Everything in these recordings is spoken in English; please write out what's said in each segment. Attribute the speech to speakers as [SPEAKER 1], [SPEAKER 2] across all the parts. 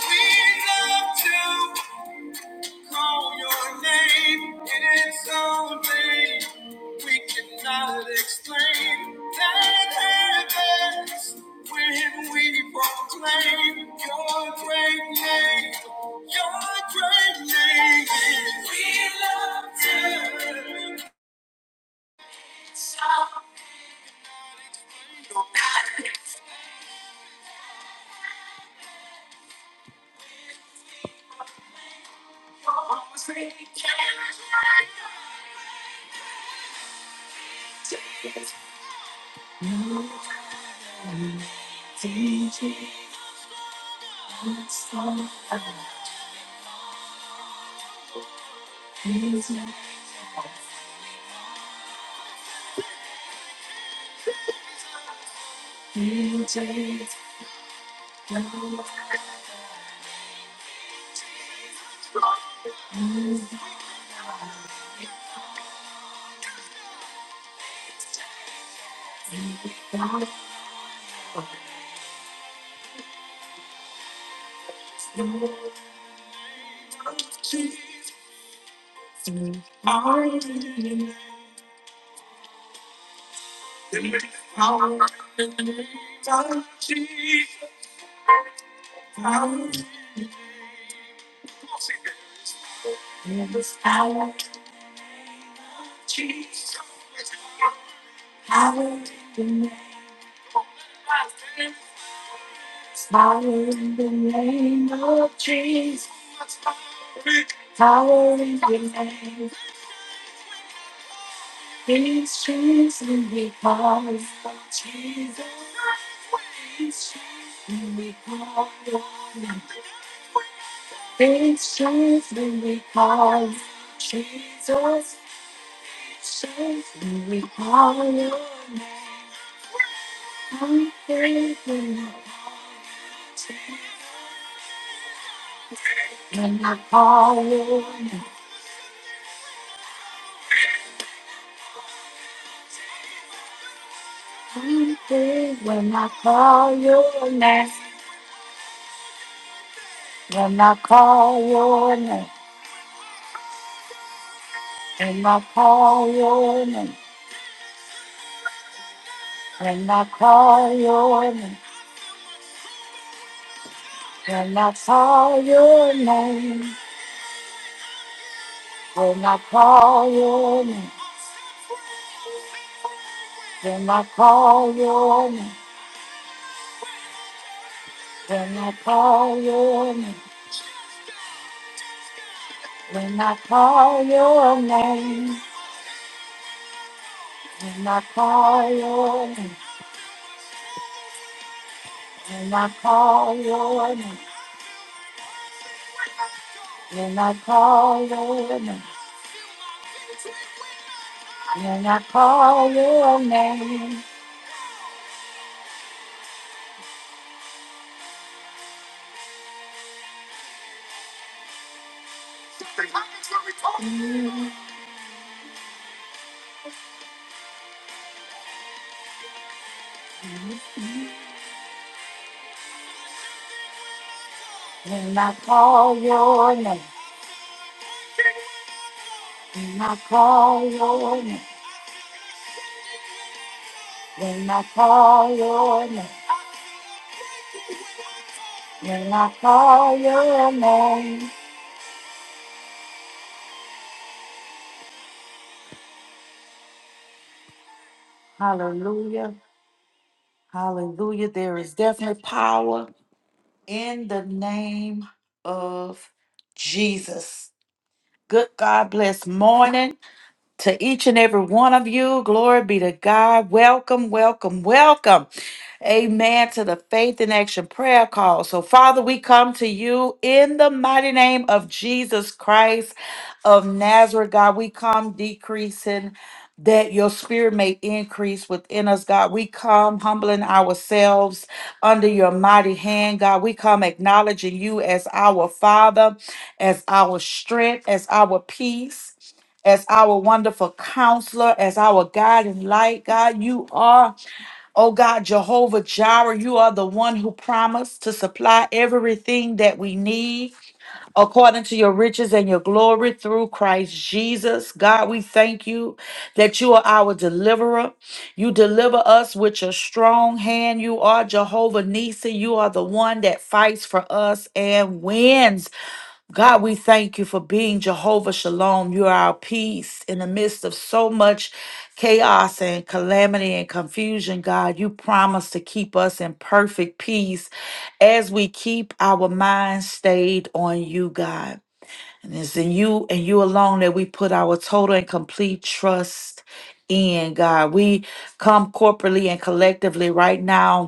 [SPEAKER 1] We love to call your name. It is something we cannot explain. That heavens when we proclaim your great name. Your great name. We love to. our voice we can. D J, I'm so happy. D J, D J, Power in the name of Jesus. Power in the name. These trees will be power for Jesus. when we call your name. It's safe when we call you Jesus. It's safe when we call your name. I'm safe when I when I call your name. I'm safe when I call your name. When I call your name. When I call your name. When I call your name. When I call your name. When I call your name, when I call your name, when I call your name, when I call your name, when I call your name, when I call your name, when I call your name, when I call your name. Mm, mm. When I call your name, when I call your name, when I call your name. When I call your name, hallelujah, hallelujah. There is definitely power in the name of Jesus. Good God bless morning. to each and every one of you. Glory be to God. Welcome, welcome, welcome. Amen to the Faith in Action prayer call. So, Father, we come to you in the mighty name of Jesus Christ of Nazareth. God, we come decreasing that your spirit may increase within us, God. We come humbling ourselves under your mighty hand, God. We come acknowledging you as our Father, as our strength, as our peace as our wonderful counselor, as our God and light. God, you are, oh God, Jehovah Jireh. You are the one who promised to supply everything that we need according to your riches and your glory through Christ Jesus. God, we thank you that you are our deliverer. You deliver us with your strong hand. You are Jehovah Nisi. You are the one that fights for us and wins. God, we thank you for being Jehovah Shalom. You are our peace in the midst of so much chaos and calamity and confusion. God, you promise to keep us in perfect peace as we keep our minds stayed on you, God. And it's in you and you alone that we put our total and complete trust in, God. We come corporately and collectively right now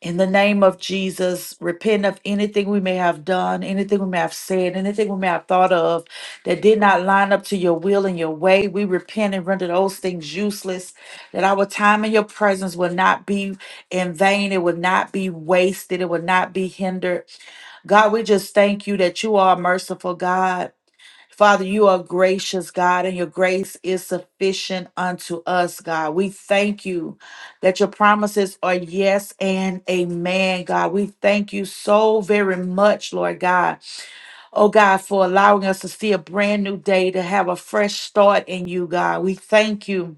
[SPEAKER 1] in the name of Jesus, repent of anything we may have done, anything we may have said, anything we may have thought of that did not line up to your will and your way. We repent and render those things useless, that our time in your presence will not be in vain. It will not be wasted. It will not be hindered. God, we just thank you that you are a merciful God. Father, you are gracious, God, and your grace is sufficient unto us, God. We thank you that your promises are yes and amen, God. We thank you so very much, Lord God. Oh, God, for allowing us to see a brand new day, to have a fresh start in you, God. We thank you.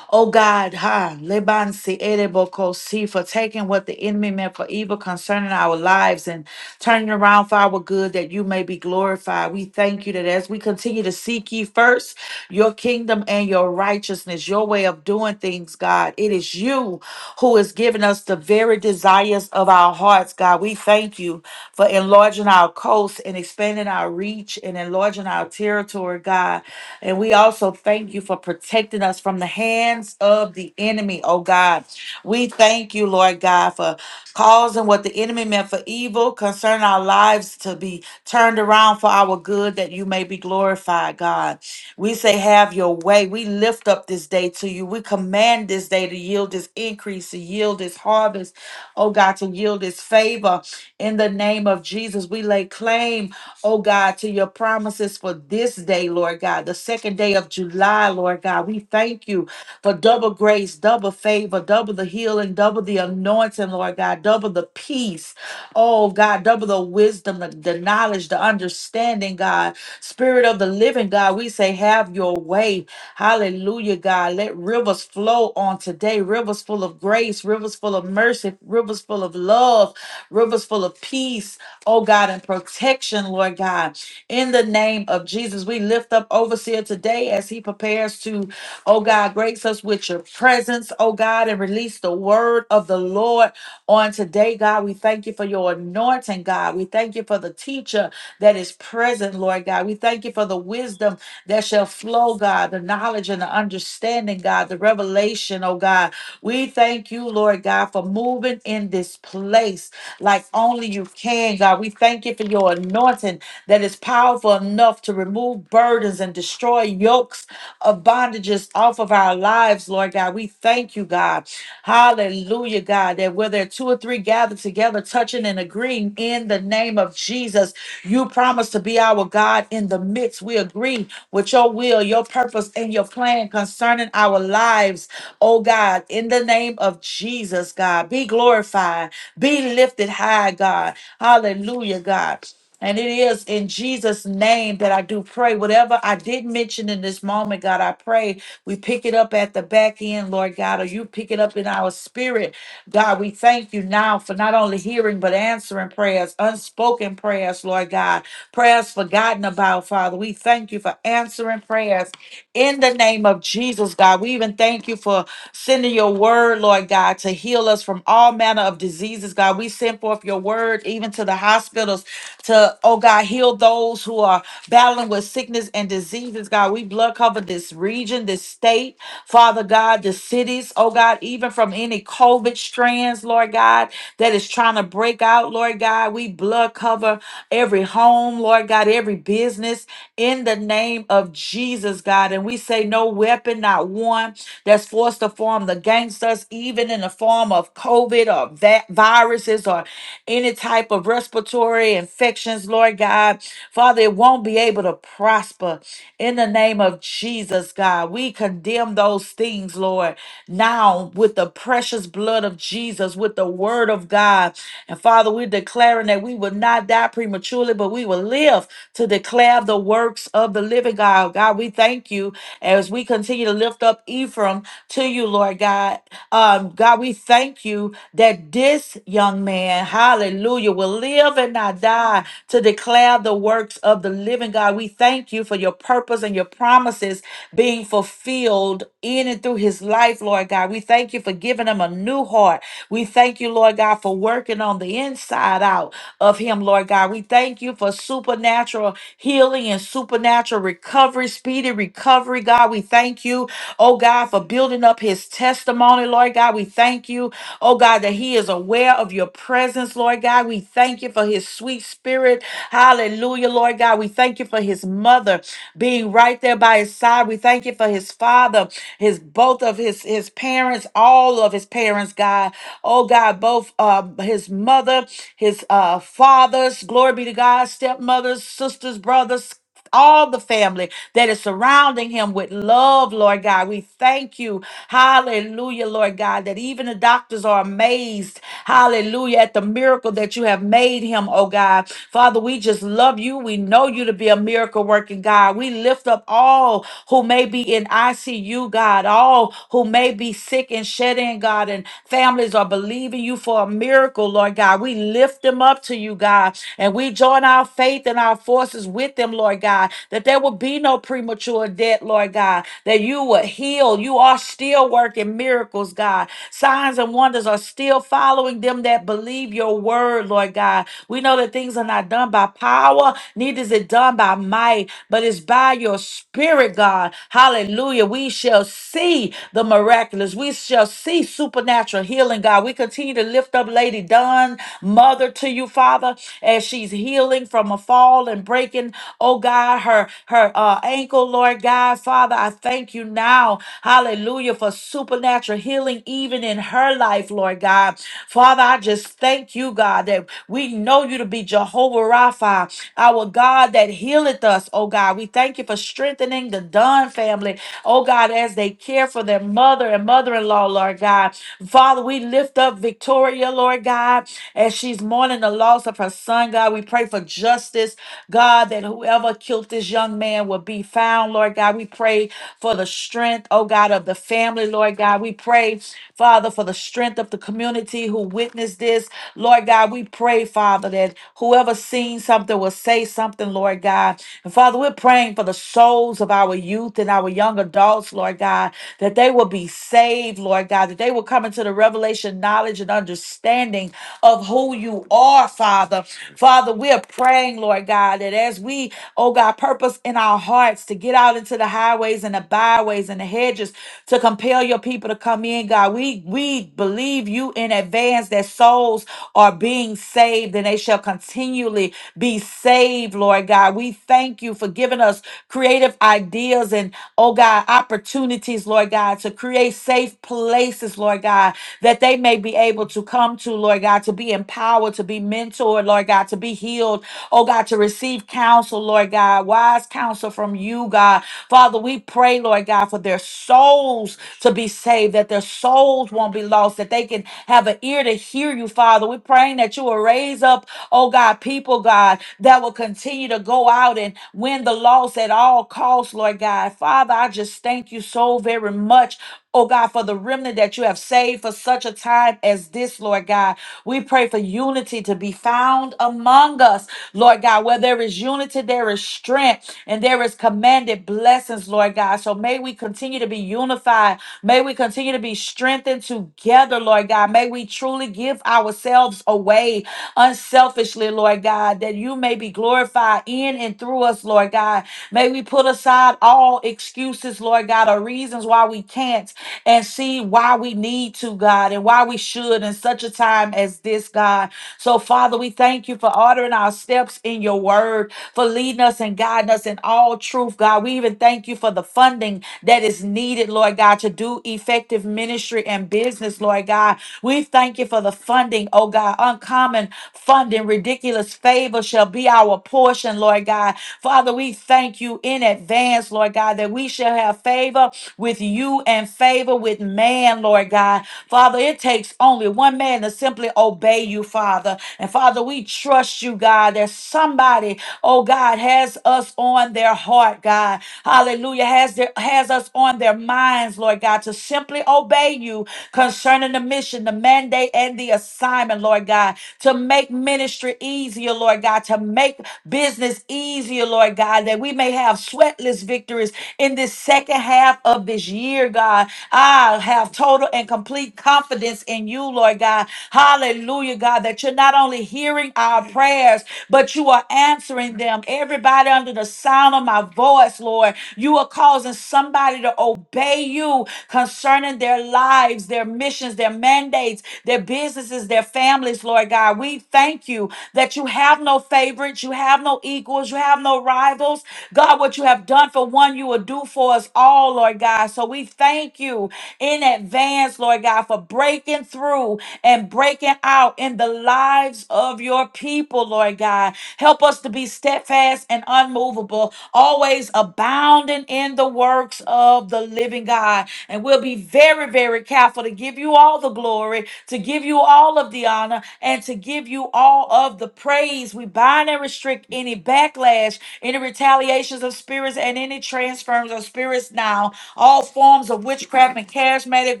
[SPEAKER 1] Oh God, ha, Leban si edeboko si, for taking what the enemy meant for evil concerning our lives and turning around for our good that you may be glorified. We thank you that as we continue to seek ye first your kingdom and your righteousness, your way of doing things, God, it is you who has given us the very desires of our hearts, God. We thank you for enlarging our coast and expanding our reach and enlarging our territory, God. And we also thank you for protecting us from the hands of the enemy, oh God. We thank you, Lord God, for causing what the enemy meant for evil concerning our lives to be turned around for our good, that you may be glorified, God. We say, Have your way. We lift up this day to you. We command this day to yield this increase, to yield this harvest, oh God, to yield this favor. In the name of Jesus, we lay claim oh God, to your promises for this day, Lord God, the second day of July, Lord God. We thank you for double grace, double favor, double the healing, double the anointing, Lord God, double the peace, oh God, double the wisdom, the, the knowledge, the understanding, God. Spirit of the living God, we say, have your way. Hallelujah, God. Let rivers flow on today, rivers full of grace, rivers full of mercy, rivers full of love, rivers full of peace oh God, and protection, Lord God. In the name of Jesus, we lift up Overseer today as he prepares to, oh God, grace us with your presence, oh God, and release the word of the Lord on today, God. We thank you for your anointing, God. We thank you for the teacher that is present, Lord God. We thank you for the wisdom that shall flow, God, the knowledge and the understanding, God, the revelation, oh God. We thank you, Lord God, for moving in this place like only you can, God. We thank you for your anointing that is powerful enough to remove burdens and destroy yokes of bondages off of our lives, Lord God. We thank you, God. Hallelujah, God, that whether two or three gather together, touching and agreeing in the name of Jesus, you promise to be our God in the midst. We agree with your will, your purpose, and your plan concerning our lives, oh God, in the name of Jesus, God. Be glorified. Be lifted high, God. Hallelujah, God. And it is in Jesus' name that I do pray. Whatever I did mention in this moment, God, I pray we pick it up at the back end, Lord God, or you pick it up in our spirit. God, we thank you now for not only hearing, but answering prayers, unspoken prayers, Lord God, prayers forgotten about, Father. We thank you for answering prayers in the name of Jesus, God. We even thank you for sending your word, Lord God, to heal us from all manner of diseases, God. We send forth your word even to the hospitals to, oh God, heal those who are battling with sickness and diseases, God. We blood cover this region, this state, Father God, the cities, oh God, even from any COVID strands, Lord God, that is trying to break out, Lord God. We blood cover every home, Lord God, every business in the name of Jesus, God. And we say, no weapon, not one that's forced to form the gangsters, even in the form of COVID or va- viruses or any type of respiratory infections, Lord God. Father, it won't be able to prosper in the name of Jesus, God. We condemn those things, Lord, now with the precious blood of Jesus, with the word of God. And Father, we're declaring that we will not die prematurely, but we will live to declare the works of the living God. God, we thank you as we continue to lift up Ephraim to you, Lord God, um, God, we thank you that this young man, hallelujah, will live and not die to declare the works of the living God. We thank you for your purpose and your promises being fulfilled in and through his life, Lord God. We thank you for giving him a new heart. We thank you, Lord God, for working on the inside out of him, Lord God. We thank you for supernatural healing and supernatural recovery, speedy recovery. God, we thank you, oh God, for building up his testimony, Lord God. We thank you, oh God, that he is aware of your presence, Lord God. We thank you for his sweet spirit. Hallelujah, Lord God. We thank you for his mother being right there by his side. We thank you for his father, his both of his his parents, all of his parents, God. Oh God, both uh, his mother his uh, fathers, glory be to God, stepmothers, sisters, brothers, all the family that is surrounding him with love, Lord God. We thank you. Hallelujah, Lord God, that even the doctors are amazed. Hallelujah, at the miracle that you have made him, oh God. Father, we just love you. We know you to be a miracle working God. We lift up all who may be in ICU, God, all who may be sick and shaken shed in, God, and families are believing you for a miracle, Lord God. We lift them up to you, God, and we join our faith and our forces with them, Lord God, that there will be no premature death, Lord God, that you will heal. You are still working miracles, God. Signs and wonders are still following them that believe your word, Lord God. We know that things are not done by power, neither is it done by might but it's by your spirit, God. Hallelujah. We shall see the miraculous. We shall see supernatural healing, God. We continue to lift up Lady Dawn, mother to you, Father, as she's healing from a fall and breaking, oh God, her her uh, ankle, Lord God. Father, I thank you now. Hallelujah for supernatural healing even in her life, Lord God. Father, I just thank you, God, that we know you to be Jehovah Rapha our God that healeth us, oh God. We thank you for strengthening the Dunn family, oh God, as they care for their mother and mother in law, Lord God. Father, we lift up Victoria, Lord God, as she's mourning the loss of her son, God. We pray for justice, God, that whoever killed this young man will be found, Lord God. We pray for the strength, oh God, of the family, Lord God. We pray, Father, for the strength of the community who witnessed this. Lord God, we pray, Father, that whoever seen something will say something, Lord God. And Father, we're praying for the souls of our youth and our young adults, Lord God, that they will be saved, Lord God, that they will come into the revelation, knowledge, and understanding of who you are, Father. Father, we're praying, Lord God, that as we, oh God, purpose in our hearts to get out into the highways and the byways and the hedges to compel your people to come in, God, we we believe you in advance that souls are being saved and they shall continually be saved, Lord God. We thank you for giving us creative ideas and, oh God, opportunities, Lord God, to create safe places, Lord God, that they may be able to come to, Lord God, to be empowered, to be mentored, Lord God, to be healed, oh God, to receive counsel, Lord God, wise counsel from you, God. Father, we pray, Lord God, for their souls to be saved, that their souls won't be lost, that they can have an ear to hear you, Father. We're praying that you will raise up, oh God, people, God, that will continue to go out and win the loss at all costs, Lord God. Father, I just thank you so very much. Oh God, for the remnant that you have saved for such a time as this, Lord God. We pray for unity to be found among us, Lord God. Where there is unity, there is strength and there is commanded blessings, Lord God. So may we continue to be unified May we continue to be strengthened together, Lord God. May we truly give ourselves away unselfishly, Lord God, that you may be glorified in and through us, Lord God. May we put aside all excuses, Lord God, or reasons why we can't and see why we need to, God, and why we should in such a time as this, God. So, Father, we thank you for ordering our steps in your word, for leading us and guiding us in all truth, God. We even thank you for the funding that is needed, Lord God, to do effective ministry and business, Lord God. We thank you for the funding, oh God. Uncommon funding, ridiculous favor shall be our portion, Lord God. Father, we thank you in advance, Lord God, that we shall have favor with you and favor with man, Lord God. Father, it takes only one man to simply obey you, Father. And Father, we trust you, God, that somebody, oh God, has us on their heart, God hallelujah, has, their, has us on their minds, Lord God, to simply obey you concerning the mission, the mandate, and the assignment, Lord God to make ministry easier, Lord God, to make business easier, Lord God, that we may have sweatless victories in this second half of this year, God. I have total and complete confidence in you, Lord God. Hallelujah, God, that you're not only hearing our prayers, but you are answering them. Everybody under the sound of my voice, Lord, you are causing somebody to obey you concerning their lives, their missions, their mandates, their businesses, their families, Lord God. We thank you that you have no favorites, you have no equals, you have no rivals. God, what you have done for one, you will do for us all, Lord God. So we thank you in advance, Lord God, for breaking through and breaking out in the lives of your people, Lord God. Help us to be steadfast and unmovable, always abounding in the works of the living God. And we'll be very, very careful to give you all the glory, to give you all of the honor, and to give you all of the praise. We bind and restrict any backlash, any retaliations of spirits, and any transference of spirits now. All forms of witchcraft and charismatic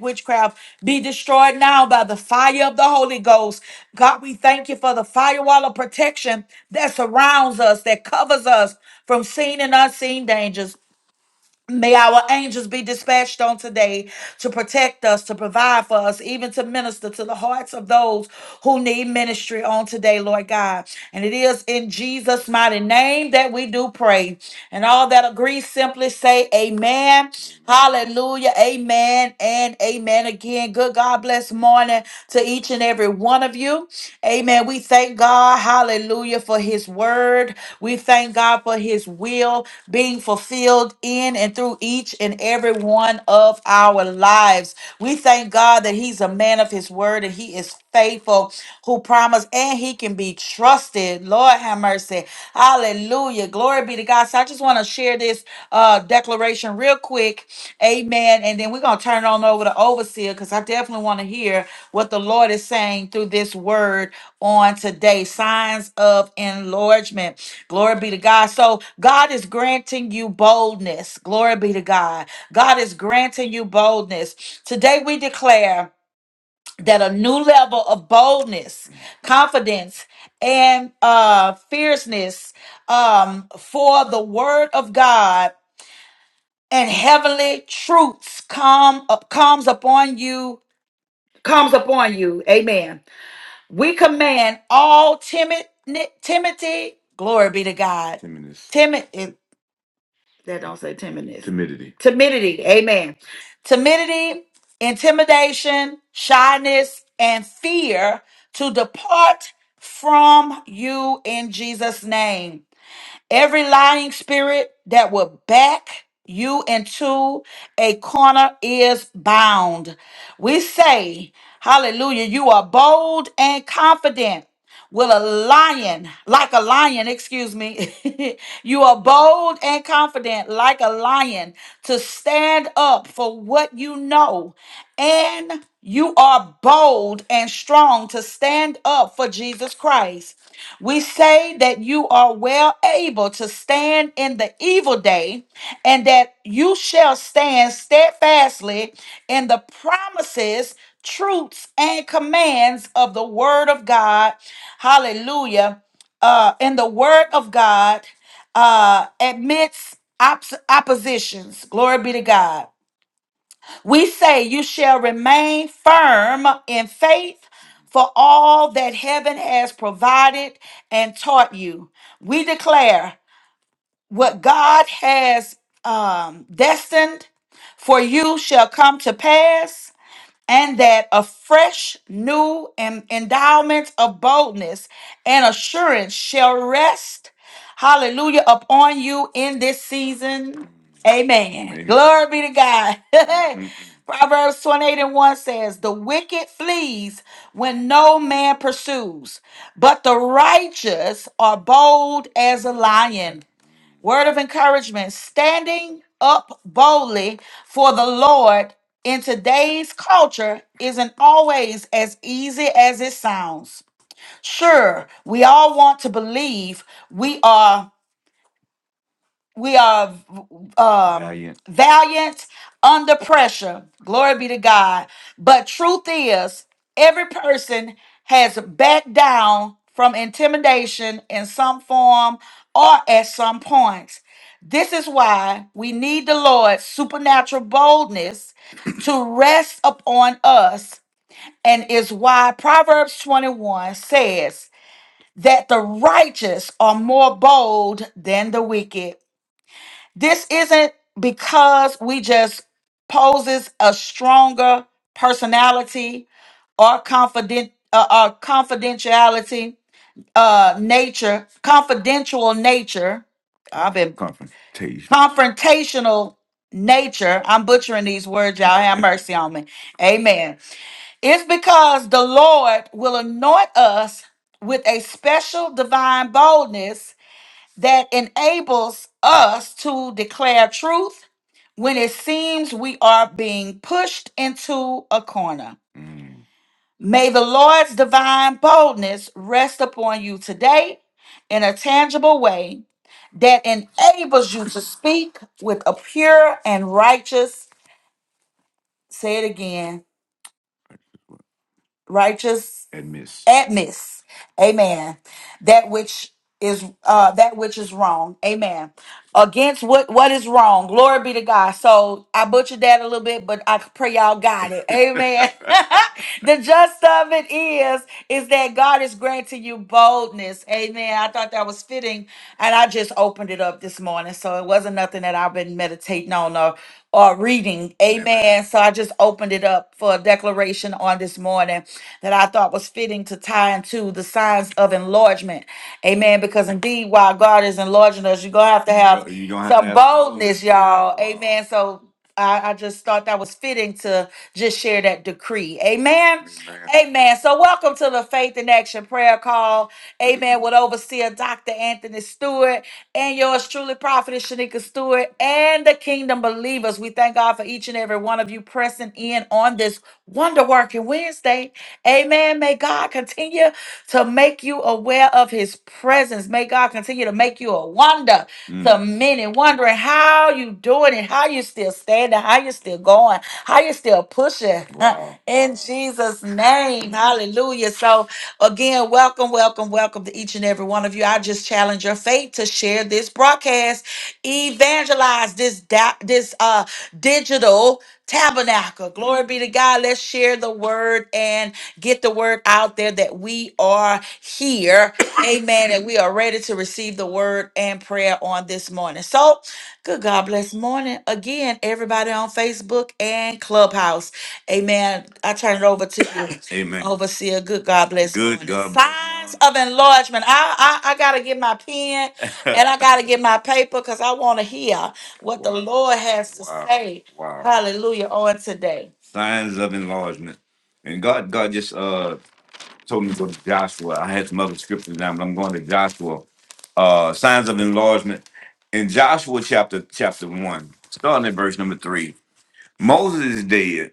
[SPEAKER 1] witchcraft be destroyed now by the fire of the Holy Ghost. God, we thank you for the firewall of protection that surrounds us, that covers us from seen and unseen dangers. May our angels be dispatched on today to protect us, to provide for us, even to minister to the hearts of those who need ministry on today, Lord God. And it is in Jesus' mighty name that we do pray. And all that agree, simply say amen. Hallelujah. Amen and amen again. Good God bless morning to each and every one of you. Amen. We thank God. Hallelujah for his word. We thank God for his will being fulfilled in and through each and every one of our lives. We thank God that He's a man of His word and He is faithful, who promised and He can be trusted. Lord have mercy. Hallelujah. Glory be to God. So I just want to share this uh, declaration real quick. Amen. And then we're going to turn it on over to Overseer because I definitely want to hear what the Lord is saying through this word on today signs of enlargement glory be to god so god is granting you boldness glory be to god god is granting you boldness today we declare that a new level of boldness confidence and uh fierceness um for the word of god and heavenly truths come up comes upon you comes upon you amen we command all timid timidity, glory be to God. Timidness. Timid it- that don't say timidness. Timidity. Timidity, amen. Timidity, intimidation, shyness, and fear to depart from you in Jesus' name. Every lying spirit that will back you into a corner is bound. We say, Hallelujah, you are bold and confident. Will a lion, like a lion, excuse me, you are bold and confident, like a lion, to stand up for what you know. And you are bold and strong to stand up for Jesus Christ. We say that you are well able to stand in the evil day, and that you shall stand steadfastly in the promises, truths, and commands of the Word of God. Hallelujah. Uh, in the Word of God, uh, amidst op- oppositions. Glory be to God. We say, You shall remain firm in faith for all that heaven has provided and taught you. We declare what God has um, destined for you shall come to pass and that a fresh new em- endowment of boldness and assurance shall rest hallelujah upon you in this season amen Amen. glory be to god Mhm. proverbs 28 and 1 says the wicked flees when no man pursues but the righteous are bold as a lion Word of encouragement standing up boldly for the Lord in today's culture isn't always as easy as it sounds. Sure, we all want to believe we are we are um, Valiant. valiant under pressure. Glory be to God. But truth is, every person has backed down from intimidation in some form or at some point. This is why we need the Lord's supernatural boldness to rest upon us, and is why Proverbs 21 says that the righteous are more bold than the wicked. This isn't because we just poses a stronger personality or confident uh, uh, confidentiality uh nature confidential nature i've been Confrontation. confrontational nature. I'm butchering these words, y'all. Have mercy on me. Amen. It's because the Lord will anoint us with a special divine boldness that enables us to declare truth when it seems we are being pushed into a corner. Mm. May the Lord's divine boldness rest upon you today in a tangible way that enables you to speak with a pure and righteous, say it again, righteous Admits. admits amen that which is uh that which is wrong amen against what what is wrong glory be to god so i butchered that a little bit but i pray y'all got it amen the just of it is is that god is granting you boldness amen i thought that was fitting and i just opened it up this morning so it wasn't nothing that i've been meditating on or or reading amen Amen. so i just opened it up for a declaration on this morning that I thought was fitting to tie into the signs of enlargement. Amen. Because indeed, while God is enlarging us, you're gonna have to have you gonna have to some have boldness, boldness, y'all. Yeah. Amen. So I, I just thought that was fitting to just share that decree. Amen. Amen. Amen. So welcome to the Faith in Action prayer call. Amen. With overseer Dr. Anthony Stewart and yours truly, Prophetess Shanika Stewart and the Kingdom Believers. We thank God for each and every one of you pressing in on this wonder working Wednesday. Amen. May God continue to make you aware of his presence. May God continue to make you a wonder to Mm. many, wondering how you doing it, how you still standing, how you still going, how you still pushing. Wow. In Jesus' name. Hallelujah. So again, welcome, welcome, welcome to each and every one of you. I just challenge your faith to share this broadcast, evangelize this da- this uh digital tabernacle. Glory be to God. Let's share the word and Get the word out there that we are here. Amen. And we are ready to receive the word and prayer on this morning. So, good God bless morning. Again, everybody on Facebook and Clubhouse. Amen. I turn it over to you. Amen. Overseer, good God bless Good morning. God bless Signs of enlargement. I, I I gotta get my pen and I gotta get my paper because I want to hear what the wow. Lord has to Wow. say. Wow. Hallelujah on today. Signs of enlargement. And God, God just uh told me to go to Joshua. I had some other scriptures down, but I'm going to Joshua. Uh signs of enlargement. In Joshua chapter chapter one, starting at verse number three. Moses is dead.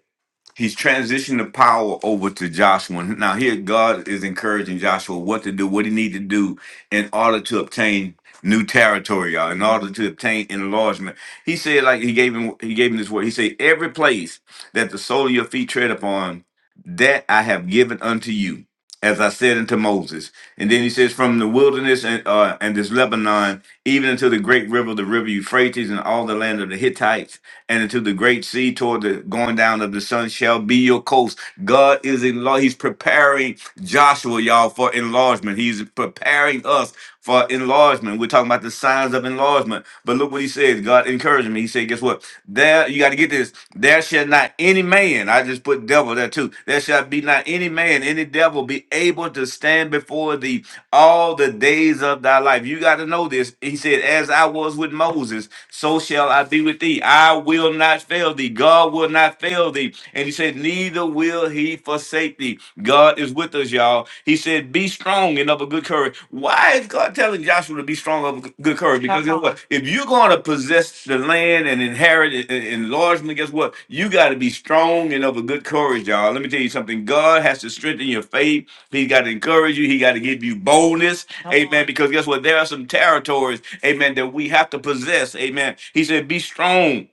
[SPEAKER 1] He's transitioned the power over to Joshua. Now here God is encouraging Joshua what to do, what he need to do in order to obtain new territory, y'all, in order to obtain enlargement. He said, like he gave him he gave him this word. He said, Every place that the sole of your feet tread upon, that I have given unto you, as I said unto Moses. And then he says, From the wilderness and uh, and this Lebanon, even unto the great river, the river Euphrates, and all the land of the Hittites and into the great sea toward the going down of the sun shall be your coast. God is in law. He's preparing Joshua, y'all, for enlargement. He's preparing us for enlargement. We're talking about the signs of enlargement. But look what he says. God encouraged me. He said, guess what? There, you got to get this. There shall not any man, I just put devil there too. There shall be not any man, any devil be able to stand before thee all the days of thy life. You got to know this. He said, as I was with Moses so shall I be with thee. I will not fail thee. God will not fail thee. And he said, neither will he forsake thee. God is with us, y'all. He said, be strong and of a good courage. Why is God telling Joshua to be strong and of a good courage? Because guess what? If you're going to possess the land and inherit it and and enlargement, guess what? You got to be strong and of a good courage, y'all. Let me tell you something. God has to strengthen your faith. He got to encourage you. He got to give you boldness. Come Amen. on. Because guess what? There are some territories amen, that we have to possess, amen. He said, Be strong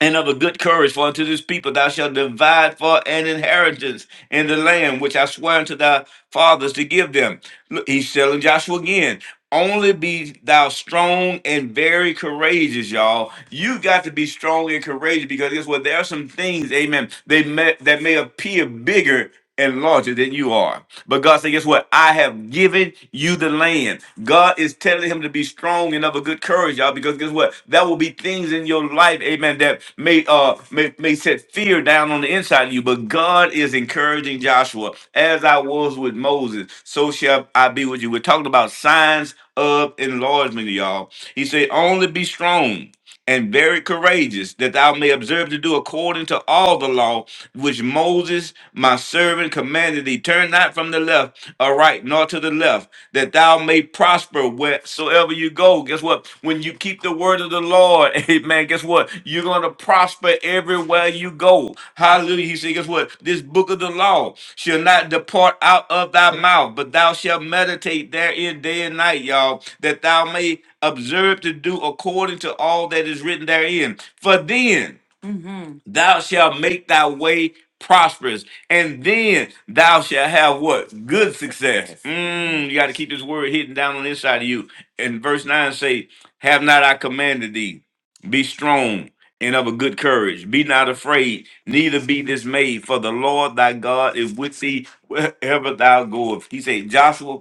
[SPEAKER 1] and of a good courage, for unto this people thou shalt divide for an inheritance in the land which I swear unto thy fathers to give them. Look, he's telling Joshua again. Only be thou strong and very courageous, y'all. You got to be strong and courageous because guess what? There are some things, amen, they may, that may appear bigger and larger than you are. But God said, guess what? I have given you the land. God is telling him to be strong and of a good courage, y'all, because guess what? There will be things in your life, amen, that may uh may, may set fear down on the inside of you. But God is encouraging Joshua, as I was with Moses, so shall I be with you. We're talking about signs of enlargement, y'all. He said, only be strong and very courageous, that thou may observe to do according to all the law which Moses, my servant, commanded thee, turn not from the left or right, nor to the left, that thou may prosper wheresoever you go. Guess what? When you keep the word of the Lord, amen, guess what? You're going to prosper everywhere you go. Hallelujah. He said, guess what? This book of the law shall not depart out of thy mouth, but thou shalt meditate therein day and night, y'all, that thou may observe to do according to all that is written therein. For then, hmm thou shalt make thy way prosperous, and then thou shalt have what? Good success. Yes. Mm, you got to keep this word hidden down on the inside of you. And verse 9 say, Have not I commanded thee, be strong and of a good courage, be not afraid, neither be dismayed, for the Lord thy God is with thee wherever thou goest. He said, Joshua,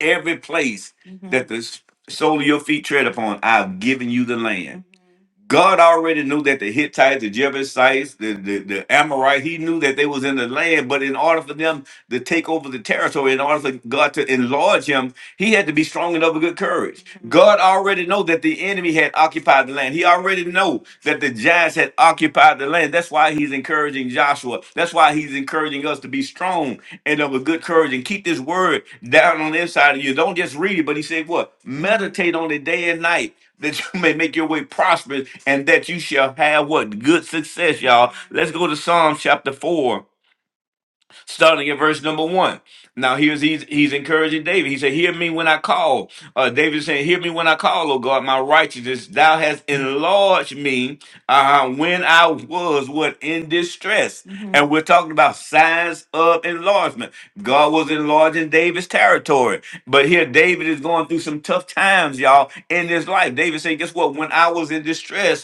[SPEAKER 1] every place hmm that the sole of your feet tread upon, I've given you the land. God already knew that the Hittites, the Jebusites, the, the, the Amorite, he knew that they was in the land, but in order for them to take over the territory, in order for God to enlarge him, he had to be strong enough with good courage. God already know that the enemy had occupied the land. He already know that the giants had occupied the land. That's why he's encouraging Joshua. That's why he's encouraging us to be strong and of a good courage and keep this word down on the inside of you. Don't just read it, but he said what? Meditate on it day and night that you may make your way prosperous and that you shall have what? Good success, y'all. Let's go to Psalm chapter 4 starting at verse number one. Now here's he's he's encouraging David. He said, "Hear me when I call." Uh, David is saying, "Hear me when I call, O God, my righteousness. Thou hast enlarged me uh, when I was what in distress." hmm And we're talking about signs of enlargement. God was enlarging David's territory, but here David is going through some tough times, y'all, in his life. David said, "Guess what? When I was in distress."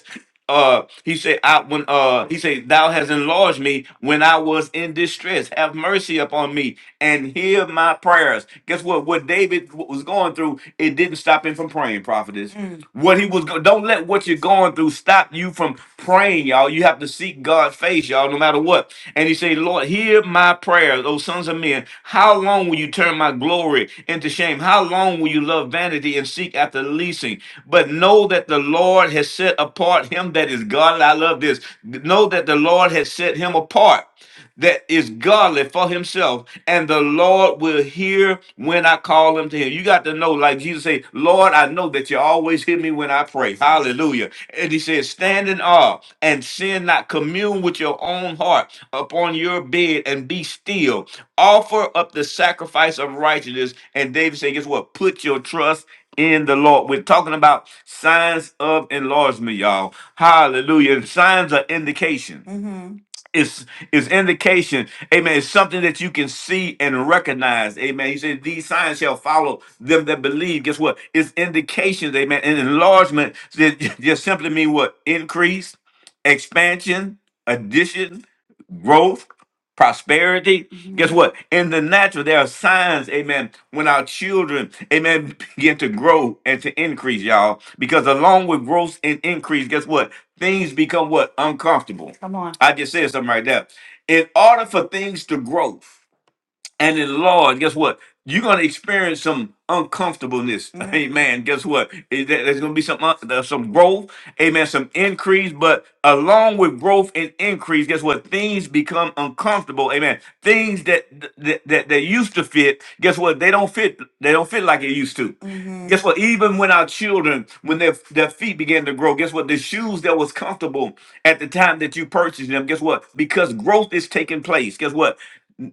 [SPEAKER 1] uh he said i when uh he said thou has enlarged me when i was in distress have mercy upon me and hear my prayers guess what what david w- was going through it didn't stop him from praying prophetess Mm. what he was go- don't let what you're going through stop you from praying y'all you have to see seek God's face, y'all, no matter what. And he said, Lord, hear my prayers, O sons of men. How long will you turn my glory into shame? How long will you love vanity and seek after leasing? But know that the Lord has set apart him that is Godly. I love this. Know that the Lord has set him apart that is godly for himself, and the Lord will hear when I call him to him. You got to know, like Jesus said, Lord, I know that you always hear me when I pray. Hallelujah. And he says, Stand in awe and sin not, commune with your own heart upon your bed and be still. Offer up the sacrifice of righteousness. And David said, Guess what? Put your trust in the Lord. We're talking about signs of enlargement, y'all. Hallelujah. And signs are indication Mm-hmm. It's is indication, amen, it's something that you can see and recognize, amen. He said, These signs shall follow them that believe. Guess what? It's indications, amen. And enlargement that just simply mean what? Increase, expansion, addition, growth, prosperity. Mhm. Guess what? In the natural, there are signs, amen, when our children, amen, begin to grow and to increase, y'all. Because along with growth and increase, guess what? Things become what? Uncomfortable. Come on. I just said something right there in order for things to grow and enlarge, guess what? You're gonna experience some uncomfortableness. Amen. guess what? Is that- There's gonna be some un- there's some growth amen, some increase, but along with growth and increase, guess what? Things become uncomfortable, amen. Things that that that, that used to fit, guess what? They don't fit. They don't fit like it used to. Mm-hmm. Guess what? Even when our children, when their their feet began to grow, guess what? The shoes that was comfortable at the time that you purchased them, guess what? Because growth is taking place. Guess what?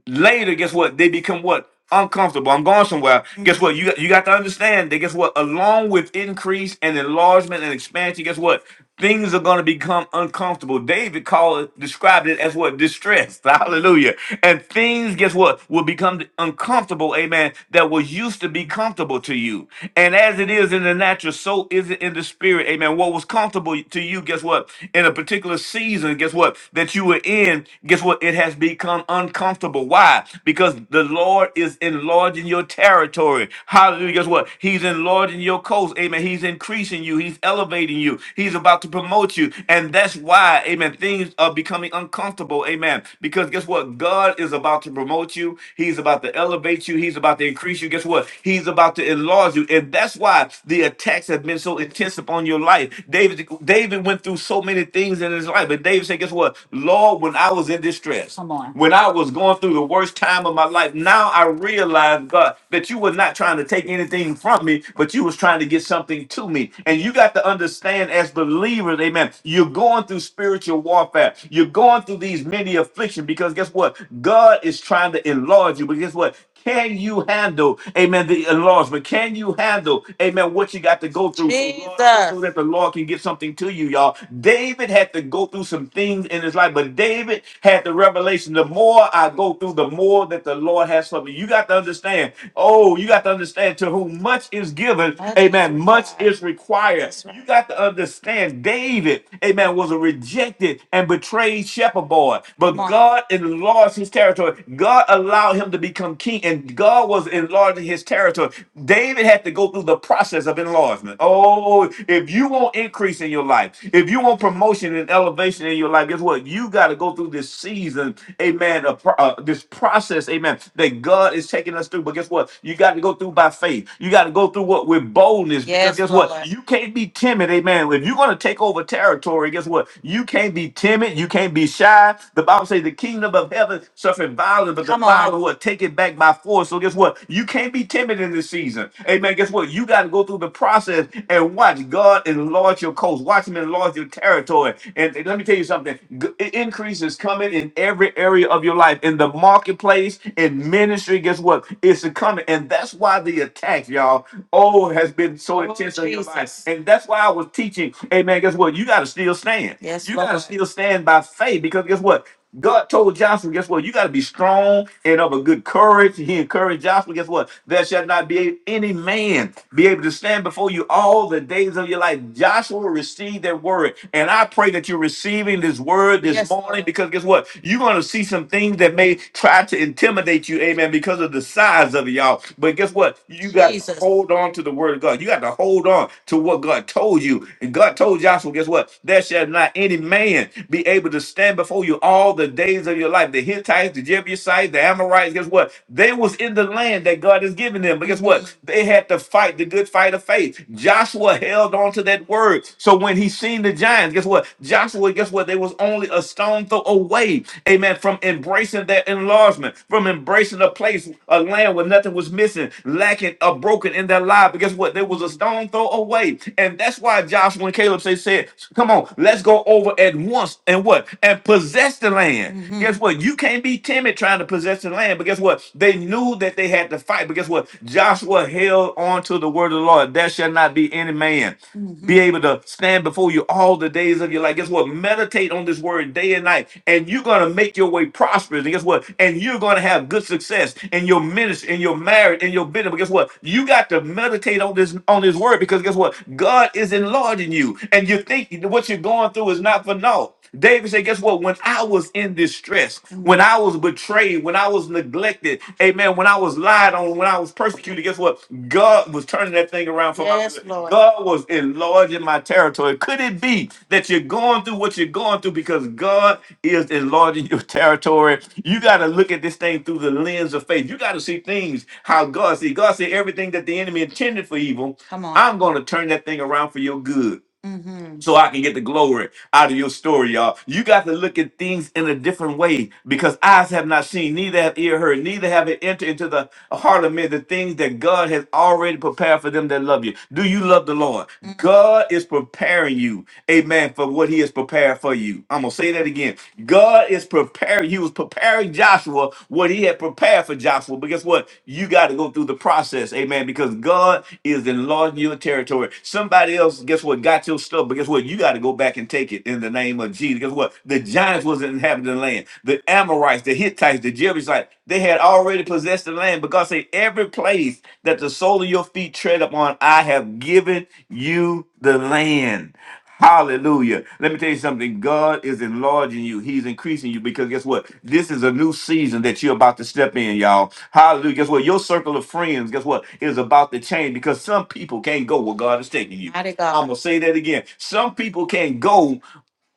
[SPEAKER 1] Later, guess what? They become what? uncomfortable. I'm going somewhere. Guess what? You got, you got to understand that. Guess what? Along with increase and enlargement and expansion, guess what? Things are going to become uncomfortable. David called it, described it as what distress. Hallelujah. And things, guess what, will become uncomfortable. Amen. That was used to be comfortable to you. And as it is in the natural, so is it in the spirit. Amen. What was comfortable to you, guess what, in a particular season, guess what, that you were in, guess what, it has has become uncomfortable. Why? Because the Lord is enlarging your territory. Hallelujah. Guess what? He's enlarging your coast. Amen. He's increasing you. He's elevating you. He's about to promote you. And that's why, amen, things are becoming uncomfortable. Amen. Because guess what? God is about to promote you. He's about to elevate you. He's about to increase you. Guess what? He's about to enlarge you. And that's why the attacks have been so intense upon your life. David, David went through so many things in his life. But David said, guess what? Lord, when I was in distress, Come on. when I was going through the worst time of my life, now I realize, God, that you were not trying to take anything from me, but you was trying to get something to me. And you got to understand as believers, amen, you're going through spiritual warfare. You're going through these many afflictions because guess what? God is trying to enlarge you. But guess what? Can you handle, amen, the enlargement? Can you handle, amen, what you got to go through so, Lord, so, so Jesus. that the Lord can get something to you, y'all? David had to go through some things in his life, but David had the revelation the more I go through, the more that the Lord has for me. You got to understand, oh, you got to understand to whom much is given, Much is amen, much required. is required. That's right. You got to understand, David, amen, was a rejected and betrayed shepherd boy, but Come on. God enlarged his territory. God God allowed him to become king, and God was enlarging his territory. David had to go through the process of enlargement. Oh, if you want increase in your life, if you want promotion and elevation in your life, guess what? You got to go through this season, amen, a pro- uh, this process, amen, that God is taking us through. But guess what? You got to go through by faith. You got to go through what with boldness, because Yes, guess what? Lord. You can't be timid, amen. If you're going to take over territory, guess what? You can't be timid. You can't be shy. The Bible says the kingdom of heaven never suffered violence, but the Come on. violent will take it back by force. So guess what? You can't be timid in this season. Amen. Guess what? You got to go through the process and watch God enlarge your coast. Watch Him enlarge your territory. And and let me tell you something. G- Increase is coming in every area of your life, in the marketplace, in ministry. Guess what? It's coming, and that's why the attack, y'all, oh, has been so Oh, intense on your life. Jesus. And that's why I was teaching. Amen. Guess what? You got to still stand. Yes, You got to Lord. still stand by faith because guess what? God told Joshua, guess what? You got to be strong and of a good courage. He encouraged Joshua, guess what? There shall not be any man be able to stand before you all the days of your life. Joshua received that word. And I pray that you're receiving this word this Yes, morning Lord. because guess what? You're going to see some things that may try to intimidate you, amen, because of the size of it, y'all. But guess what? You got to Jesus. hold on to the word of God. You got to hold on to what God told you. And God told Joshua, guess what? There shall not any man be able to stand before you all the days of your life. The Hittites, the Jebusites, the Amorites, guess what? They was in the land that God has given them. But guess what? They had to fight the good fight of faith. Joshua held on to that word. So when he seen the giants, guess what? Joshua, guess what? They was only a stone throw away, amen, from embracing their enlargement, from embracing a place, a land where nothing was missing, lacking or broken in their life. But guess what? They was a stone throw away. And that's why Joshua and Caleb say said, Come on, let's go over at once and what? And possess the land. hmm Guess what? You can't be timid trying to possess the land, but guess what? They knew that they had to fight, but guess what? Joshua held on to the word of the Lord. There shall not be any man hmm be able to stand before you all the days of your life. Guess what? Meditate on this word day and night, and you're gonna make your way prosperous. And guess what? And you're gonna have good success in your ministry, in your marriage, in your business. But guess what? You got to meditate on this on this word because guess what? God is is enlarging you, and you think what you're going through is not for naught. David said, Guess what? When I was in distress, when I was betrayed, when I was neglected, amen, when I was lied on, when I was persecuted, guess what? God was turning that thing around for my Yes, good. Lord. God was enlarging my territory. Could it be that you're going through what you're going through because God is enlarging your territory? You got to look at this thing through the lens of faith. You got to see things how God see. God said everything that the enemy intended for evil. Come on. I'm going to turn that thing around for your good Mm-hmm. so I can get the glory out of your story, y'all. You got to look at things in a different way because eyes have not seen, neither have ear heard, neither have it entered into the heart of men the things that God has already prepared for them that love you. Do you love the Lord? God is preparing you, amen, for what he has prepared for you. I'm going to say that again. God is preparing, he was preparing Joshua what he had prepared for Joshua. But guess what? You got to go to go through the process. Amen. Because God is enlarging your territory. Somebody else, guess what, got your stuff, but guess what? You got to go back and take it in the name of Jesus. Guess what? The giants wasn't inhabiting the land. The Amorites, the Hittites, the Jebusites, they had already possessed the land. But God said, every place that the sole of your feet tread upon, I have given you the land. Hallelujah. Let me tell you something. God is enlarging you. He's increasing you because guess what? This is a new season that you're about to step in, y'all. Hallelujah. Guess what? Your circle of friends, guess what, is about to change because some people can't go where God is taking you. Mighty I'm God. going to say that again. Some people can't go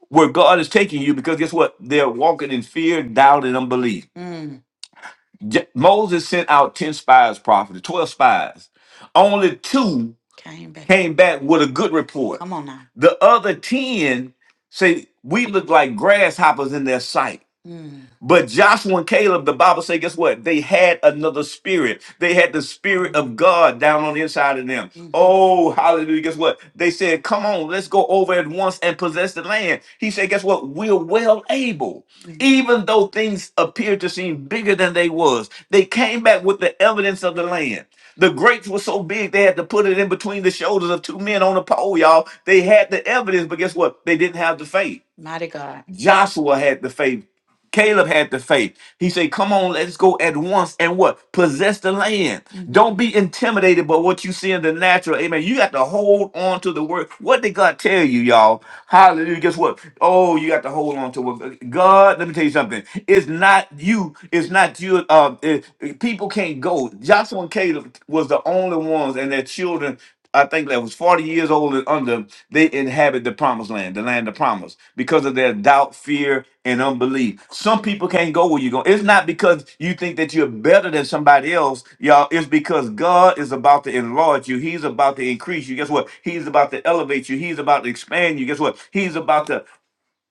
[SPEAKER 1] where God is taking you because guess what? They're walking in fear, doubt, and unbelief. J- Moses sent out 10 spies, prophets, 12 spies. Only two Came back. came back with a good report. Come on now. The other 10 say, We look like grasshoppers in their sight. Mm. But Joshua and Caleb, the Bible say, guess what? They had another spirit. They had the spirit of God down on the inside of them. hmm Oh, hallelujah. Guess what? They said, come on, let's go over at once and possess the land. He said, guess what? We're well able even though things appeared to seem bigger than they was they came back with the evidence of the land the grapes were so big they had to put it in between the shoulders of two men on a pole y'all they had the evidence but guess what they didn't have the faith Mighty God. joshua had the faith Caleb had the faith. He said, Come on, let's go at once and what? Possess the land. Don't be intimidated by what you see in the natural. Amen. You got to hold on to the word. What did God tell you, y'all? Hallelujah. Guess what? Oh, you got to hold on to what God, let me tell you something. It's not you. It's not you. Uh, it- people can't go. Joshua and Caleb was the only ones and their children. I think that was 40 years old and under, they inhabit the promised land, the land of promise, because of their doubt, fear, and unbelief. Some people can't go where you go. It's not because you think that you're better than somebody else, y'all. It's because God is about to enlarge you. He's about to increase you. Guess what? He's about to elevate you. He's about to expand you. Guess what? He's about to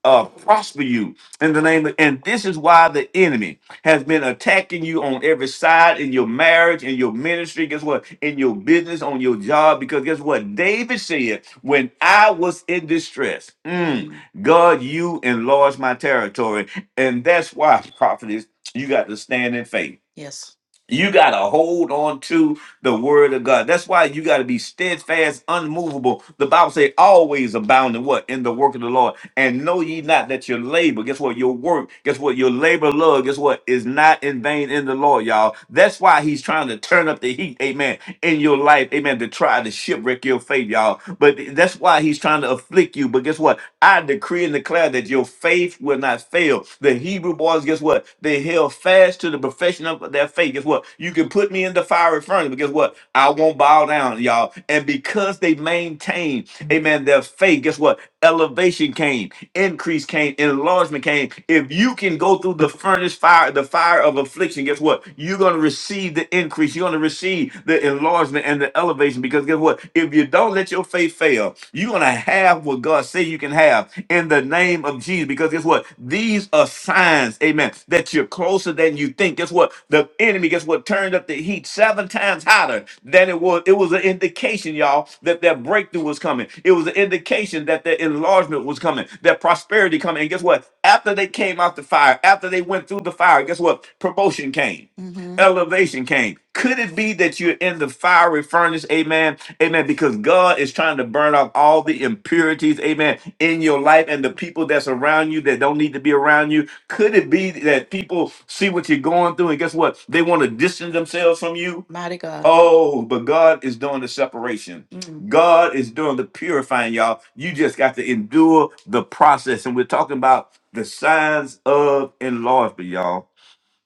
[SPEAKER 1] uh, prosper you in the name of, and this is why the enemy has been attacking you on every side in your marriage, in your ministry, guess what? In your business, on your job, because guess what? David said, When I was in distress, mm, God, you enlarged my territory. And that's why, prophetess, you got to stand in faith. Yes. You got to hold on to the word of God. That's why you got to be steadfast, unmovable. The Bible say always abound in what? In the work of the Lord. And know ye not that your labor, guess what, your work, guess what, your labor love, guess what, is not in vain in the Lord, y'all. That's why he's trying to turn up the heat, amen, in your life, amen, to try to shipwreck your faith, y'all. But that's why he's trying to afflict you. But guess what? I decree and declare that your faith will not fail. The Hebrew boys, guess what? They held fast to the profession of their faith. Guess what? You can put me in the fiery furnace, but guess what? I won't bow down, y'all. And because they maintained, amen, their faith, guess what? Elevation came, increase came, enlargement came. If you can go through the furnace fire, the fire of affliction, guess what? You're going to receive the increase. You're going to receive the enlargement and the elevation because guess what? If you don't let your faith fail, you're gonna have what God say you can have in the name of Jesus. Because guess what? These are signs, amen, that you're closer than you think. Guess what? The enemy, guess what, turned up the heat seven times hotter than it was. It was an indication, y'all, that that breakthrough was coming. It was an indication that their enlargement was coming, that prosperity coming. And guess what? After they came out the fire, after they went through the fire, guess what? Promotion came hmm elevation came. Could it be that you're in the fiery furnace? Amen. Amen. Because God is trying to burn off all the impurities, amen, in your life and the people that's around you that don't need to be around you. Could it be that people see what you're going through and guess what? They want to distance themselves from you? Mighty God. Oh, but God is doing the separation. Mm. God is doing the purifying, y'all. You just got to endure the process. And we're talking about the signs of enlargement, y'all.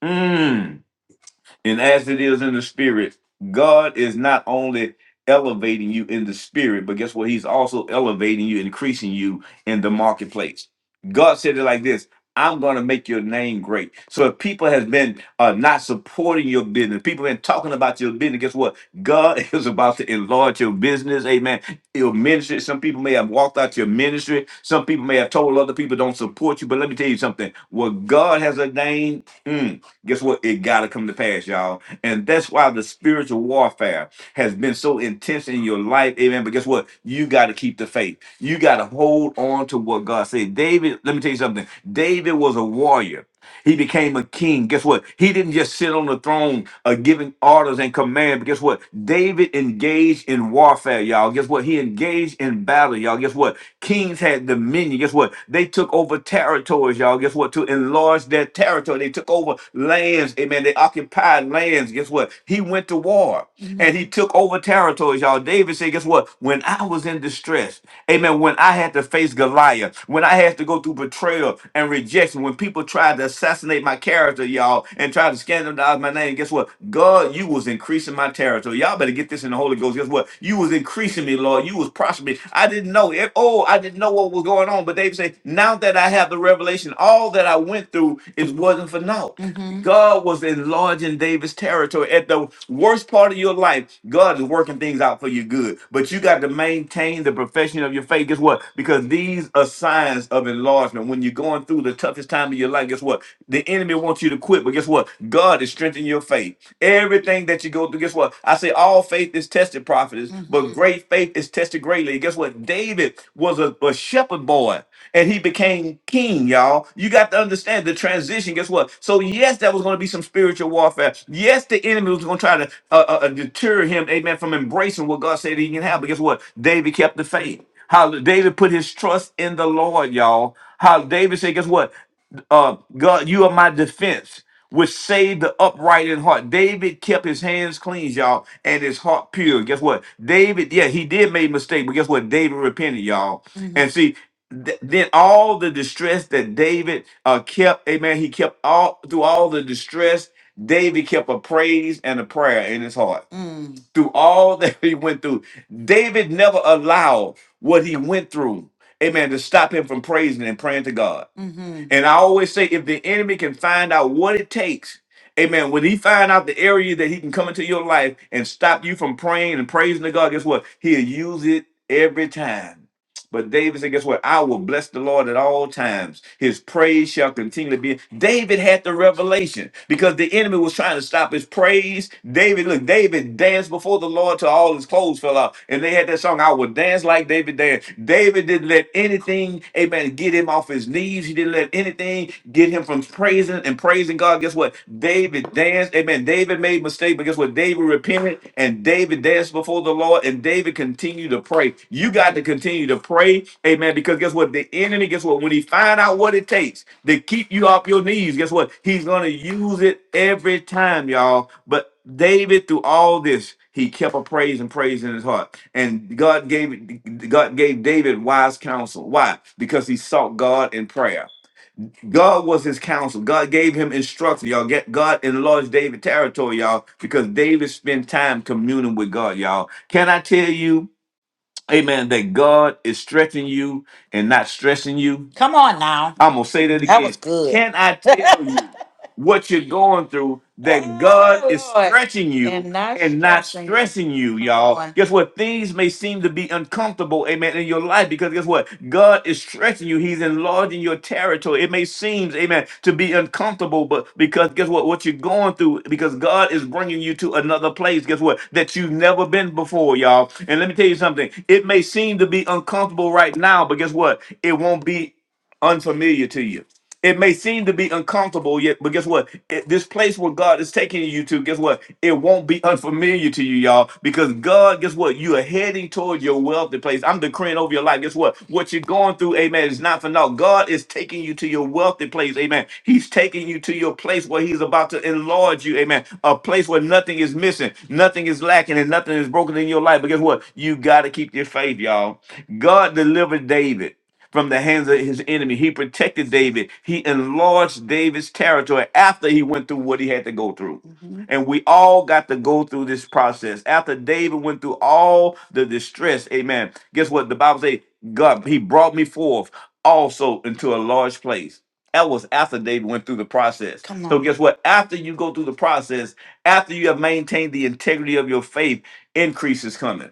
[SPEAKER 1] Mm. And as it is in the spirit, God is not only elevating you in the spirit, but guess what? He's also elevating you, increasing you in the marketplace. God said it like this. I'm going to make your name great. So if people has been uh, not supporting your business, people been talking about your business, guess what? God is about to enlarge your business. Amen. Your ministry. Some people may have walked out your ministry. Some people may have told other people don't support you. But let me tell you something. What God has ordained, mm, Guess what? It got to come to pass, y'all. And that's why the spiritual warfare has been so intense in your life. Amen. But guess what? You got to keep the faith. You got to hold on to what God said. David, let me tell you something. David was a warrior. He became a king. Guess what? He didn't just sit on the throne uh, giving orders and command. But guess what? David engaged in warfare, y'all. Guess what? He engaged in battle, y'all. Guess what? Kings had dominion. Guess what? They took over territories, y'all. Guess what? To enlarge their territory, they took over lands. Amen. They occupied lands. Guess what? He went to war and he took over territories, y'all. David said, Guess what? When I was in distress, amen, when I had to face Goliath, when I had to go through betrayal and rejection, when people tried tried to assassinate my character, y'all, and tried to scandalize my name. Guess what? God, you was increasing my territory. Y'all better get this in the Holy Ghost. Guess what? You was increasing me, Lord. You was prospering me. I didn't know it. Oh, I didn't know what was going on. But David said, now that I have the revelation, all that I went through, it wasn't for naught. Mm-hmm. God was enlarging David's territory. At the worst part of your life, God is working things out for your good. But you got to maintain the profession of your faith. Guess what? Because these are signs of enlargement. When you're going through the toughest time of your time of your life, guess what? The enemy wants you to quit, but guess what? God is strengthening your faith. Everything that you go through, guess what? I say all faith is tested, prophetess, but hmm great faith is tested greatly. guess what? David was a, a shepherd boy and he became king, y'all. You got to understand the transition. Guess what? So, yes, there was going to be some spiritual warfare. Yes, the enemy was going to try to uh, uh, uh, deter him, amen, from embracing what God said he can have. But guess what? David kept the faith. How David put his trust in the Lord, y'all. How David said, guess what? uh, God, you are my defense, which saved the upright in heart. David kept his hands clean, y'all, and his heart pure. Guess what? David, yeah, he did make mistake, but guess what? David repented, y'all. hmm And see, th- then all the distress that David uh, kept, amen, he kept all through all the distress, David kept a praise and a prayer in his heart Mm. through all that he went through. David never allowed what he went through. Amen. To stop him from praising and praying to God. Mm-hmm. And I always say, if the enemy can find out what it takes, amen, when he find out the area that he can come into your life and stop you from praying and praising to God, guess what? He'll use it every time. But David said, guess what? I will bless the Lord at all times. His praise shall continually be. David had the revelation because the enemy was trying to stop his praise. David, look, David danced before the Lord till all his clothes fell off. And they had that song, I will dance like David danced. David didn't let anything, amen, get him off his knees. He didn't let anything get him from praising and praising God. Guess what? David danced. Amen. David made mistakes, but guess but Guess what David repented and David danced before the Lord and David continued to pray. You got to continue to pray, amen. Because guess what? The enemy, guess what? When he find out what it takes to keep you off your knees, guess what? He's gonna use it every time, y'all. But David, through all this, he kept a praise and praise in his heart. And God gave God gave David wise counsel. Why? Because he sought God in prayer. God was his counsel. God gave him instruction. Y'all get God enlarged David territory, y'all, because David spent time communing with God, y'all. Can I tell you, amen, that God is stretching you and not stressing you? Come on now. I'm gonna say that That again. was again. good. Can I tell you? what you're going through that God is Oh, Lord. stretching you And not and not stressing you. stressing you, y'all. Guess what? Things may seem to be uncomfortable, amen, in your life because guess what? God is stretching you. He's enlarging your territory. It may seem, amen, to be uncomfortable, but because guess what? What you're going through, because God is bringing you to another place, guess what? That you've never been before, y'all. And let me tell you something. It may seem to be uncomfortable right now, but guess what? It won't be unfamiliar to you it may seem to be uncomfortable yet, but guess what? It- this place where God is taking you to, guess what? It won't be unfamiliar to you, y'all, because God, guess what? You are heading toward your wealthy place. I'm decreeing over your life. Guess what? What you're going through, amen, is not for now. God is taking you to your wealthy place, amen. He's taking you to your place where He's about to enlarge you, amen. A place where nothing is missing, nothing is lacking, and nothing is broken in your life. But guess what? You got to keep your faith, y'all. God delivered David from the hands of his enemy. He protected David. He enlarged David's territory after he went through what he had to go through. Mhm. And we all got to go through this process. After David went through all the distress, amen. Guess what? The Bible says, God, he brought me forth also into a large place. That was after David went through the process. Come So, on. guess what? After you go through the process, after you have maintained the integrity of your faith, increase is coming.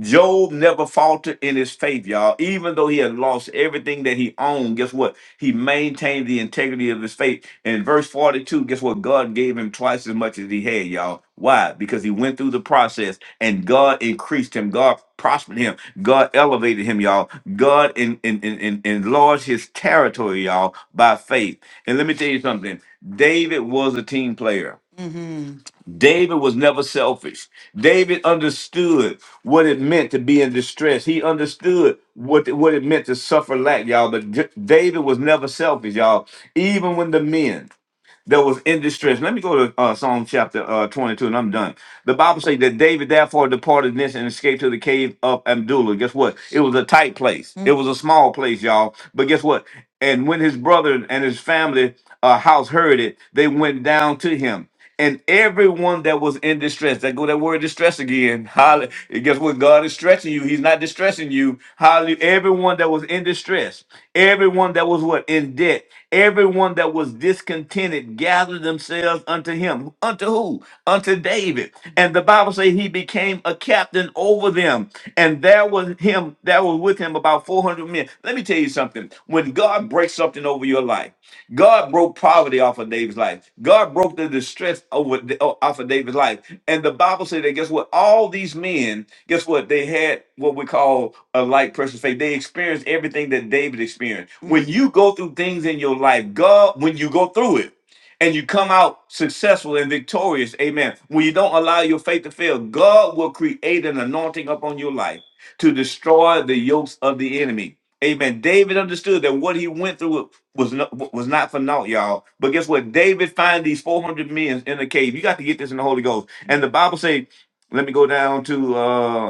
[SPEAKER 1] Job never faltered in his faith, y'all. Even though he had lost everything that he owned, guess what? He maintained the integrity of his faith. In verse 42, guess what? God gave him twice as much as he had, y'all. Why? Because he went through the process and God increased him. God prospered him. God elevated him, y'all. God in, in, in, in, enlarged his territory, y'all, by faith. And let me tell you something David was a team player. Mm-hmm. David was never selfish. David understood what it meant to be in distress. He understood what, what it meant to suffer lack, y'all. But D- David was never selfish, y'all. Even when the men, that was in distress. Let me go to uh, Psalm chapter uh, 22 and I'm done. The Bible says that David therefore departed thence and escaped to the cave of Abdullah. Guess what? It was a tight place. It Mm. was a small place, y'all. But guess what? And when his brother and his family uh, house heard it, they went down to him. And everyone that was in distress, that go that word distress again. Holly, guess what? God is stretching you. He's not distressing you. Holly, everyone that was in distress, everyone that was what in debt Everyone that was discontented gathered themselves unto him. Unto who? Unto David. And the Bible says he became a captain over them. And there was him, there was with him about 400 men. Let me tell you something. When God breaks something over your life, God broke poverty off of David's life. God broke the distress over off of David's life. And the Bible said that guess what? All these men, guess what? They had what we call a light precious faith. They experienced everything that David experienced. When Mhm. you go through things in your life, God, when you go through it and you come out successful and victorious, amen. When you don't allow your faith to fail, God will create an anointing upon your life to destroy the yokes of the enemy. Amen. David understood that what he went through was not, was not for naught, y'all. But guess what? David find these 400 men in the cave. You got to get this in the Holy Ghost. And the Bible say, let me go down to uh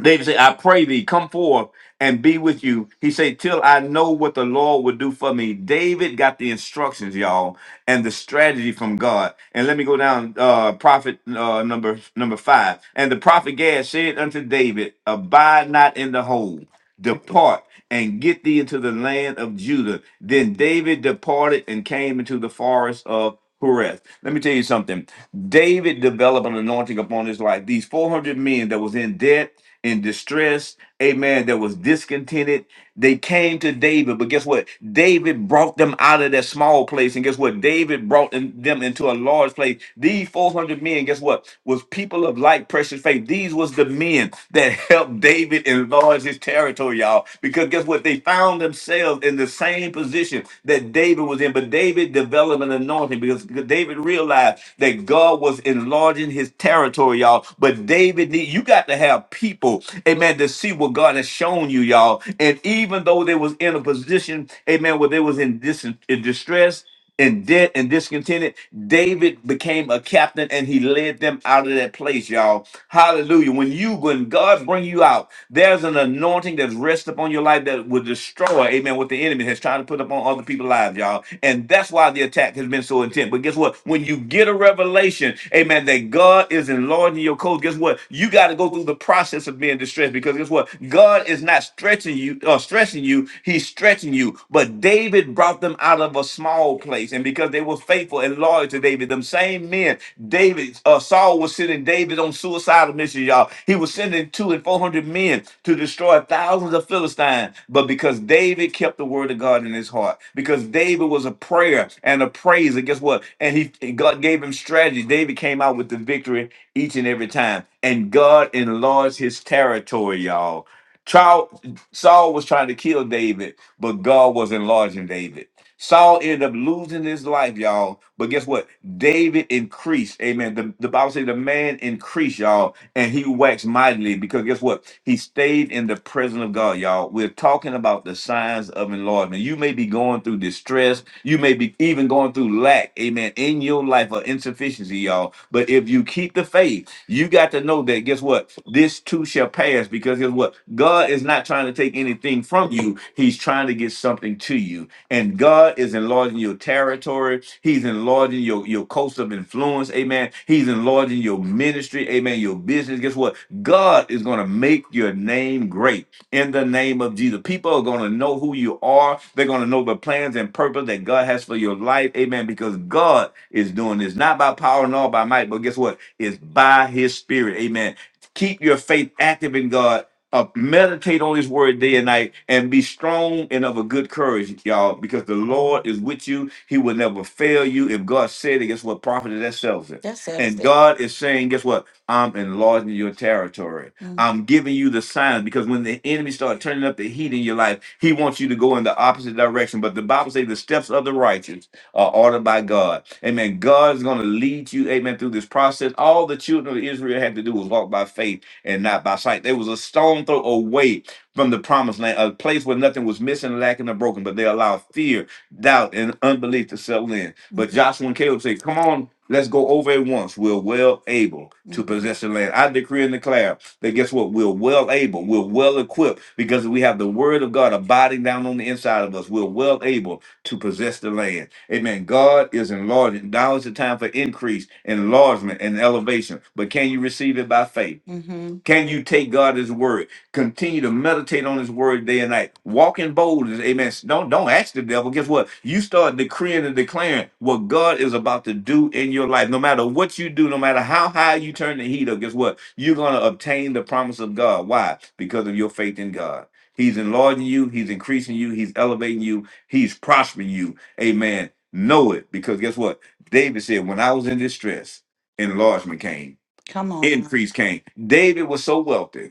[SPEAKER 1] David said, I pray thee, come forth and be with you. He said, Till I know what the Lord will do for me. David got the instructions, y'all, and the strategy from God. And let me go down uh prophet uh number number five. And the prophet Gad said unto David, Abide not in the hole, depart and get thee into the land of Judah. Then David departed and came into the forest of Horeth. Let me tell you something. David developed an anointing upon his life. These 400 men that was in debt, in distress, amen, that was discontented. They came to David, but guess what? David brought them out of that small place. And guess what? David brought in- them into a large place. These 400 men, guess what? Was people of like precious faith. These was the men that helped David enlarge his territory, y'all. Because guess what? They found found themselves in the same position that David was in. But David developed an anointing because, because David realized that God was enlarging his territory, y'all. But David, need, you got to have people, amen, to see what God has shown you, y'all. And even though they was in a position, amen, where they was in, dis- in distress, in debt and discontented, David became a captain and he led them out of that place, y'all. Hallelujah. When you, when God bring you out, there's an anointing that's rested upon your life that will destroy, amen, what the enemy has tried to put upon other people's lives, y'all. And that's why the attack has been so intense. But guess what? When you get a revelation, amen, that God is enlarging your coast, guess what? You got to go through the process of being distressed because guess what? God is not stretching you or stressing you, He's stretching you. But but David brought them out of a small place, and because they were faithful and loyal to David, them same men, David, uh, Saul was sending David on suicidal missions, y'all. He was sending two and four hundred men to destroy thousands of Philistines, but because David kept the word of God in his heart, because David was a prayer and a praise, and guess what? And he and God gave him strategy. David came out with the victory each and every time, and God enlarged his territory, y'all. Trial, Saul was trying to kill David but God was enlarging David. Saul ended up losing his life, y'all. But guess what? David increased. Amen. The, the Bible says the man increased, y'all, and he waxed mightily because guess what? He stayed in the presence of God, y'all. We're talking about the signs of enlargement. You may be going through distress. You may be even going through lack, amen, in your life or insufficiency, y'all. But if you keep the faith, you got to know that guess what? This too shall pass because guess what? God is not trying to take anything from you. He's trying to get something to you. And God is enlarging your territory. He's enlarging your, your coast of influence. Amen. He's enlarging your ministry. Amen. Your business. Guess what? God is going to make your name great in the name of Jesus. People are going to know who you are. They're going to know the plans and purpose that God has for your life. Amen. Because God is doing this, not by power nor by might, but guess what? is by his spirit. Amen. Keep your faith active in God. Uh, meditate on his word day and night and be strong and of a good courage, y'all, because the Lord is with you. He will never fail you. If God said it, guess what? Prophet that sells it. That settles And it. God is saying, guess what? I'm enlarging your territory. Mm. I'm giving you the signs because when the enemy starts turning up the heat in your life, he wants you to go in the opposite direction. But the Bible says the steps of the righteous are ordered by God. Amen. God's going to lead you, amen, through this process. All the children of Israel had to do was walk by faith and not by sight. They was a stone throw away from the promised land, a place where nothing was missing, lacking, or broken, but they allowed fear, doubt, and unbelief to settle in. But Joshua and Caleb said, Come on, let's go over at once. We're well able to possess the land. I decree and declare that guess what? We're well able, we're well equipped because we have the word of God abiding down on the inside of us. We're well able to possess the land. Amen. God is enlarging. Now is the time for increase, enlargement, and elevation. But can you receive it by faith? Mm-hmm. Can you take God His word? Continue to meditate on His word day and night. Walk in boldness. Amen. Don't don't ask the devil. Guess what? You start decreeing and declaring what God is about to do in your life. No matter what you do, no matter how high you turn the heat up, guess what? You're gonna obtain the promise of God. Why? Because of your faith in God. He's enlarging you. He's increasing you. He's elevating you. He's prospering you. Amen Know it because guess what? David said, When I was in distress, enlargement came, Come on. increase came. David was so wealthy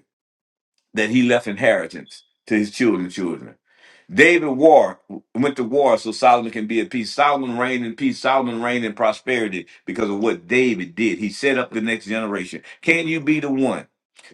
[SPEAKER 1] that he left inheritance to his children's children. David war went to war so Solomon can be at peace. Solomon reigned in peace. Solomon reigned in prosperity because of what David did. He set up the next generation. Can you be the one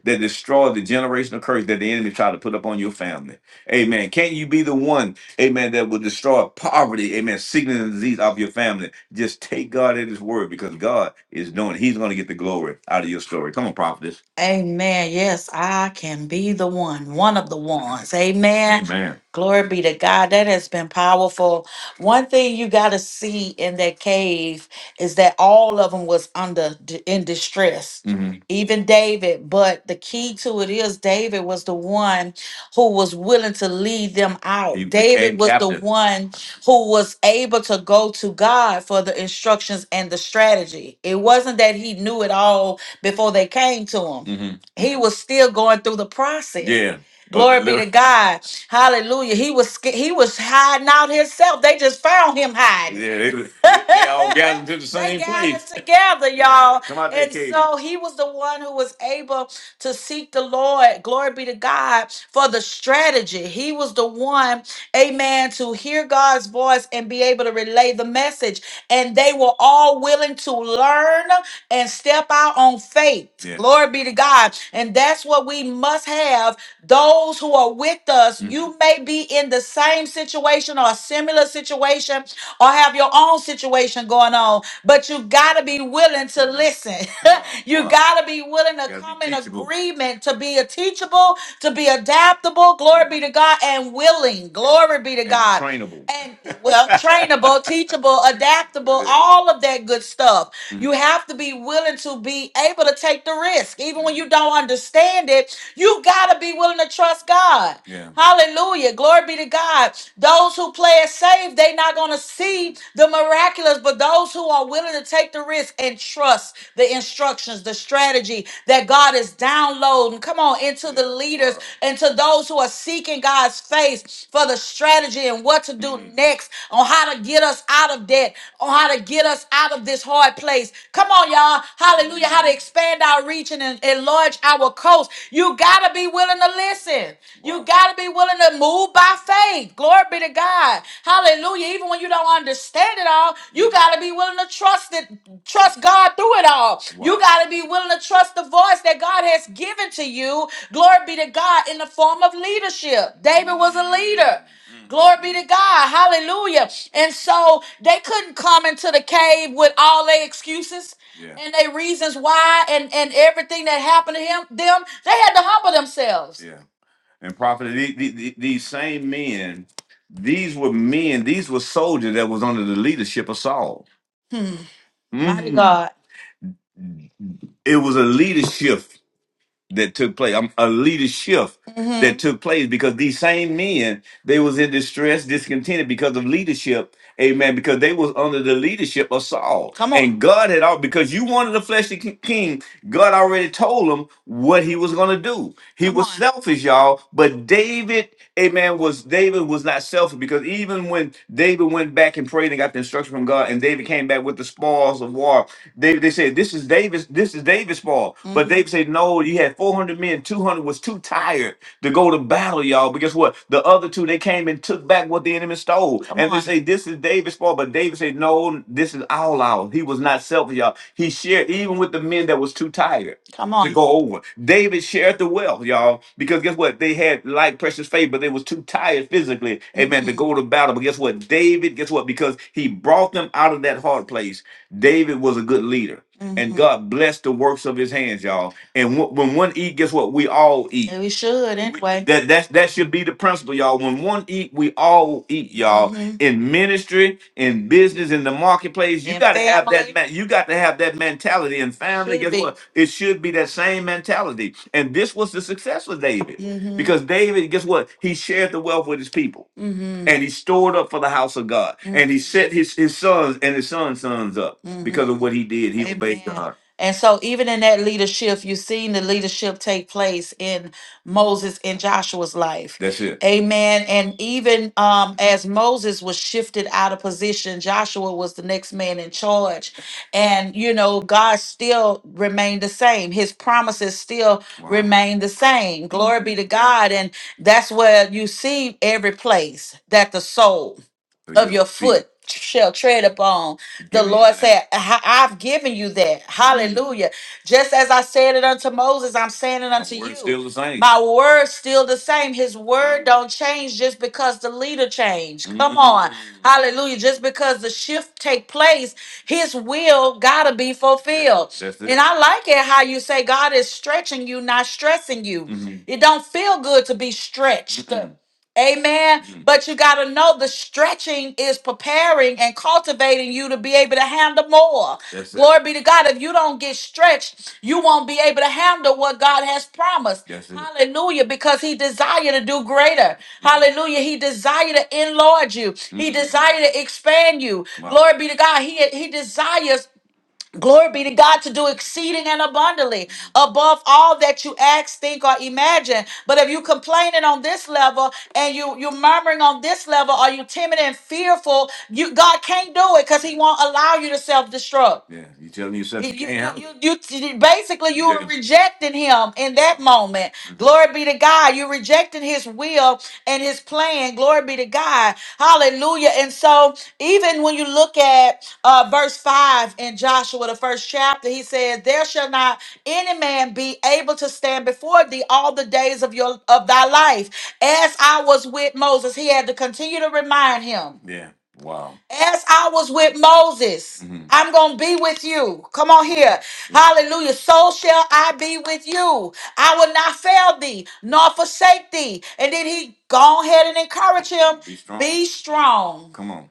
[SPEAKER 1] that destroyed the generational curse that the enemy tried to put up on your family? Amen. Can you be the one, amen, that will destroy poverty, amen, sickness and disease off your family? Just take God at his word because God is doing it. He's going to get the glory out of your story. Come on, prophetess. Amen. Yes, I can be the one, one of the ones. Amen. Amen. Glory be to God. That has been powerful. One thing you got to see in that cave is that all of them was under d- in distress. hmm Even David, but the key to it is David was the one who was willing to lead them He out. He David became was the captive. one who was able to go to God for the instructions and the strategy. It wasn't that he knew it all before they came to him. hmm He was still going through the process. Yeah. Glory be to God. Hallelujah. He was sca- he was hiding out himself. They just found him hiding. yeah, they, they all gathered to the they same they gathered place. together, Yeah. y'all. Yeah, Come out there, And Katie. so he was the one who was able to seek the Lord, glory be to God, for the strategy. He was the one, amen, to hear God's voice and be able to relay the message. And they were all willing to learn and step out on faith. Yeah. Glory be to God. And that's what we must have. Those who are with us, Mhm. you may be in the same situation or a similar situation or have your own situation going on, but you got to be willing to listen. you Wow. got to be willing to gotta be come in teachable. agreement to be a teachable, to be adaptable. Glory be to God and willing. Glory be to And God trainable. and well, trainable, teachable, adaptable, all of that good stuff. You have to be willing to be able to take the risk. Even when you don't understand it, you got to be willing to trust God. Yeah. Hallelujah. Glory be to God. Those who play it safe, they not going to see the miraculous, but those who are willing to take the risk and trust the instructions, the strategy that God is downloading, come on, into the leaders and to those who are seeking God's face for the strategy and what to do next on how to get us out of debt, on how to get us out of this hard place. Come on, y'all. Hallelujah. How to expand our reach and en- enlarge our coast. You got to be willing to listen. You got to be be willing to move by faith. Glory be to God. Hallelujah. Even when you don't understand it all, you got to be willing to trust it, trust God through it all. You Wow. got to be willing to trust the voice that God has given to you. Glory be to God in the form of leadership. David was a leader. Mm, Glory be to God. Hallelujah. And so they couldn't come into the cave with all their excuses Yeah. and their reasons why and, and everything that happened to him them. They had to humble themselves. And prophet, the- the- the- these same men, these were men, these were soldiers that was under the leadership of Saul. Hmm. Mighty Mm. God. It was a leadership that took place. um, A leadership that Mm-hmm. took place because these same men, they was in distress, discontented because of leadership. Amen. Because they was under the leadership of Saul. Come on. And God had all because you wanted a fleshly ki- king, God already told him what he was gonna do. He Come was on. selfish, y'all. But David amen, was David was not selfish because even when David went back and prayed and got the instruction from God, and David came back with the spoils of war, David they said, This is David's, this is David's spoil. But hmm David said, No, you had 400 men, 200 was too tired to go to battle, y'all. But guess what? The other two they came and took back what the enemy stole. Come And they on. say, This is David's fault. But David said, No, this is all ours. He was not selfish, y'all. He shared even with the men that was too tired. Come to on. go over. David shared the wealth, y'all, because guess what? They had like precious faith, but they was too tired physically, amen, to go to battle. But guess what? David, guess what? Because he brought them out of that hard place. David was a good leader, and Mm-hmm. God blessed the works of his hands, y'all. And wh- when one eat, guess what? We all eat. And we should anyway. That that that should be the principle, y'all. When one eat, we all eat, y'all. hmm In ministry, in business, in the marketplace, you And got to have that family man. You got to have that mentality. And family, should guess be. what? It should be that same mentality. And this was the success of David hmm because David, guess what? He shared the wealth with his people hmm and he stored up for the house of God, hmm and he set his, his sons and his sons' sons up hmm because of hmm what he did. He obeyed Amen. God. And so, even in that leadership, you've seen the leadership take place in Moses and Joshua's life. That's it. Amen. And even um, as Moses was shifted out of position, Joshua was the next man in charge. And, you know, God still remained the same. His promises still Wow. remained the same. Glory be to God. And that's where you see every place that the soul So of your your feet. foot shall tread upon. The Lord said, "I- I've given you that. Hallelujah. Just as I said it unto Moses, I'm saying it unto My word's you. Still the same. My word's still the same. His word don't change just because the leader changed. Come on. Mm. Hallelujah. Just because the shift take place, his will gotta be fulfilled. That's it. And I like it how you say God is stretching you, not stressing you. Mhm. It don't feel good to be stretched. Mm-mm. Amen. Mhm. But you got to know the stretching is preparing and cultivating you to be able to handle more. That's it. Glory be to God. If you don't get stretched, you won't be able to handle what God has promised. That's it. Hallelujah. Because He desired to do greater. Mhm. Hallelujah. He desired to enlarge you, He Mhm. desired to expand you. Wow. Glory be to God. He, he desires Glory be to God to do exceeding and abundantly above all that you ask, think, or imagine. But if you complaining on this level and you you murmuring on this level, are you timid and fearful? You God can't do it because He won't allow you to self destruct. Yeah, you telling yourself You, you can't handle it. you, you, you- basically you were rejecting him in that moment. Glory be to God. You're rejecting his will and his plan. Glory be to God. Hallelujah. And so, even when you look at uh, verse 5 in Joshua, the first chapter, he says, There shall not any man be able to stand before thee all the days of your of thy life. As I was with Moses, he had to continue to remind him. Yeah. Wow. As I was with Moses, Mhm. I'm going to be with you. Come on here. Yeah. Hallelujah. So shall I be with you. I will not fail thee, nor forsake thee. And then he go ahead and encourage him. Be strong. Be strong. Come on.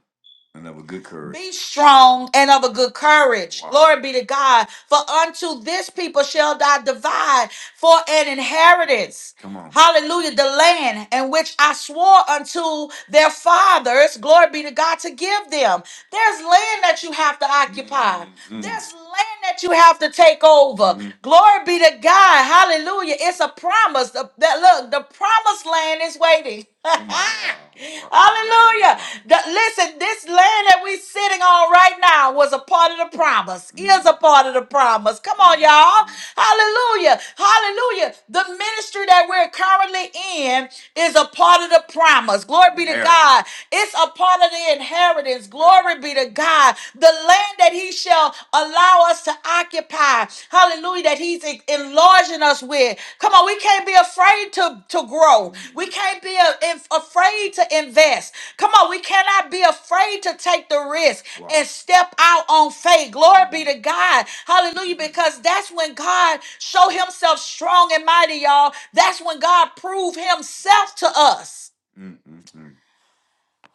[SPEAKER 1] And of a good courage. Be strong and of a good courage. Wow. Glory be to God. For unto this people shall thou divide for an inheritance. Come on. Hallelujah. The land in which I swore unto their fathers, glory be to God, to give them. There's land that you have to occupy. Mm. There's land that you have to take over. Mm. Glory be to God. Hallelujah. It's a promise. The- that look, the promised land is waiting. Come on now. Hallelujah. The- listen, this land that we're sitting on right now was a part of the promise, Mm. is a part of the promise. Come on, y'all. Hallelujah. Hallelujah. Hallelujah. The ministry that we're currently in is a part of the promise. Glory be to Inherit. God. It's a part of the inheritance. Glory be to God. The land that He shall allow us to occupy. Hallelujah. That He's en- enlarging us with. Come on, we can't be afraid to, to grow. We can't be a- in- afraid to invest. Come on, we cannot be afraid to take the risk. Wow. and step out on faith. Glory be Mhm. to God. Hallelujah. Because that's when God showed himself strong and mighty, y'all. That's when God proved himself to us.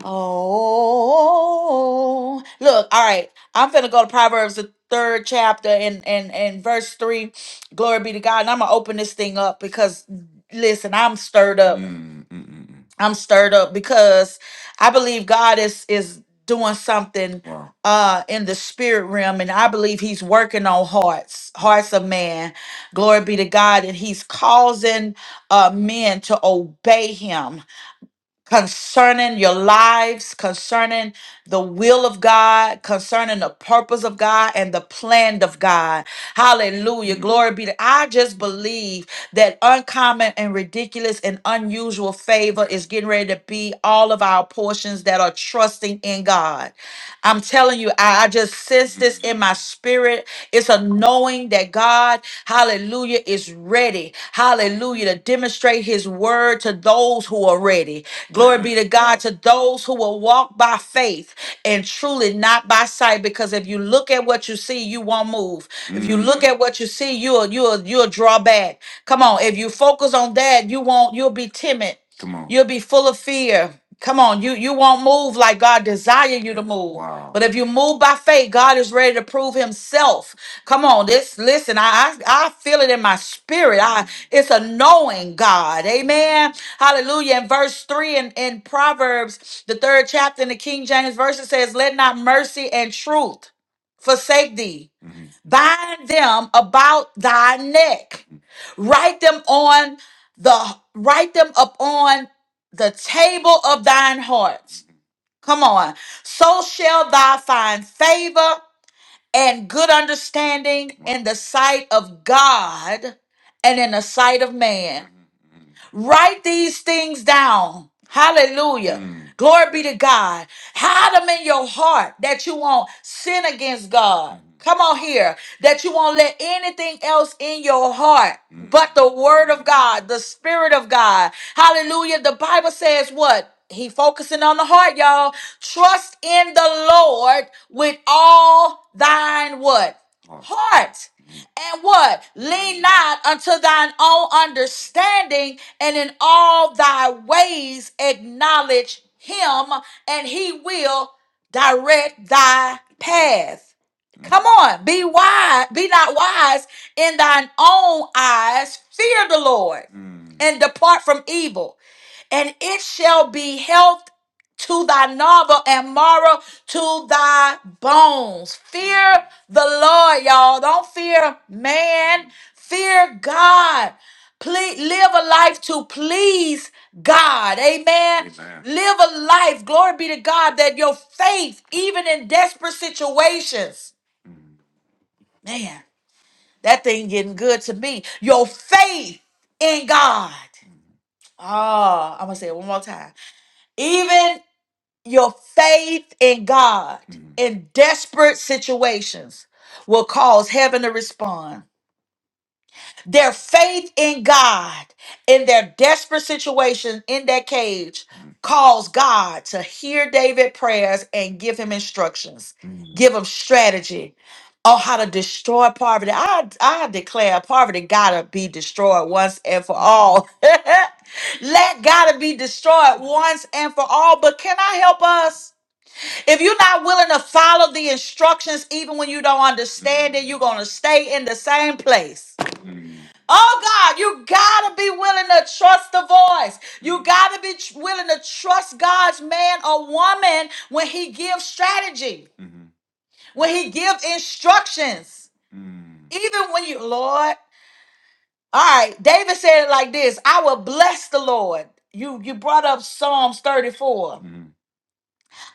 [SPEAKER 1] Oh, look, all right. I'm finna go to Proverbs, the third chapter, and and and verse three. Glory be to God. And I'm gonna open this thing up because, listen, I'm stirred up. Mm, mm, mm, mm. I'm stirred up because I believe God is is doing something Wow. uh in the spirit realm and I believe he's working on hearts, hearts of man. Glory be to God and he's causing uh men to obey him concerning your lives, concerning the will of God, concerning the purpose of God and the plan of God. Hallelujah. Glory be to I just believe that uncommon and ridiculous and unusual favor is getting ready to be all of our portions that are trusting in God. I'm telling you, I, I just sense this in my spirit. It's a knowing that God, hallelujah, is ready. Hallelujah. To demonstrate his word to those who are ready. Glory be to God to those who will walk by faith and truly not by sight. Because if you look at what you see, you won't move. If you look Mm. at what you see, you'll you'll you'll draw back. Come on, if you focus on that, you won't you'll be timid. Come on. You'll be full of fear. Come on, you you won't move like God desire you to move. Wow. But if you move by faith, God is ready to prove himself. Come on, this listen, I, I I feel it in my spirit. I it's a knowing God. Amen. Hallelujah. In verse 3 in, in Proverbs, the third chapter in the King James version says, Let not mercy and truth forsake thee. Mhm. Bind them about thy neck. Mhm. Write them on the write them upon the table of thine hearts. Come on. So shall thou find favor and good understanding in the sight of God and in the sight of man. Write these things down. Hallelujah. Mm. Glory be to God. Hide them in your heart that you won't sin against God. Mm. Come on here. That you won't let anything else in your heart Mm. but the word of God, the spirit of God. Hallelujah. The Bible says what? He focusing on the heart, y'all. Trust in the Lord with all thine what? Heart. Heart. And what? Lean not unto thine own understanding, and in all thy ways acknowledge him, and he will direct thy path. Come on, be wise, be not wise in thine own eyes. Fear the Lord Mm. and depart from evil and it shall be health to thy novel and marrow to thy bones. Fear the Lord, y'all. Don't fear man, fear God. Please live a life to please God. Amen. Amen. Live a life, glory be to God, that your faith, even in desperate situations, man, that thing getting good to me. Your faith in God. Oh, I'm gonna say it one more time. Even Your faith in God in desperate situations will cause heaven to respond. Their faith in God in their desperate situation in that cage caused God to hear David's prayers and give him instructions, give him strategy on how to destroy poverty. I, I declare poverty gotta be destroyed once and for all. Let gotta be destroyed once and for all. But can I help us? If you're not willing to follow the instructions, even when you don't understand it, you're going to stay in the same place. Oh God, you gotta be willing to trust the voice. You gotta be tr- willing to trust God's man or woman when he gives strategy, when he gives instructions. Even when you, Lord, all right, David said it like this I will bless the Lord. You you brought up Psalms 34.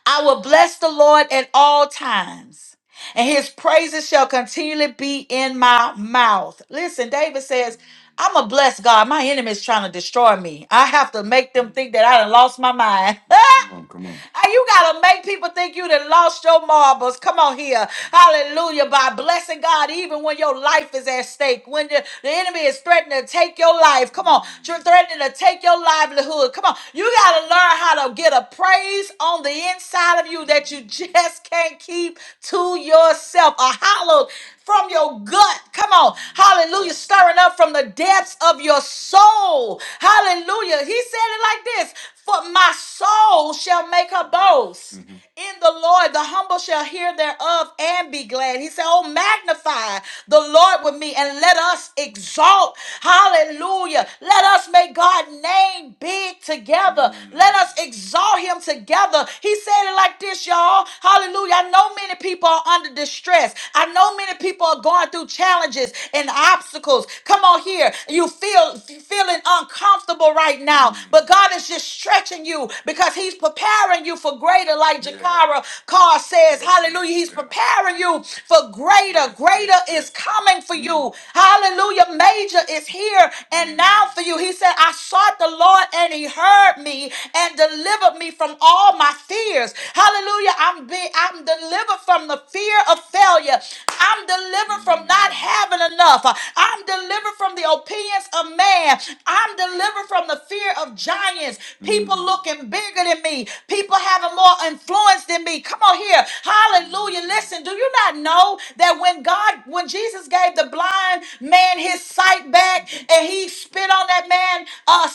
[SPEAKER 1] I will bless the Lord at all times and his praises shall continually be in my mouth. Listen, David says, I'm a blessed God. My enemy's trying to destroy me. I have to make them think that I done lost my mind. Come on, come on. And You gotta make people think you done lost your marbles. Come on here. Hallelujah. By blessing God, even when your life is at stake, when the, the enemy is threatening to take your life. Come on, tr- threatening to take your livelihood. Come on. You gotta learn how to get a praise on the inside of you that you just can't keep to yourself, a hollow from your gut. Come on. Hallelujah. Stirring up from the depths of your soul. Hallelujah. He said it like this For my soul shall make her boast. Mhm. In the Lord, the humble shall hear thereof and be glad. He said, Oh, magnify the Lord with me and let us exalt. Hallelujah. Let us make God's name big together. Mm. Let us exalt him together. He said it like this, y'all. Hallelujah. I know many people are under distress. I know many people are going through challenges and obstacles. Come on here. You feel feeling uncomfortable right now, but God is just stretching you because He's preparing you for greater, like Yeah. Jakara Carr says. Yes, Hallelujah. He's Yeah. preparing you for greater. Yes, Greater yes, is yes. coming for Mm. you. Hallelujah. Major is here and Mm. now for you. He said, I sought the Lord and He heard me and delivered me from all my fears. Hallelujah. I'm." I'm be I'm delivered from the fear of failure. I'm delivered from not having enough. I'm delivered from the opinions of man. I'm delivered from the fear of giants. People looking bigger than me. People having more influence than me. Come on here. Hallelujah. Listen, do you not know that when God, when Jesus gave the blind man his sight back and he spit on that man's uh,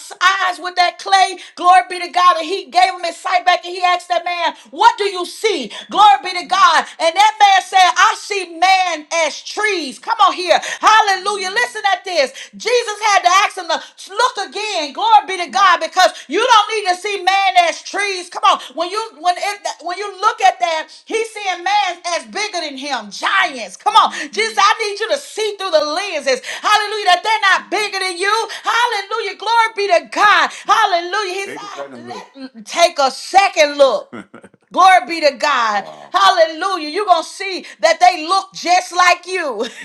[SPEAKER 1] eyes with that clay, glory be to God, and he gave him his sight back and he asked that man, What what do you see? Glory be to God. And that man said, I see man as trees. Come on here. Hallelujah. Listen at this. Jesus had to ask him to look again. Glory be to God because you don't need to see man as trees. Come on. When you when it, when you look at that, he's seeing man as bigger than him. Giants. Come on. Jesus, I need you to see through the lenses. Hallelujah. That they're not bigger than you. Hallelujah. Glory be to God. Hallelujah. He said, "Let- take a second look. Glory be to God. Wow. Hallelujah. You're going to see that they look just like you.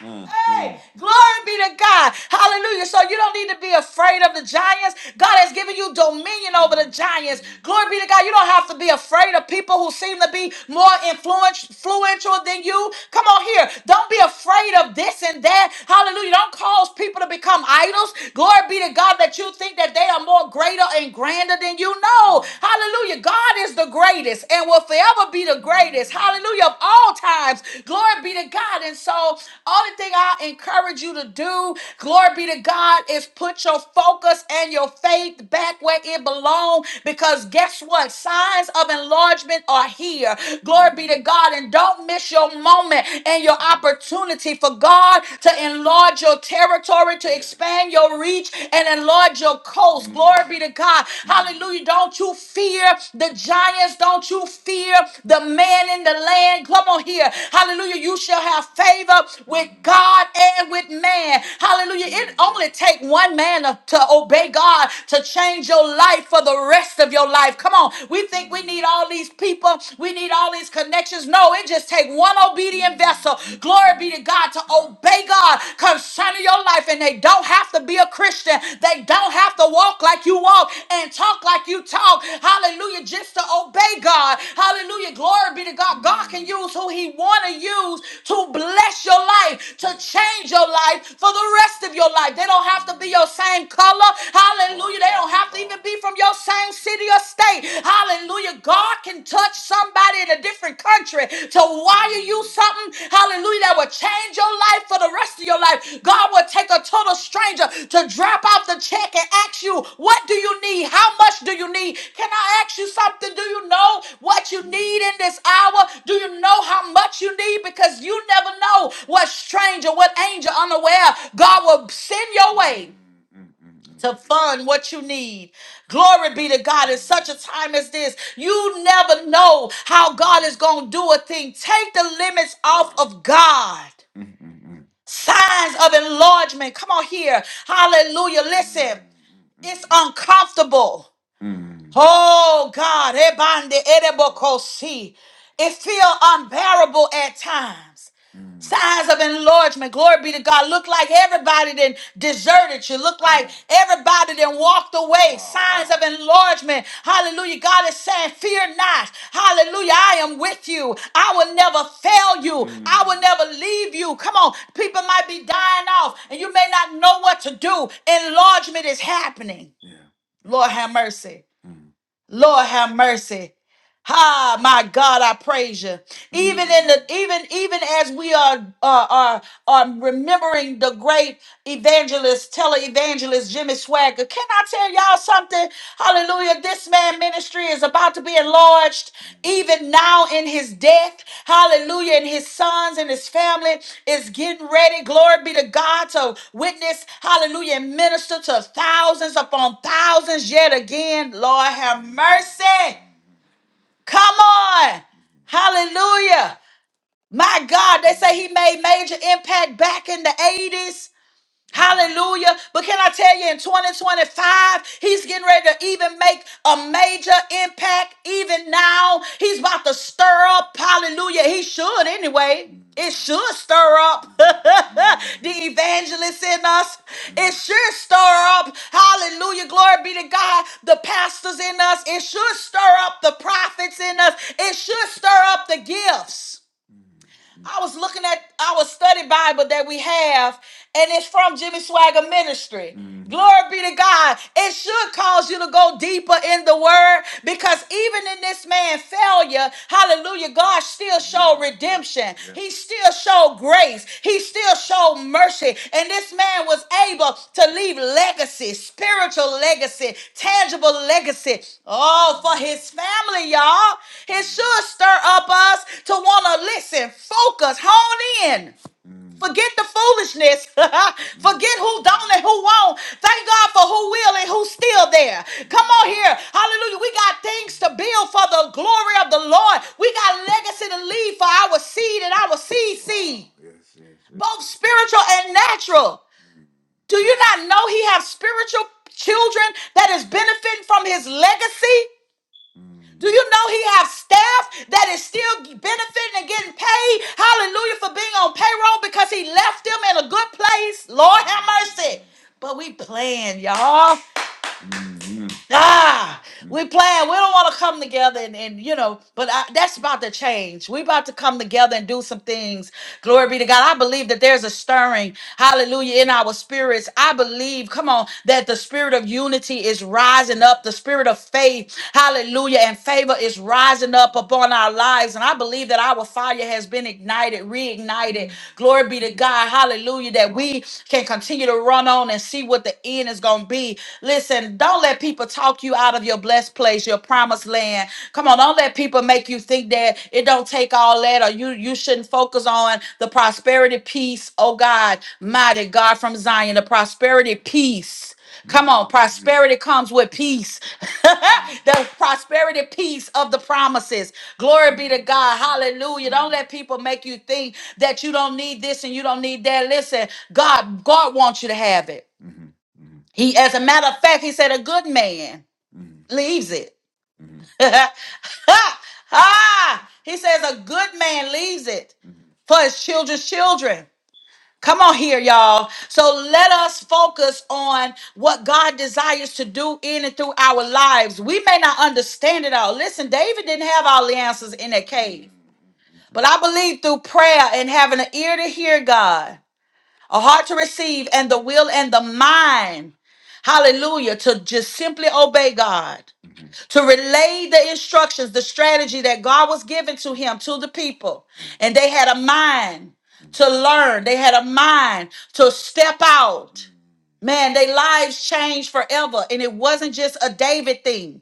[SPEAKER 1] Mm, Hey, mm. glory be to God. Hallelujah. So you don't need to be afraid of the giants. God has given you dominion over the giants. Glory be to God. You don't have to be afraid of people who seem to be more influent- influential than you. Come on here. Don't be afraid of this and that. Hallelujah. Don't cause people to become idols. Glory be to God that you think that they are more greater and grander than you. No. Hallelujah. God is the greatest. And and will forever be the greatest. Hallelujah of all times. Glory be to God. And so, only thing I encourage you to do, glory be to God, is put your focus and your faith back where it belongs. Because guess what? Signs of enlargement are here. Glory be to God. And don't miss your moment and your opportunity for God to enlarge your territory, to expand your reach, and enlarge Lord your coast. Glory be to God. Hallelujah. Don't you fear the giants. Don't you fear the man in the land. Come on here. Hallelujah. You shall have favor with God and with man. Hallelujah. It only take one man to to obey God to change your life for the rest of your life. Come on. We think we need all these people. We need all these connections. No, it just take one obedient vessel. Glory Glory be to God to obey God concerning your life. And they don't have to be a Christian. They don't have to walk like you walk and talk like you talk. Hallelujah. Just to obey God. Hallelujah. Glory be to God. God can use who He want to use to bless your life, to change your life for the rest of your life. They don't have to be your same color. Hallelujah. They don't have to even be from your same city or state. Hallelujah. God can touch somebody in a different country to wire you something. Hallelujah. That will change your life for the rest of your life. God will take a total stranger to drop off the check and ask you, What do you need? How much do you need? Can I ask you something? Do you know what you need in this hour? Do you know how much you need? Because you never know what stranger, what angel unaware God will send your way to fund what you need. Glory be to God. In such a time as this, you never know how God is going to do a thing. Take the limits off of God. Signs of enlargement. Come on here. Hallelujah. Listen, it's uncomfortable. Oh God, ebande edebokosi. it feel unbearable at times. Signs of enlargement. Glory be to God. Look like everybody then deserted you. Look like everybody then walked away. Signs of enlargement. Hallelujah. God is saying, Fear not. Hallelujah. I am with you. I will never fail you. I will never leave you. Come on. People might be dying off and you may not know what to do. Enlargement is happening. Lord have mercy. Lord have mercy. Ah, my God, I praise you. Even in the even even as we are are are, are remembering the great evangelist, televangelist Jimmy Swagger. Can I tell y'all something? Hallelujah! This man ministry is about to be enlarged, even now in his death. Hallelujah! And his sons and his family is getting ready. Glory be to God to witness. Hallelujah! And minister to thousands upon thousands yet again. Lord have mercy. Come on. Hallelujah. My God, they say he made major impact back in the 80s. Hallelujah. But can I tell you, in 2025, he's getting ready to even make a major impact even now. He's about to stir up. Hallelujah. He should anyway. It should stir up the evangelist in us. It should stir up. Hallelujah. Glory be to God. The pastors in us. It should stir up the prophets in us. It should stir up the gifts. I was looking at our study Bible that we have, and it's from Jimmy Swagger Ministry. Mhm. Glory be to God. It should cause you to go deeper in the word because even in this man's failure, hallelujah, God still showed redemption. Yeah. He still showed showed grace. He still showed mercy. And this man was able to leave legacy, spiritual legacy, tangible legacy. Oh, for his family, y'all. It should stir up us to want to listen, focus, hone in. Forget the foolishness. Forget who don't and who won't. Thank God for who will and who's still there. Come on here. Hallelujah. We got things to build for the glory of the Lord. We got legacy to leave for our seed and our seed seed, Wow. Yes, yes, yes. both spiritual and natural. Do you not know he has spiritual children that is benefiting from his legacy? Do you know he have staff that is still benefiting and getting paid? Hallelujah for being on payroll because he left them in a good place. Lord have mercy. But we playing, y'all. Amen. Ah, we playing. We don't want to come together and, and you know, but I, that's about to change. We about to come together and do some things. Glory be to God. I believe that there's a stirring, hallelujah, in our spirits. I believe, come on, that the spirit of unity is rising up. The spirit of faith, hallelujah, and favor is rising up upon our lives. And I believe that our fire has been ignited, reignited. Glory be to God. Hallelujah. That we can continue to run on and see what the end is going to be me. Listen, don't let people talk you out of your blessed place, your promised land. Come on, don't let people make you think that it don't take all that or you you shouldn't focus on the prosperity peace. Oh God, mighty God from Zion, the prosperity peace. Come on, prosperity comes with peace. the prosperity peace of the promises. Glory be to God. Hallelujah. Don't let people make you think that you don't need this and you don't need that. Listen, God, God wants you to have it. He, as a matter of fact, he said a good man leaves it. ah, he says a good man leaves it for his children's children. Come on here, y'all. So let us focus on what God desires to do in and through our lives. We may not understand it all. Listen, David didn't have all the answers in that cave, but I believe through prayer and having an ear to hear God a heart to receive and the will and the mind hallelujah to just simply obey god to relay the instructions the strategy that god was giving to him to the people and they had a mind to learn they had a mind to step out man their lives changed forever and it wasn't just a david thing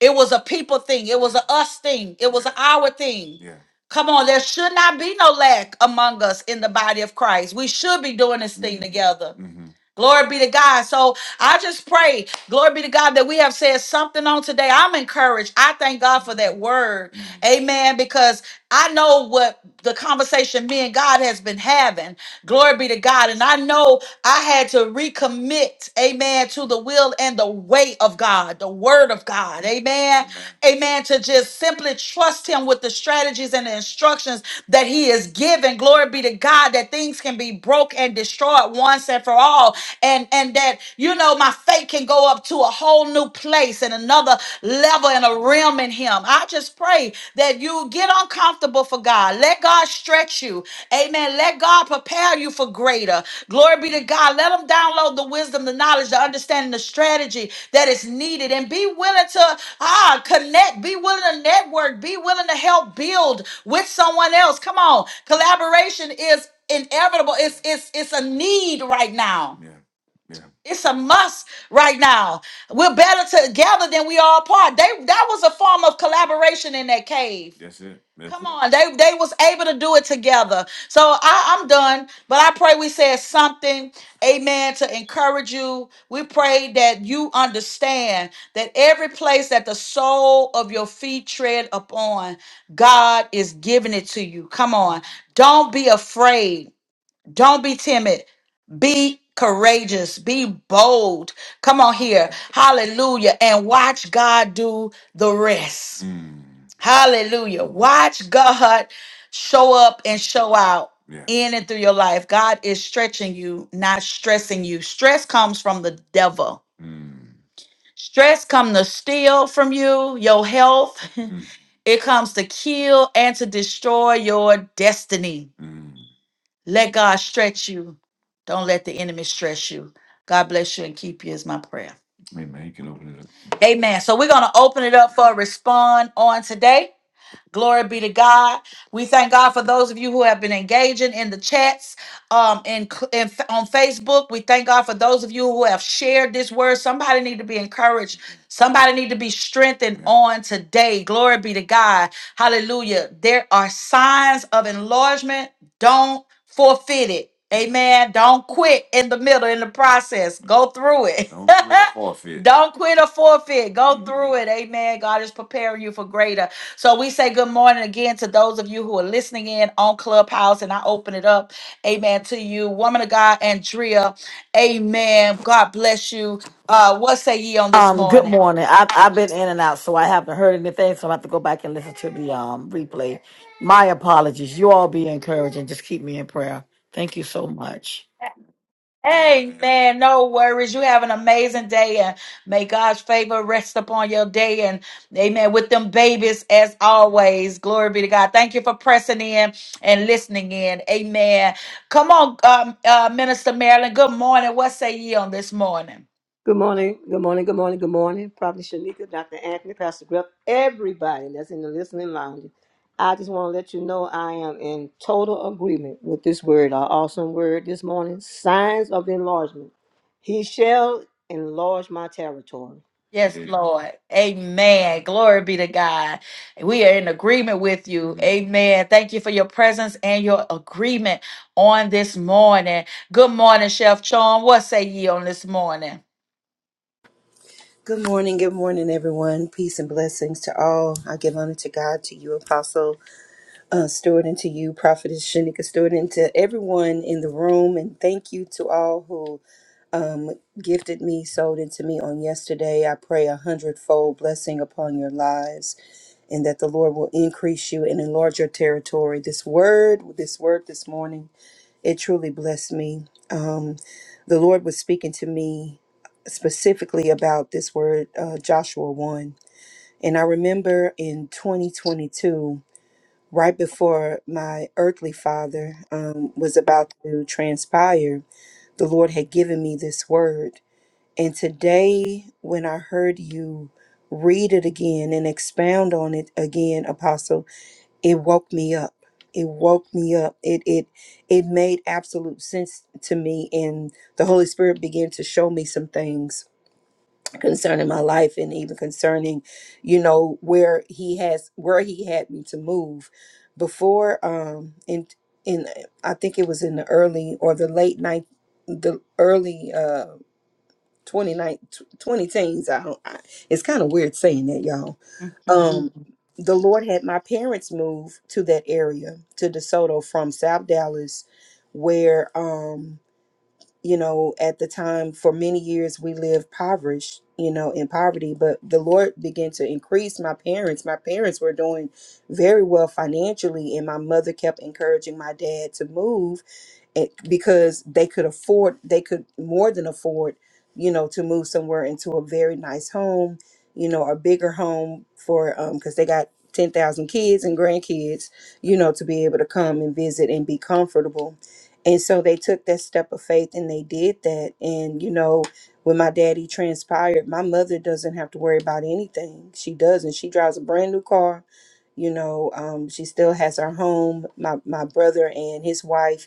[SPEAKER 1] it was a people thing. It was a us thing. It was an our thing. Yeah. Come on, there should not be no lack among us in the body of Christ. We should be doing this thing hmm together. hmm Glory be to God. So I just pray, glory be to God, that we have said something on today. I'm encouraged. I thank God for that word. hmm Amen. Because I know what the conversation me and God has been having. Glory be to God. And I know I had to recommit, amen, to the will and the way of God, the word of God, amen, amen, amen, to just simply trust Him with the strategies and the instructions that He is given. Glory be to God that things can be broke and destroyed once and for all, and and that you know my faith can go up to a whole new place and another level and a realm in Him. I just pray that you get uncomfortable for God. Let God stretch you. Amen. Let God prepare you for greater. Glory be to God. Let Him download the wisdom, the knowledge, the understanding, the strategy that is needed. And be willing to ah connect, be willing to network, be willing to help build with someone else. Come on. Collaboration is inevitable. It's it's it's a need right now. Yeah. Yeah. It's a must right now. We're better together than we are apart. They that was a form of collaboration in that cave. That's it. That's Come it. on, they they was able to do it together. So I, I'm done, but I pray we said something, amen, to encourage you. We pray that you understand that every place that the sole of your feet tread upon, God is giving it to you. Come on, don't be afraid. Don't be timid. Be courageous. Be bold. Come on here. Hallelujah. And watch God do the rest. Mm. Hallelujah. Watch God show up and show out Yeah. in and through your life. God is stretching you, not stressing you. Stress comes from the devil. Mm. Stress comes to steal from you, your health. Mm. It comes to kill and to destroy your destiny. Mm. Let God stretch you. Don't let the enemy stress you. God bless you and keep you is my prayer. Amen. You can open it up. Amen. So we're going to open it up for a respond on today. Glory be to God. We thank God for those of you who have been engaging in the chats um, in, in on Facebook. We thank God for those of you who have shared this word. Somebody need to be encouraged. Somebody need to be strengthened on today. Glory be to God. Hallelujah. There are signs of enlargement. Don't forfeit it. Amen. Don't quit in the middle in the process. Go through it. Don't quit or forfeit. Don't quit or forfeit. Go through it. Amen. God is preparing you for greater. So we say good morning again to those of you who are listening in on Clubhouse, and I open it up, amen, to you, woman of God, Andrea, amen. God bless you. Uh, what say ye on this
[SPEAKER 2] Um, good
[SPEAKER 1] morning?
[SPEAKER 2] morning. I've I've been in and out, so I haven't heard anything. So I have to go back and listen to the um replay. My apologies. You all be encouraged and just keep me in prayer. Thank you so much.
[SPEAKER 1] Amen. No worries. You have an amazing day, and may God's favor rest upon your day. And amen. With them babies, as always, glory be to God. Thank you for pressing in and listening in. Amen. Come on, um, uh, Minister Marilyn. Good morning. What say ye on this morning?
[SPEAKER 3] Good morning, good morning, good morning, good morning. Prophet Shanika, Dr. Anthony, Pastor Griff, everybody that's in the listening lounge. I just want to let you know I am in total agreement with this word, our awesome word this morning signs of enlargement. He shall enlarge my territory.
[SPEAKER 1] Yes, Lord. Amen. Glory be to God. We are in agreement with you. Amen. Thank you for your presence and your agreement on this morning. Good morning, Chef Chong. What say ye on this morning?
[SPEAKER 4] Good morning, good morning, everyone. Peace and blessings to all. I give honor to God, to you, Apostle uh, Stewart, and to you, Prophetess Shanika Stewart, and to everyone in the room. And thank you to all who um, gifted me, sold into me on yesterday. I pray a hundredfold blessing upon your lives, and that the Lord will increase you and enlarge your territory. This word, this word this morning, it truly blessed me. Um, the Lord was speaking to me specifically about this word, uh, Joshua 1 and I remember in 2022, right before my earthly father um, was about to transpire, the Lord had given me this word. And today, when I heard you read it again and expound on it again, Apostle, it woke me up. It woke me up. It it it made absolute sense to me, and the Holy Spirit began to show me some things concerning my life and even concerning you know where he has where he had me to move before um in in i think it was in the early or the late night the early uh 29 20 teens i don't I, it's kind of weird saying that y'all um the lord had my parents move to that area to desoto from south dallas where um you know, at the time for many years we lived impoverished, you know, in poverty, but the Lord began to increase my parents. My parents were doing very well financially and my mother kept encouraging my dad to move it, because they could afford they could more than afford you know to move somewhere into a very nice home you know a bigger home for um because they got 10,000 kids and grandkids you know to be able to come and visit and be comfortable and so they took that step of faith and they did that and you know when my daddy transpired my mother doesn't have to worry about anything she doesn't she drives a brand new car you know um, she still has her home my, my brother and his wife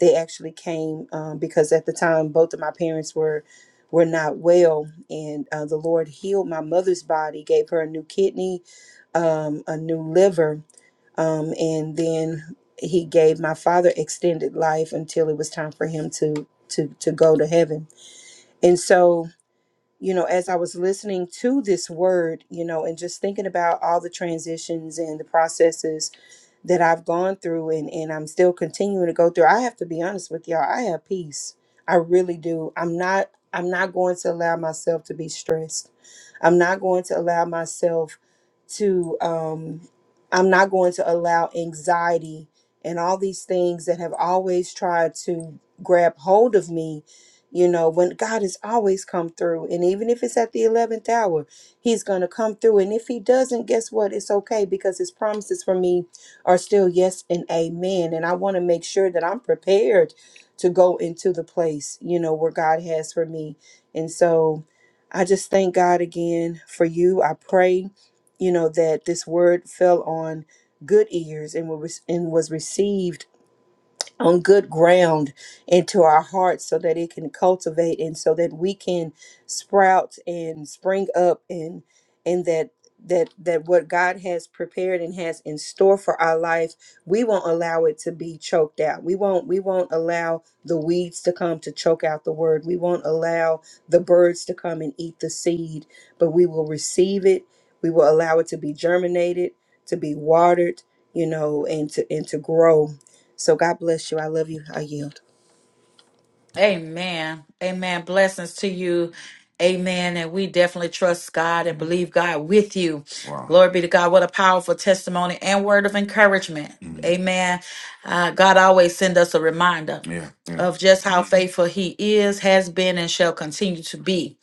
[SPEAKER 4] they actually came um, because at the time both of my parents were were not well and uh, the lord healed my mother's body gave her a new kidney um, a new liver um, and then he gave my father extended life until it was time for him to to to go to heaven and so you know, as I was listening to this word, you know, and just thinking about all the transitions and the processes that I've gone through and, and I'm still continuing to go through, I have to be honest with y'all, I have peace. I really do. I'm not I'm not going to allow myself to be stressed. I'm not going to allow myself to um I'm not going to allow anxiety and all these things that have always tried to grab hold of me you know, when God has always come through, and even if it's at the 11th hour, He's going to come through. And if He doesn't, guess what? It's okay because His promises for me are still yes and amen. And I want to make sure that I'm prepared to go into the place, you know, where God has for me. And so I just thank God again for you. I pray, you know, that this word fell on good ears and was, and was received on good ground into our hearts so that it can cultivate and so that we can sprout and spring up and and that that that what God has prepared and has in store for our life we won't allow it to be choked out we won't we won't allow the weeds to come to choke out the word we won't allow the birds to come and eat the seed but we will receive it we will allow it to be germinated to be watered you know and to and to grow so God bless you. I love you. I yield.
[SPEAKER 1] Amen. Amen. Blessings to you. Amen. And we definitely trust God and believe God with you. Wow. Glory be to God. What a powerful testimony and word of encouragement. Mm. Amen. Uh, God always send us a reminder Yeah. Yeah. of just how faithful he is, has been, and shall continue to be.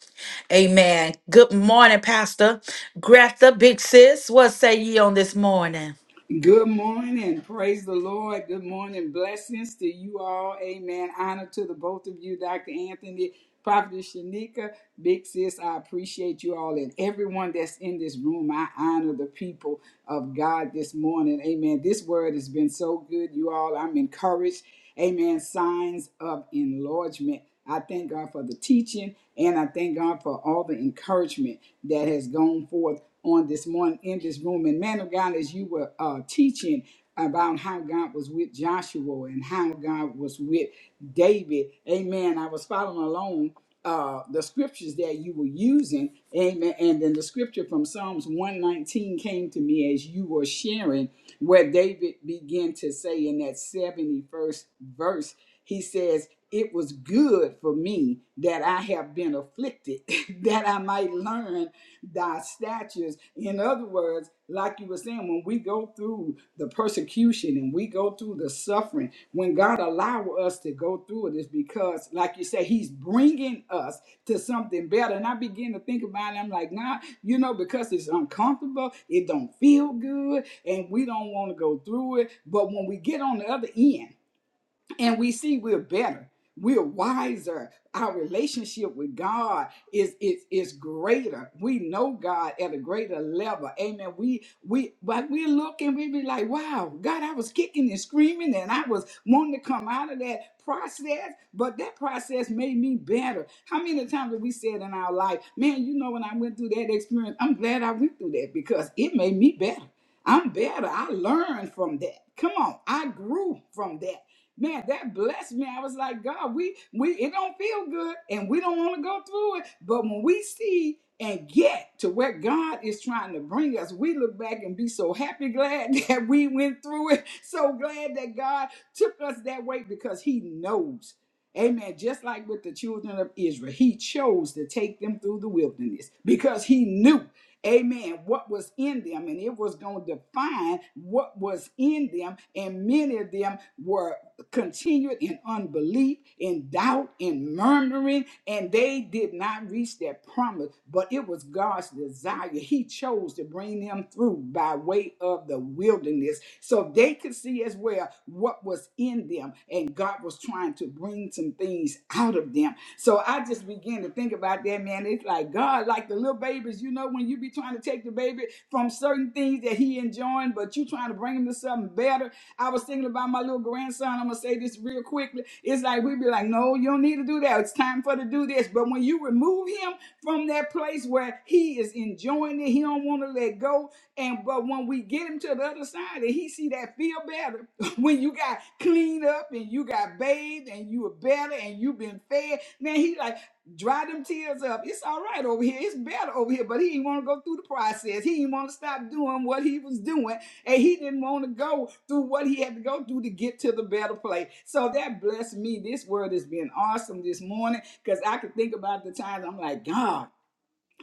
[SPEAKER 1] Amen. Good morning, Pastor. Greta, big sis, what say ye on this morning?
[SPEAKER 5] Good morning. Praise the Lord. Good morning. Blessings to you all. Amen. Honor to the both of you, Dr. Anthony, Prophet Shanika, Big Sis. I appreciate you all and everyone that's in this room. I honor the people of God this morning. Amen. This word has been so good, you all. I'm encouraged. Amen. Signs of enlargement. I thank God for the teaching and I thank God for all the encouragement that has gone forth on this morning in this room. And man of God, as you were uh, teaching about how God was with Joshua and how God was with David, amen. I was following along uh, the scriptures that you were using, amen. And then the scripture from Psalms 119 came to me as you were sharing, where David began to say in that 71st verse, he says, It was good for me that I have been afflicted, that I might learn thy statutes. In other words, like you were saying, when we go through the persecution and we go through the suffering, when God allow us to go through it, is because, like you say, He's bringing us to something better. And I begin to think about it. I'm like, nah, you know, because it's uncomfortable, it don't feel good, and we don't want to go through it. But when we get on the other end, and we see we're better we're wiser our relationship with god is is is greater we know god at a greater level amen we we but we look and we be like wow god i was kicking and screaming and i was wanting to come out of that process but that process made me better how many times have we said in our life man you know when i went through that experience i'm glad i went through that because it made me better i'm better i learned from that come on i grew from that Man, that blessed me. I was like, God, we we it don't feel good and we don't want to go through it. But when we see and get to where God is trying to bring us, we look back and be so happy, glad that we went through it, so glad that God took us that way because He knows. Amen. Just like with the children of Israel, He chose to take them through the wilderness because He knew amen, what was in them, and it was going to define what was in them. And many of them were continued in unbelief, in doubt, in murmuring, and they did not reach their promise. But it was God's desire. He chose to bring them through by way of the wilderness so they could see as well what was in them. And God was trying to bring some things out of them. So I just began to think about that, man. It's like God, like the little babies, you know, when you be trying to take the baby from certain things that he enjoying, but you trying to bring him to something better I was thinking about my little grandson. I'm gonna say this real quickly. It's like we'd be like, no, you don't need to do that. It's time for to do this. But when you remove him from that place where he is enjoying it, he don't want to let go. And but when we get him to the other side and he see that feel better, when you got cleaned up and you got bathed and you were better and you been fed, man, he like dry them tears up. It's all right over here. It's better over here. But he didn't want to go through the process. He didn't want to stop doing what he was doing and he didn't want to go through what he had to go through to get to the better place. So that blessed me. This word has been awesome this morning because I could think about the times I'm like, God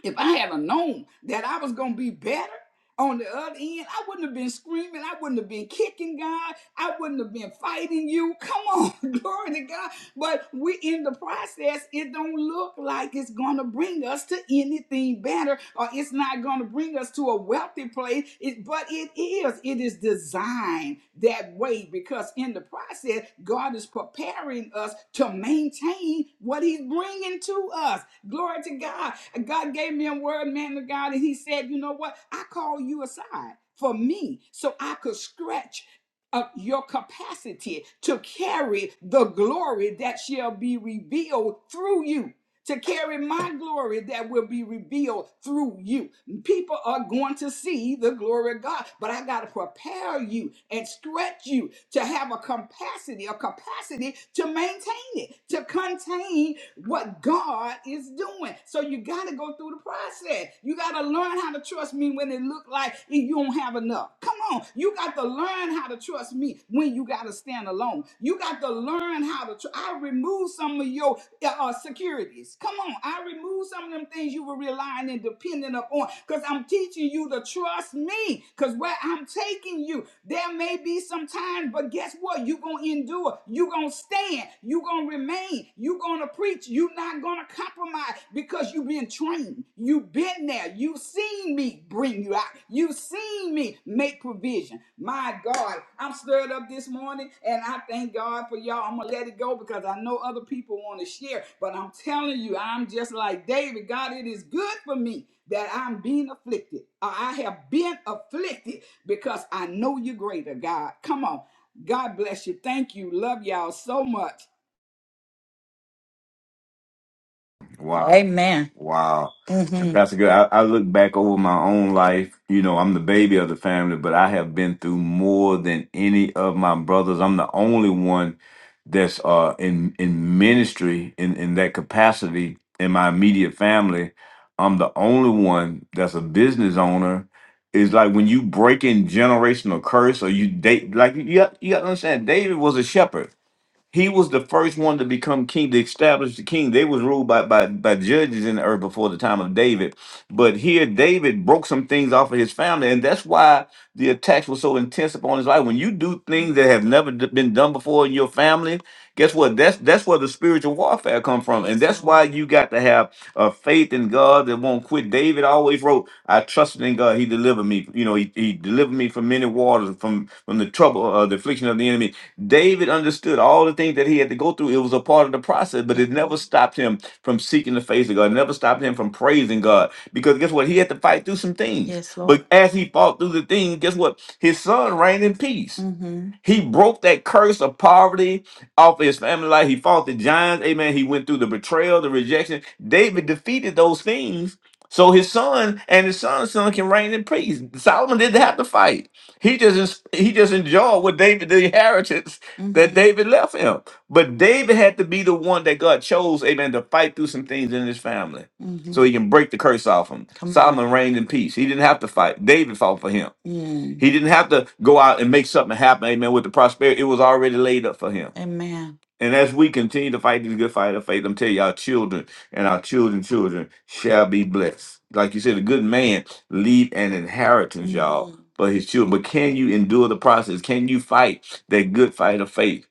[SPEAKER 5] if I had have known that I was gonna be better on the other end, I wouldn't have been screaming, I wouldn't have been kicking God, I wouldn't have been fighting you. Come on, glory to God. But we in the process, it don't look like it's gonna bring us to anything better, or it's not gonna bring us to a wealthy place. It, but it is, it is designed that way because in the process, God is preparing us to maintain what He's bringing to us. Glory to God. God gave me a word, man of God, and He said, You know what? I call you aside for me so I could stretch up your capacity to carry the glory that shall be revealed through you. To carry my glory that will be revealed through you people are going to see the glory of God. But I got to prepare you and stretch you to have a capacity, a capacity to maintain it, to contain what God is doing. So you got to go through the process. You got to learn how to trust me when it look like you don't have enough. Come on, you got to learn how to trust me when you got to stand alone. You got to learn learn how to. Tr- I remove some of your uh, uh, securities. Come on, I remove some of them things you were relying and depending upon. Because I'm teaching you to trust me. Because where I'm taking you, there may be some time, but guess what? You're going to endure. You're going to stand. You're going to remain. You're going to preach. You're not going to compromise because you've been trained. You've been there. You've seen me bring you out. You've seen me make provision. My God, I'm stirred up this morning and I thank God for y'all. I'm going to let it go because I know other people want to share, but I'm telling you, I'm just like David. God, it is good for me that I'm being afflicted. or I have been afflicted because I know you're greater, God. Come on. God bless you. Thank you. Love y'all so much.
[SPEAKER 1] Wow. Amen. Wow. And hmm Pastor Good, I, I look back over my own life. You know, I'm the baby of the family, but I have been through more than any of my brothers. I'm the only one that's uh in in ministry in, in that capacity in my immediate family. I'm the only one that's a business owner. It's like when you break in generational curse or you date like you got, you got to understand David was a shepherd he was the first one to become king, to establish the king. They was ruled by, by by judges in the earth before the time of David. But here David broke some things off of his family, and that's why the attacks were so intense upon his life. When you do things that have never d- been done before in your family, guess what? That's that's where the spiritual warfare come from, and that's why you got to have a faith in God that won't quit. David always wrote, "I trusted in God; He delivered me. You know, He, he delivered me from many waters, from from the trouble, uh, the affliction of the enemy." David understood all the things that he had to go through. It was a part of the process, but it never stopped him from seeking the face of God. It never stopped him from praising God. Because guess what? He had to fight through some things. Yes, Lord. But as he fought through the things, guess what? His son reigned in peace. Mm-hmm. He broke that curse of poverty off his family life. He fought the giants. Amen. He went through the betrayal, the rejection. David defeated those things. So his son and his son's son can reign in peace. Solomon didn't have to fight. He just he just enjoyed what David the inheritance that hmm David left him. But David had to be the one that God chose, amen, to fight through some things in his family hmm so Mm-hmm. he can break the curse off him. Come on. Solomon reigned in peace. He didn't have to fight. David fought for him. Mm. He didn't have to go out and make something happen, amen, with the prosperity. It was already laid up for him. Amen. And as we continue to fight this good fight of faith, I'm telling you, our children and our children's children shall be blessed. Like you said, a good man leave an inheritance, y'all for his children. But can you endure the process? Can you fight that good fight of faith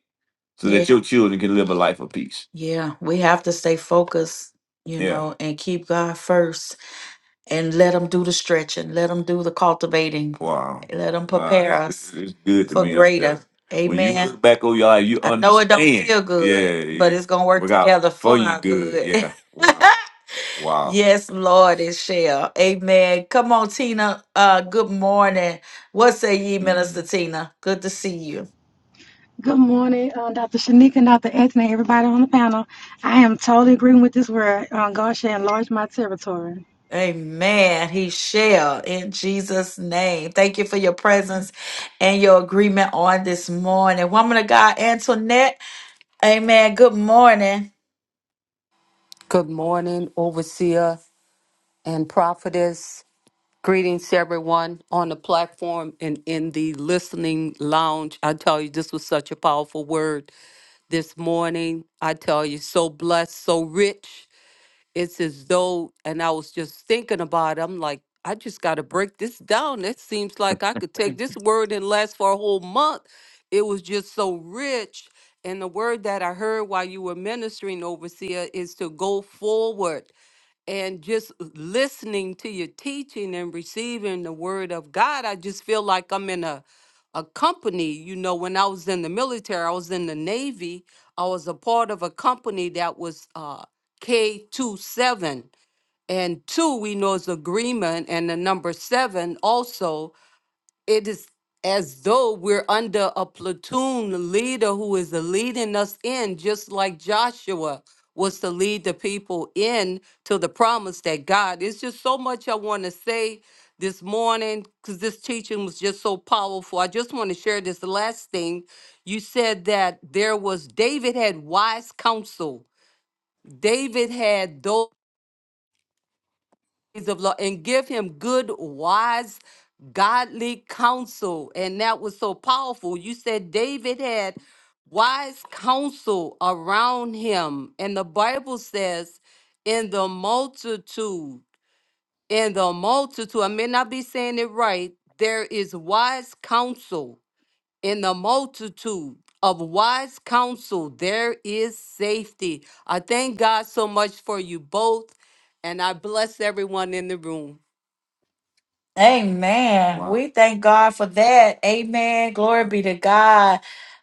[SPEAKER 1] so Yeah. that your children can live a life of peace? Yeah. We have to stay focused, you Yeah. know, and keep God first and let him do the stretching, let him do the cultivating, Wow. let him Wow. prepare It's, us it's good to for me up there. greater. you. When you Amen. look back on your life, you I know it don't understand. feel Yeah. good, but yeah. it's gonna work Work out together for for you our good. good. Yeah. Wow. Wow. Yes, Lord, it shall. Amen. Come on, Tina. Uh, good morning. What say ye, Minister Tina? Good to see you.
[SPEAKER 6] Good morning, uh, Dr. Shanika and Dr. Anthony, everybody on the panel. I am totally agreeing with this word. Uh, God shall enlarge my territory.
[SPEAKER 1] Amen. He shall in Jesus' name. Thank you for your presence and your agreement on this morning. Woman of God, Antoinette. Amen. Good morning.
[SPEAKER 7] Good morning, Overseer and Prophetess. Greetings to everyone on the platform and in the listening lounge. I tell you, this was such a powerful word this morning. I tell you, so blessed, so rich it's as though and i was just thinking about it i'm like i just got to break this down it seems like i could take this word and last for a whole month it was just so rich and the word that i heard while you were ministering overseer is to go forward and just listening to your teaching and receiving the word of God, I just feel like I'm in a a company. You know, when I was in the military, I was in the Navy. I was a part of a company that was uh, K two seven. And two, we know is agreement, and the number seven also, it is as though we're under a platoon leader who is leading us in, just like Joshua was to lead the people in to the promise that God. It's just so much I want to say this morning because this teaching was just so powerful. I just want to share this last thing. You said that there was David had wise counsel. David had those. ways of law and give him good, wise, godly counsel. And that was so powerful. You said David had wise counsel around him. And the Bible says, in the multitude, in the multitude, I may not be saying it right, there is wise counsel. In the multitude of wise counsel, there is safety. I thank God so much for you both, and I bless everyone in the room.
[SPEAKER 1] Amen. Wow. We thank God for that. Amen. Glory be to God.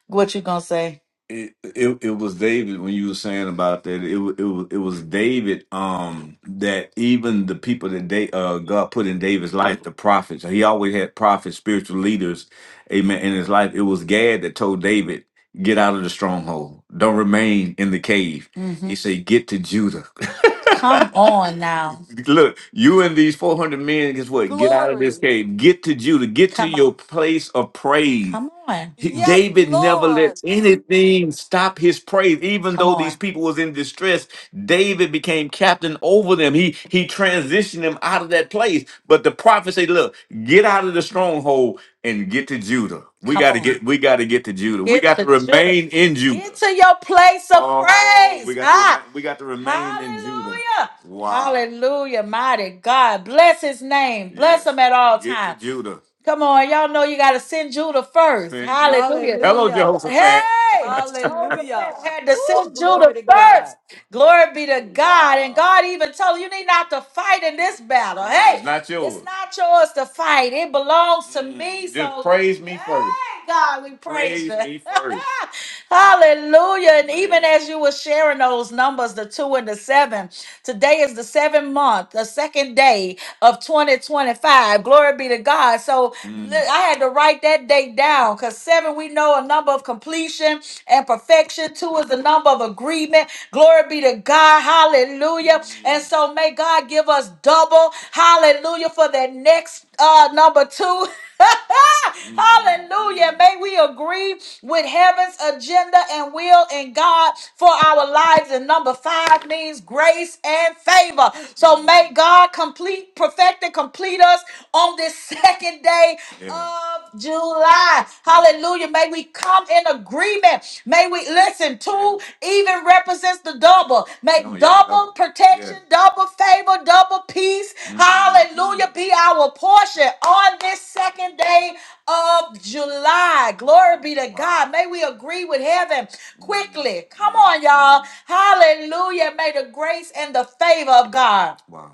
[SPEAKER 1] What you gonna say? It, it it was David when you were saying about that. It wa- it was it was David. Um, that even the people that they uh God put in David's life, the prophets. He always had prophets, spiritual leaders. Amen. In his life, it was Gad that told David, "Get out of the stronghold. Don't remain in the cave." He hmm said, "Get to Judah." Come on now. Look, you and these 400 men, guess what? Get out of this
[SPEAKER 7] Glory.
[SPEAKER 1] cave. Get to Judah. Get to Come on. your place of praise. Come on. He-
[SPEAKER 7] Yes,
[SPEAKER 1] David never
[SPEAKER 7] Lord.
[SPEAKER 1] let anything stop his praise. Even Come though these on. people was in distress, David became captain over them. He he transitioned them out of that place. But the prophet said, "Look, get out of the stronghold and get to Judah. We Come got to on. get we got to get to Judah. We Get got to to Judah. remain in Judah. Get to your place of Oh, we praise. got to Ah, remain we got to remain in Judah. hallelujah. Wow. Hallelujah. Mighty God. Bless his name. Bless Yes. him Yes. at all Get to times. Judah. Come on. Y'all know you got to send Judah first. Send Judah. Hallelujah. Hello,
[SPEAKER 7] Hallelujah.
[SPEAKER 1] Jehoshaphat. Hey,
[SPEAKER 7] Hallelujah.
[SPEAKER 1] Jehoshaphat had to
[SPEAKER 7] Ooh,
[SPEAKER 1] send
[SPEAKER 7] glory
[SPEAKER 1] Judah
[SPEAKER 7] to
[SPEAKER 1] first.
[SPEAKER 7] God.
[SPEAKER 1] Glory be to God. And God even told you, you need not to fight in this battle. Hey, it's not yours. It's not yours to fight. It belongs to Mm, me. Just so praise me first. Hey, God, we praise, praise you. me first. Hallelujah. And even as you were sharing those numbers, the two and the seven, today is the seventh month, the second day of 2025. Glory be to God. So Mm. li- Mm. I had to write that date down because seven, we know a number of completion and perfection. Two is the number of agreement. Glory be to God. Hallelujah. And so may God give us double. Hallelujah for that next uh, number two. Hallelujah. May we agree with heaven's agenda and will in God for our lives. And number five means grace and favor. So may God complete, perfect, and complete us on this second day of July. Hallelujah. May we come in agreement. May we listen. Two even represents the double. May Oh, yeah, double double. protection, Yeah. double favor, double peace. Mhm. Hallelujah. Be our portion on this second day of July. Glory be to God. May we agree with heaven quickly. Come on, y'all. Hallelujah. May the grace and the favor of God. Wow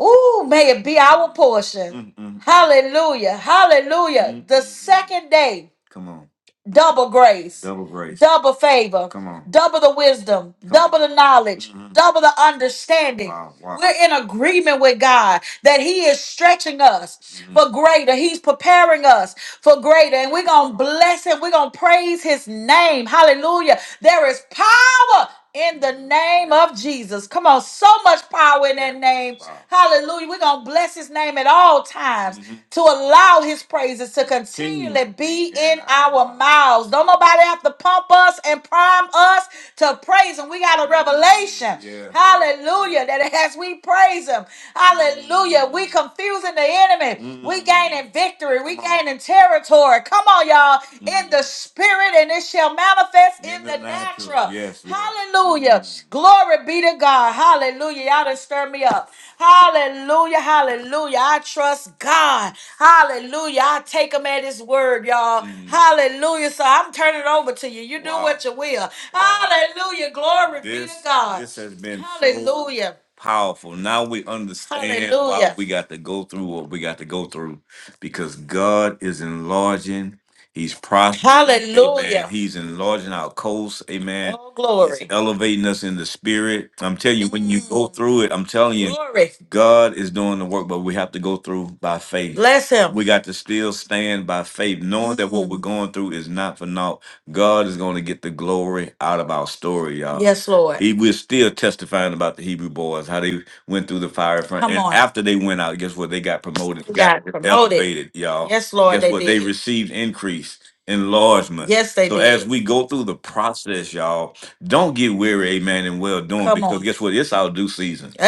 [SPEAKER 1] Ooh, may it be our portion. Mm, mm, Hallelujah. Hallelujah. mm, The mm, mm. second day, Come on. double grace, Double grace. double favor, Come on. double the wisdom, Come on. double on. the knowledge, mm double the understanding. Wow. Wow. We're in agreement with God that He is stretching us mm for greater. He's preparing us for greater. And we're going to bless him. We're going to praise his name. Hallelujah. There is power in the name of Jesus. Come on, so much power in that name. Wow. Hallelujah. We're going to bless his name at all times Mhm. to allow his praises to continually be in our mouths. Don't nobody have to pump us and prime us to praise him. We got a revelation. Yeah. Hallelujah. That as we praise him, Hallelujah. We confusing the enemy. Mm. We Mm. gaining victory. We gaining territory. Come on, y'all. Mm. In Mm. the spirit, and it shall manifest In in the the natural. natural. Yes, yes. Hallelujah. Mm. Glory be to God. Hallelujah. Y'all done stir me up. Hallelujah. Hallelujah. I trust God. Hallelujah. I take him at his word, y'all. Mm. Hallelujah. So I'm turning it over to you. You do Wow. what you will. Wow. Hallelujah. Glory this, be to God. this has been so Hallelujah powerful. Now we understand why Hallelujah. we got to go through what we got to go through because God is enlarging. He's prospering. Amen. Hallelujah. He's enlarging our coast. Amen. Oh, He's glory. elevating us in the spirit. I'm telling you, when you go Mm, through it, I'm telling you, glory. God is doing the work, but we have to go through by faith. Bless him. We got to still stand by faith, knowing that what we're Mm, going through is not for naught God is going to get the glory out of our story, y'all. Yes, Lord. He we're still testifying about the Hebrew boys, how they went through the fire front, Come and on. after they went out, guess what? They got promoted, We got got promoted. elevated, y'all. Yes, Lord, Guess they what? They did. received increase, enlargement. Yes, they So as did. we go through the process, y'all. Don't get weary, amen, and well doing, Come because on. guess what? It's our due season. I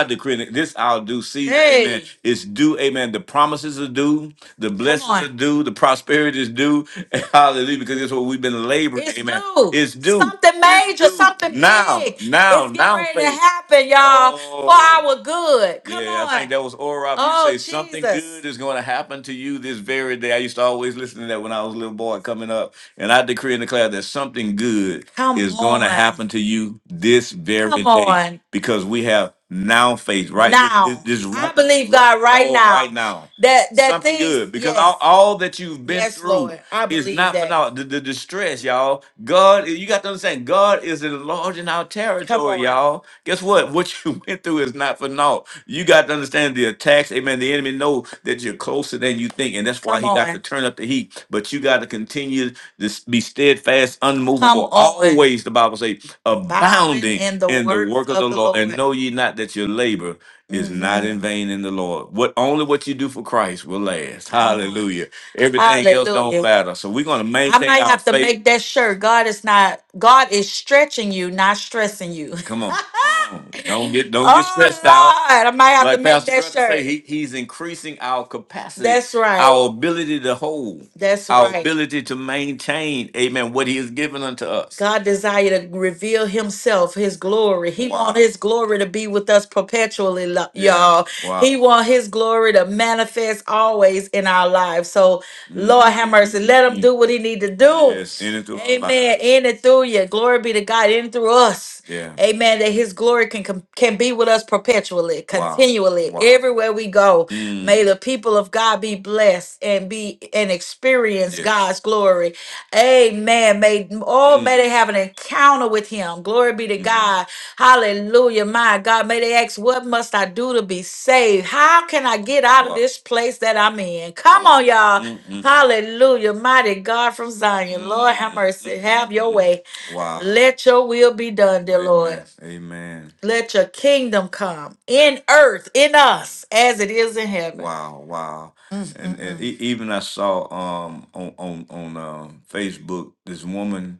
[SPEAKER 1] Hey, decree that this our due season, amen. hey, It's due, amen. The promises are due, the come blessings on. are on. due, the prosperity is due. Hallelujah, because it's what we've been laboring, It's amen. due. It's due, Something it's major, due. something Now, big now, is getting now, ready to faith. happen, y'all, for Oh, our good. Come yeah, I on. think on. that was Ora. You Oh, say something Jesus. good is going to happen to you this very day. I used to always listen to that when I was a little boy coming up. And I decree and declare that something good Come is going to on. happen to you this Come very Come day on. because we have now faith, right? This, this, Now. this right, I right, believe right, God right oh, right now. now, That that something things, good because all, yes. all that you've been Yes, through Lord. I is believe not for that. now. The, the distress, y'all. God, you got to understand, God is enlarging our Come territory, on. y'all. Guess what? What you went through is not for naught. You got to understand the attacks. Amen. The enemy know that you're closer than you think, and that's why Come he got to on. turn up the heat. But you got to continue. Just be steadfast, Come unmovable, on. always, the Bible says, Bound abounding in the in the works work of the of the Lord. And Lord. know ye not that your labor is not hmm in vain in the Lord. What only what you do for Christ will last. Come on. Hallelujah. Everything else don't Hallelujah. matter. So we're gonna I maintain might our have to faith. make that sure. God is not, God is stretching you, not stressing you. Come on. Come on. Don't get don't get stressed out. oh, Lord. I might have to Like make Pastor that Greta say, shirt. he, he's increasing increasing our capacity, That's right. our ability to hold, That's our right. ability to maintain, amen, what he has given unto us. God desire to reveal himself, his glory. He wow. want Wow. his glory to be with us perpetually, lo- Yeah. y'all. He Wow. He want his glory to manifest always in our lives. So Lord have mercy. Let him Mm. do what he need to do. Yes, in and through our life. Amen. lives. In and through you. Glory be to God. In and through us. Yeah. Amen. That his glory can com- can be with us perpetually, Wow. continually, Wow. everywhere we go. Mm. May the people of God be blessed and be and experience Yes. God's glory. Amen. May oh may Mm. they have an encounter with him. Glory be to Mm. God. Mm. Hallelujah. My God, may they ask, What must I do to be saved? How can I get out of Wow. this place that I'm in? Come on, y'all. Mm-mm. Hallelujah. Mighty God from Zion. Lord, have mercy. Have your mm mm way. Wow. Let your will be done, dear Lord. Amen. Amen. Let your kingdom come in earth, in us, as it is in heaven. Wow, wow. Mm, And, mm, and mm. e- even I saw um on on on um, Facebook this woman.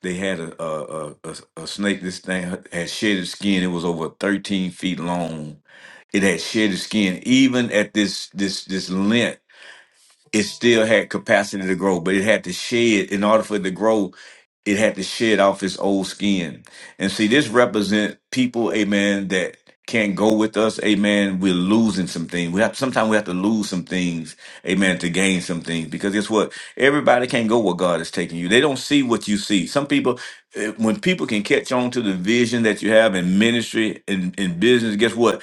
[SPEAKER 1] They had a a, a a a snake. This thing had shed its skin. It was over thirteen feet long. It had shed its skin, even at this this this length it still had capacity to grow, but it had to shed in order for it to grow, it had to shed off its old skin. And see, this represent people, amen, that can't go with us, amen. We're losing some things. We have sometimes we have to lose some things, amen, to gain some things. Because guess what? Everybody can't go where God is taking you. They don't see what you see. Some people, eh, when people can catch on to the vision that you have in ministry and in, business, guess what?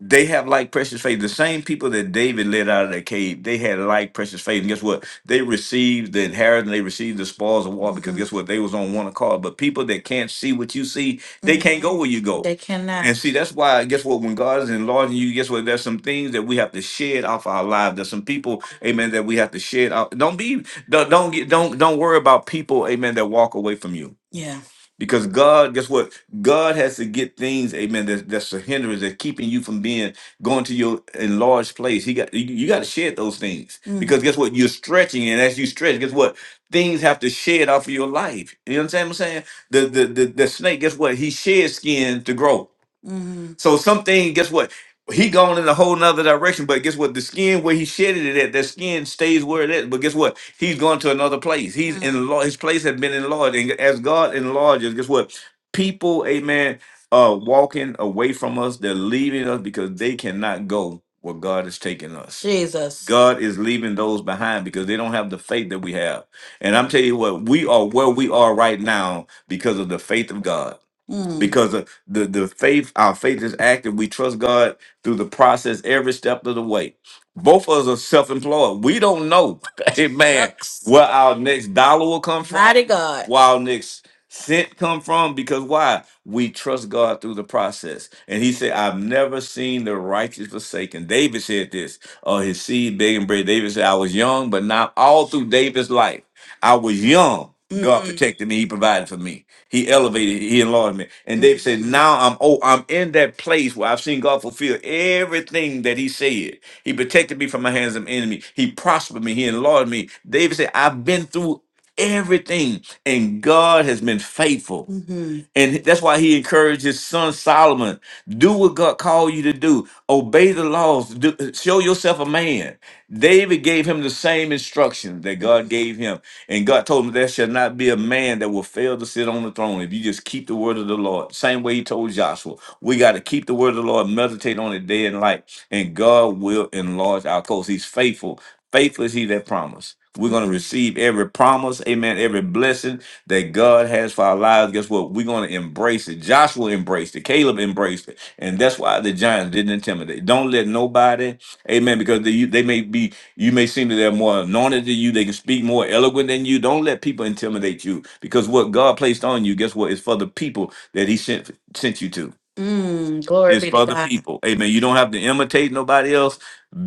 [SPEAKER 1] they have like precious faith. The same people that David led out of the cave, they had like precious faith. And guess what? They received the inheritance, they received the spoils of war because hmm guess what? They was on one accord. But people that can't see what you see, they can't hmm go where you go. They cannot. And see, that's why, guess what? When God is enlarging you, guess what? There's some things that we have to shed off our lives. There's some people, amen, that we have to shed off. Don't be, don't, don't get, don't, don't worry about people, amen, that walk away from you Yeah. because God, guess what? God has to get things, amen, that's, that's a hindrance that's keeping you from being going to your enlarged place. He got you, you got to shed those things Mm. because guess what? You're stretching, and as you stretch, guess what? Things have to shed off of your life. You understand what I'm saying? The the the, the snake, guess what? He shed skin to grow. Mm. So something, guess what? He gone in a whole nother direction, but guess what? The skin where he shedded it at, that skin stays where it is. But guess what? He's gone to another place. He's Mm. in his place has been enlarged. And as God enlarges, guess what? People, amen, are walking away from us. They're leaving us because they cannot go where God is taking us. Jesus. God is leaving those behind because they don't have the faith that we have. And I'm telling you what, we are where we are right now because of the faith of God Mm. because of the the faith our faith is active we trust god through the process every step of the way both of us are self-employed we don't know amen Sucks. where our next dollar will come from Mighty God. Wow, next Sent come from because why? We trust God through the process. And he said, I've never seen the righteous forsaken. David said this, or his seed begging bread. David said, I was young, but not all through David's life. I was young. God Mhm. protected me. He provided for me. He elevated. He enlarged me. And David said, "Now I'm oh, I'm in that place where I've seen God fulfill everything that He said. He protected me from my hands of enemy. He prospered me. He enlarged me." David said, "I've been through everything. And God has been faithful. hmm And that's why he encouraged his son Solomon do what God called you to do, obey the laws, do, show yourself a man. David gave him the same instructions that God gave him. And God told him, There shall not be a man that will fail to sit on the throne if you just keep the word of the Lord. Same way he told Joshua, we got to keep the word of the Lord, meditate on it day and night, and God will enlarge our coast. He's faithful Faithful is he that promised. We're going to receive every promise, amen, every blessing that God has for our lives. Guess what? We're going to embrace it. Joshua embraced it. Caleb embraced it. And that's why the giants didn't intimidate. Don't let nobody, amen, because they, they may be, you may seem that they're more anointed than you. They can speak more eloquent than you. Don't let people intimidate you because what God placed on you, guess what? It's for the people that he sent, sent you to. Mm, glory It's be to for the God. people. Amen. You don't have to imitate nobody else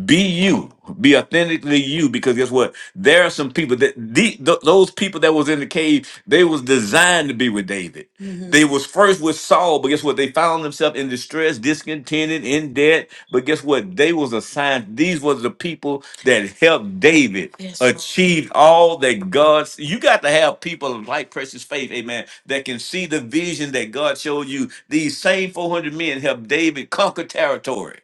[SPEAKER 1] be you be authentically you because guess what there are some people that the, th- those people that was in the cave they was designed to be with david hmm they was first with saul but guess what they found themselves in distress discontented in debt but guess what they was assigned these was the people that helped david Yes, Lord. achieve all that God. you got to have people like precious faith, amen, that can see the vision that God showed you. These same 400 men helped David conquer territory.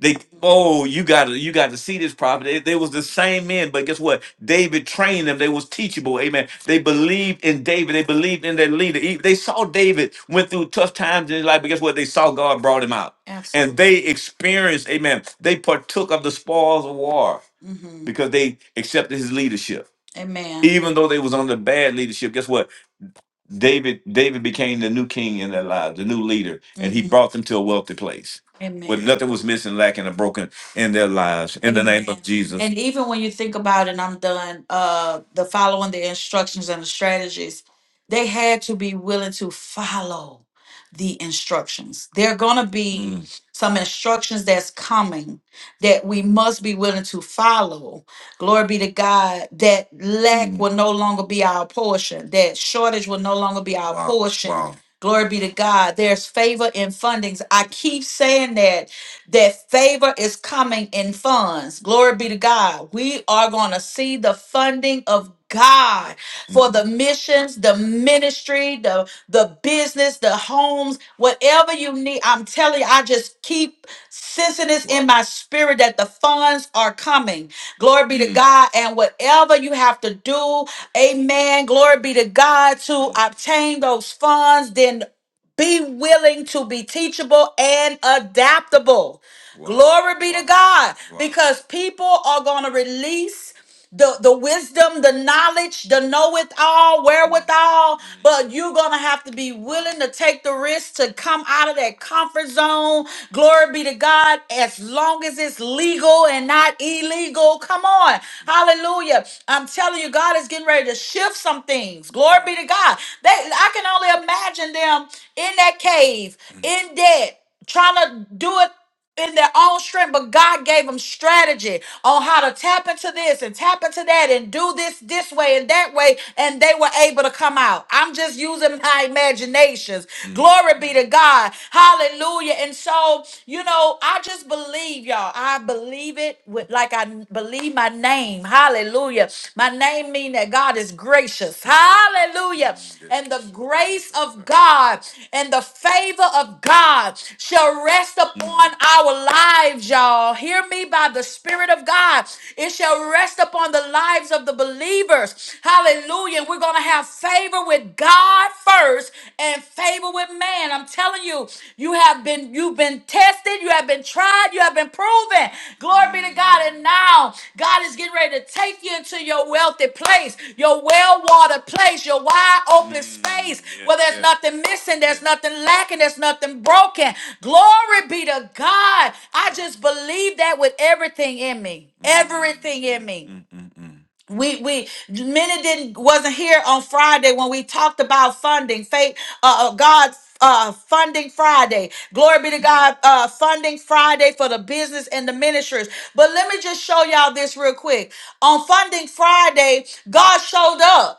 [SPEAKER 1] They oh, you gotta you gotta see this prophet. They, they was the same men, but guess what? David trained them. They was teachable. Amen. They believed in David. They believed in their leader. E- They saw David went through tough times in his life, but guess what? They saw God brought him out, and Absolutely. they experienced. Amen. They partook of the spoils of war hmm because they accepted his leadership Amen. even though they was under bad leadership, guess what? David David became the new king in their lives, the new leader, and he hmm brought them to a wealthy place where Amen. nothing was missing, lacking, or broken in their lives. In the name of Amen. Jesus. And even when you think about it, and I'm done, uh, the following the instructions and the strategies, they had to be willing to follow the instructions. There are gonna be Mm, some instructions that's coming that we must be willing to follow Glory be to God that lack Mm. will no longer be our portion, that shortage will no longer be our Wow. portion. Wow. Glory be to God. There's favor in fundings. I keep saying that that favor is coming in funds. Glory be to God. We are going to see the funding of God for Mm. the missions, the ministry, the the business, the homes, whatever you need. I'm telling you, I just keep sensing this Wow. in my spirit that the funds are coming. Glory be to God. And whatever you have to do, amen. Glory be to God to obtain those funds, then be willing to be teachable and adaptable. Wow. Glory be to Wow. God. Wow. Because people are going to release the, the wisdom, the knowledge, the know it all, wherewithal, but you're going to have to be willing to take the risk to come out of that comfort zone. Glory be to God, as long as it's legal and not illegal. Come on. Hallelujah. I'm telling you, God is getting ready to shift some things. Glory be to God. They, I can only imagine them in that cave, in debt, trying to do it in their own strength, but God gave them strategy on how to tap into this and tap into that and do this this way and that way, and they were able to come out. I'm just using my imaginations. Mm. Glory be to God. Hallelujah. And so, you know, I just believe y'all. I believe it with like I believe my name. Hallelujah. My name mean that God God is gracious. Hallelujah. And the grace of God and the favor of God shall rest upon our lives, y'all. Hear me by the Spirit of God. It shall rest upon the lives of the believers. Hallelujah. We're going to have favor with God first and favor with man. I'm telling you, you have been been you've been tested, you have been tried, you have been proven. Glory be to God. And now God is getting ready to take you into your wealthy place, your well-watered place, your wide open space where there's nothing missing, there's nothing lacking, there's nothing broken. Glory be to God. I just believe that with everything in me. Everything in me we we many didn't wasn't here on Friday when we talked about funding faith uh uh, God uh funding Friday glory be to God uh funding Friday for the business and the ministers but let me just show y'all this real quick on funding Friday God showed up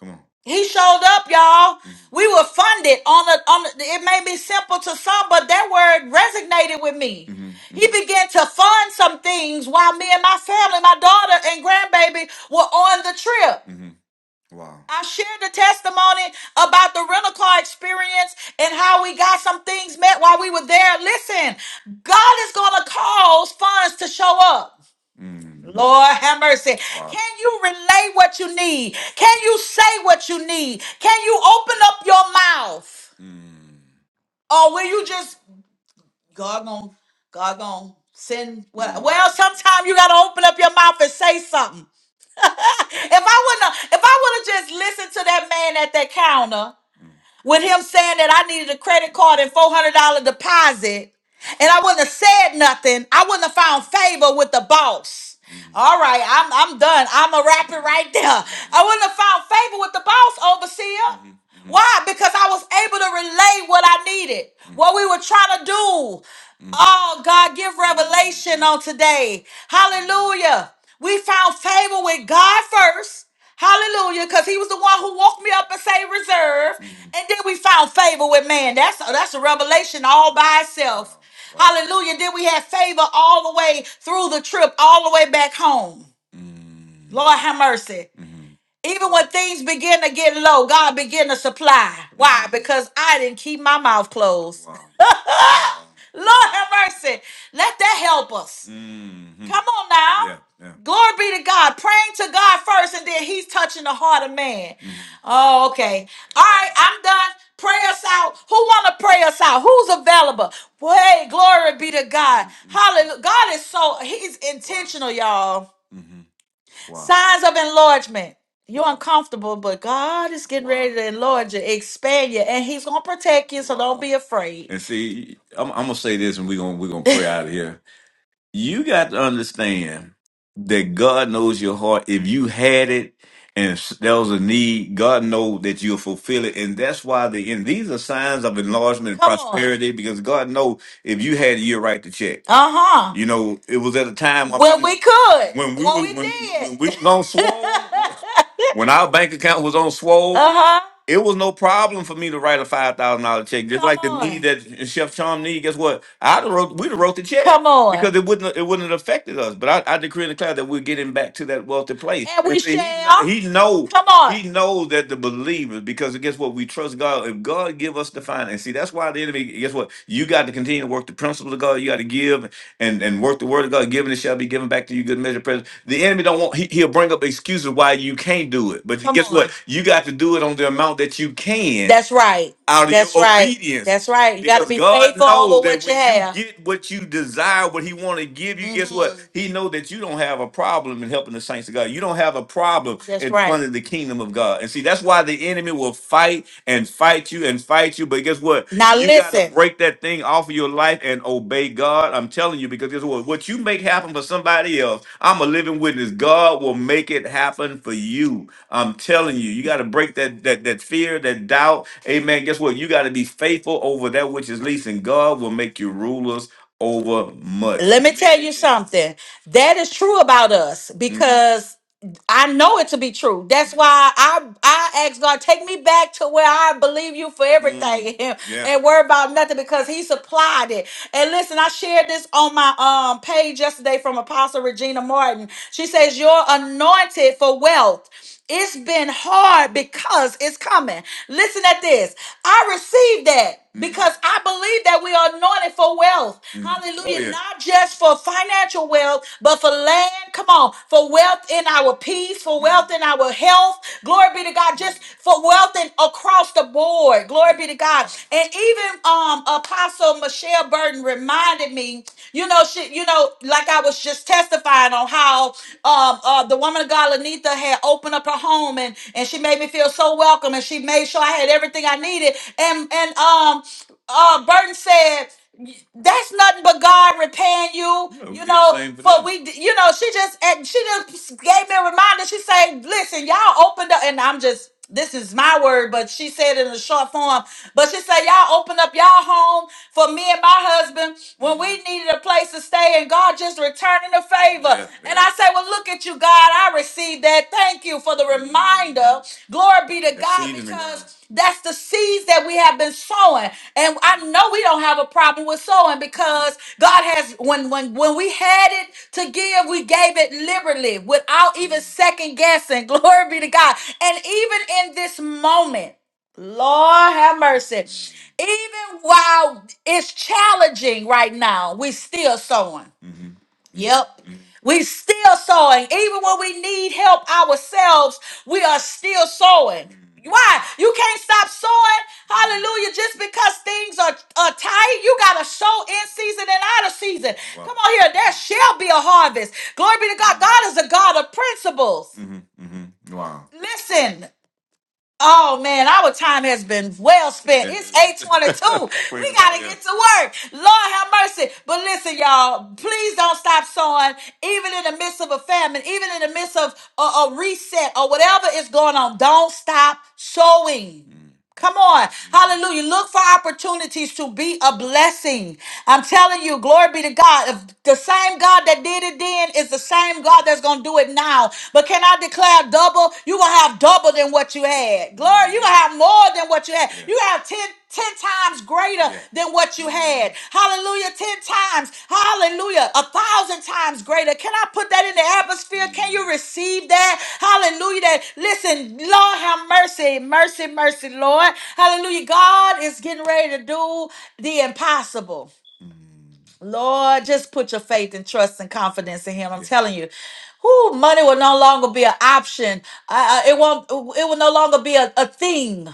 [SPEAKER 1] Come on. He showed up, y'all. Mhm. We were funded on the on the, it may be simple to some, but that word resonated with me. Mhm. He Mhm. began to fund some things while me and my family, my daughter and grandbaby were on the trip. Wow. I shared the testimony about the rental car experience and how we got some things met while we were there. Listen, God is going to cause funds to show up. Mm. Lord have mercy. Wow. Can you relay what you need? Can you say what you need? Can you open up your mouth? Mm. Or will you just God gon' God gon' send what Mm. well sometimes you gotta open up your mouth and say something. if I wouldn't, if I would have just listened to that man at that counter, with him saying that I needed a credit card and $400 deposit, and I wouldn't have said nothing, I wouldn't have found favor with the boss. All right, I'm I'm done. I'm a rapper right there. I wouldn't have found favor with the boss, overseer. Why? Because I was able to relay what I needed, what we were trying to do. Oh, God, give revelation on today. Hallelujah. We found favor with God first. Hallelujah, because he was the one who woke me up and say reserve. Mhm. And then we found favor with man. That's uh, that's a revelation all by itself. Wow. Hallelujah. Then we had favor all the way through the trip, all the way back home. Mm. Lord have mercy. Mhm. Even when things begin to get low, God begin to supply. Why? Mhm. Because I didn't keep my mouth closed. Wow. Lord have mercy. Let that help us. hmm Come on now. Yeah, yeah. Glory be to God. Praying to God first, and then He's touching the heart of man. hmm Oh, okay. All right, I'm done. Pray us out. Who want to pray us out? Who's available? Well, hey, glory be to God. Mm-hmm. Hallelujah. God is so He's intentional, y'all. Mm-hmm. Wow. Signs of enlargement. You're Wow. uncomfortable, but God is getting Wow. ready to enlarge you, expand you, and He's gonna protect you. So don't Wow. be afraid. And see, I'm, I'm gonna say this, and we're gonna we're gonna pray out of here you got to understand that God knows your heart. If you had it and s- there was a need, God knows that you'll fulfill it. And that's why the and these are signs of enlargement and Come on. prosperity because God knows if you had it, you'll write the check. Uh huh. You know, it was at a time when Well, we could. when we Well, was we when did. when we was on did. swole, uh when our bank account was on swole, huh. It was no problem for me to write a five thousand dollar check, just Come like the need on. that Chef Chom need. Guess what? I would wrote, we'd have wrote the check Come on. because it wouldn't it wouldn't have affected us. But I, I decree and declare that we're getting back to that wealthy place. And And we And see, he shall. he know Come on. he knows that the believers because guess what? We trust God. If God give us the finance, see that's why the enemy. Guess what? You got to continue to work the principles of God. You got to give and and work the word of God, given it shall be given back to you, good measure, present. The enemy don't want he, he'll bring up excuses why you can't do it. But Come guess on. what? on. You got to do it on the amount that you can That's right. out of your That's right. obedience. That's right. You got to Because be God faithful knows over that what you when you have. get what you desire, what He want to give you, guess what? Mm, He know that you don't have a problem in helping the saints of God. You don't have a problem that's in right. funding the kingdom of God. God. And see, that's why the enemy will fight and fight you and fight you. But guess what? Now You got to listen. break that thing off of your life and obey God. I'm telling you, because guess what? What you make happen for somebody else, I'm a living witness. God will make it happen for you. I'm telling you, you got to break that, that that fear, that doubt. Amen. Guess what? You got to be faithful over that which is least, and God will make you rulers over much. Let me tell you something. That is true about us Mhm. because I know it to be true. That's why I I ask God, take me back to where I believe you for Mm, everything and, yeah. and worry about nothing because he supplied it. And listen, I shared this on my um page yesterday from Apostle Regina Martin. She says, You're anointed for wealth. It's been hard because it's coming. Listen at this. I received that Mhm. because I believe that we are anointed for wealth. Mhm. Hallelujah. Oh, yeah. Not just for financial wealth, but for land. Come on. For wealth in our peace, for wealth in our health. Glory be to God. Just for wealth in across the board. Glory be to God. And even um Apostle Michelle Burton reminded me, you know, she, you know, like I was just testifying on how um uh, the woman of God, Lanita, had opened up her home and and she made me feel so welcome and she made sure I had everything I needed. And and um uh Burton said that's nothing but God repaying you. No, You know, same for for them. we, you know, she just and she just gave me a reminder. She said, "Listen, y'all opened up," and I'm just this is my word, but she said it in a short form. But she said, "Y'all opened up y'all home for me and my husband when we needed a place to stay, and God just returning the favor." Yeah, And yeah. I say, "Well, look at you, God. I received that. Thank you for the hmm reminder. Glory be to God, seed because." That's the seeds that we have been sowing. And I know we don't have a problem with sowing because God has when when when we had it to give, we gave it liberally without even second guessing. Glory be to God. And even in this moment, Lord have mercy. Even while it's challenging right now, we still sowing. Yep. We still sowing. Even when we need help ourselves, we are still sowing. Why? You can't stop sowing. Hallelujah. Just because things are, are tight, you got to sow in season and out of season. Wow. Come on here. There shall be a harvest. Glory be to God. God is a God of principles. Mhm, mhm. Wow. Listen, Oh man, our time has been well spent. It's 822. we We gotta yeah. get to work. Lord have mercy. But listen, y'all, please don't stop sowing, even in the midst of a famine, even in the midst of a, a reset or whatever is going on. Don't stop sowing. Come on. Hallelujah. Look for opportunities to be a blessing. I'm telling you, glory be to God. If the same God that did it then is the same God that's going to do it now. But can I declare double? You're going to have double than what you had. Glory, you're going to have more than what you had. You have ten. 10 times greater Yeah. than what you had. Hallelujah. 10 times. Hallelujah. A thousand times greater. Can I put that in the atmosphere? Can you receive that? Hallelujah. That listen, Lord have mercy. Mercy, mercy, Lord. Hallelujah. God is getting ready to do the impossible. Lord, just put your faith and trust and confidence in him. I'm Yeah. telling you. Whoo, money will no longer be an option. Uh, uh, it won't it will no longer be a, a thing.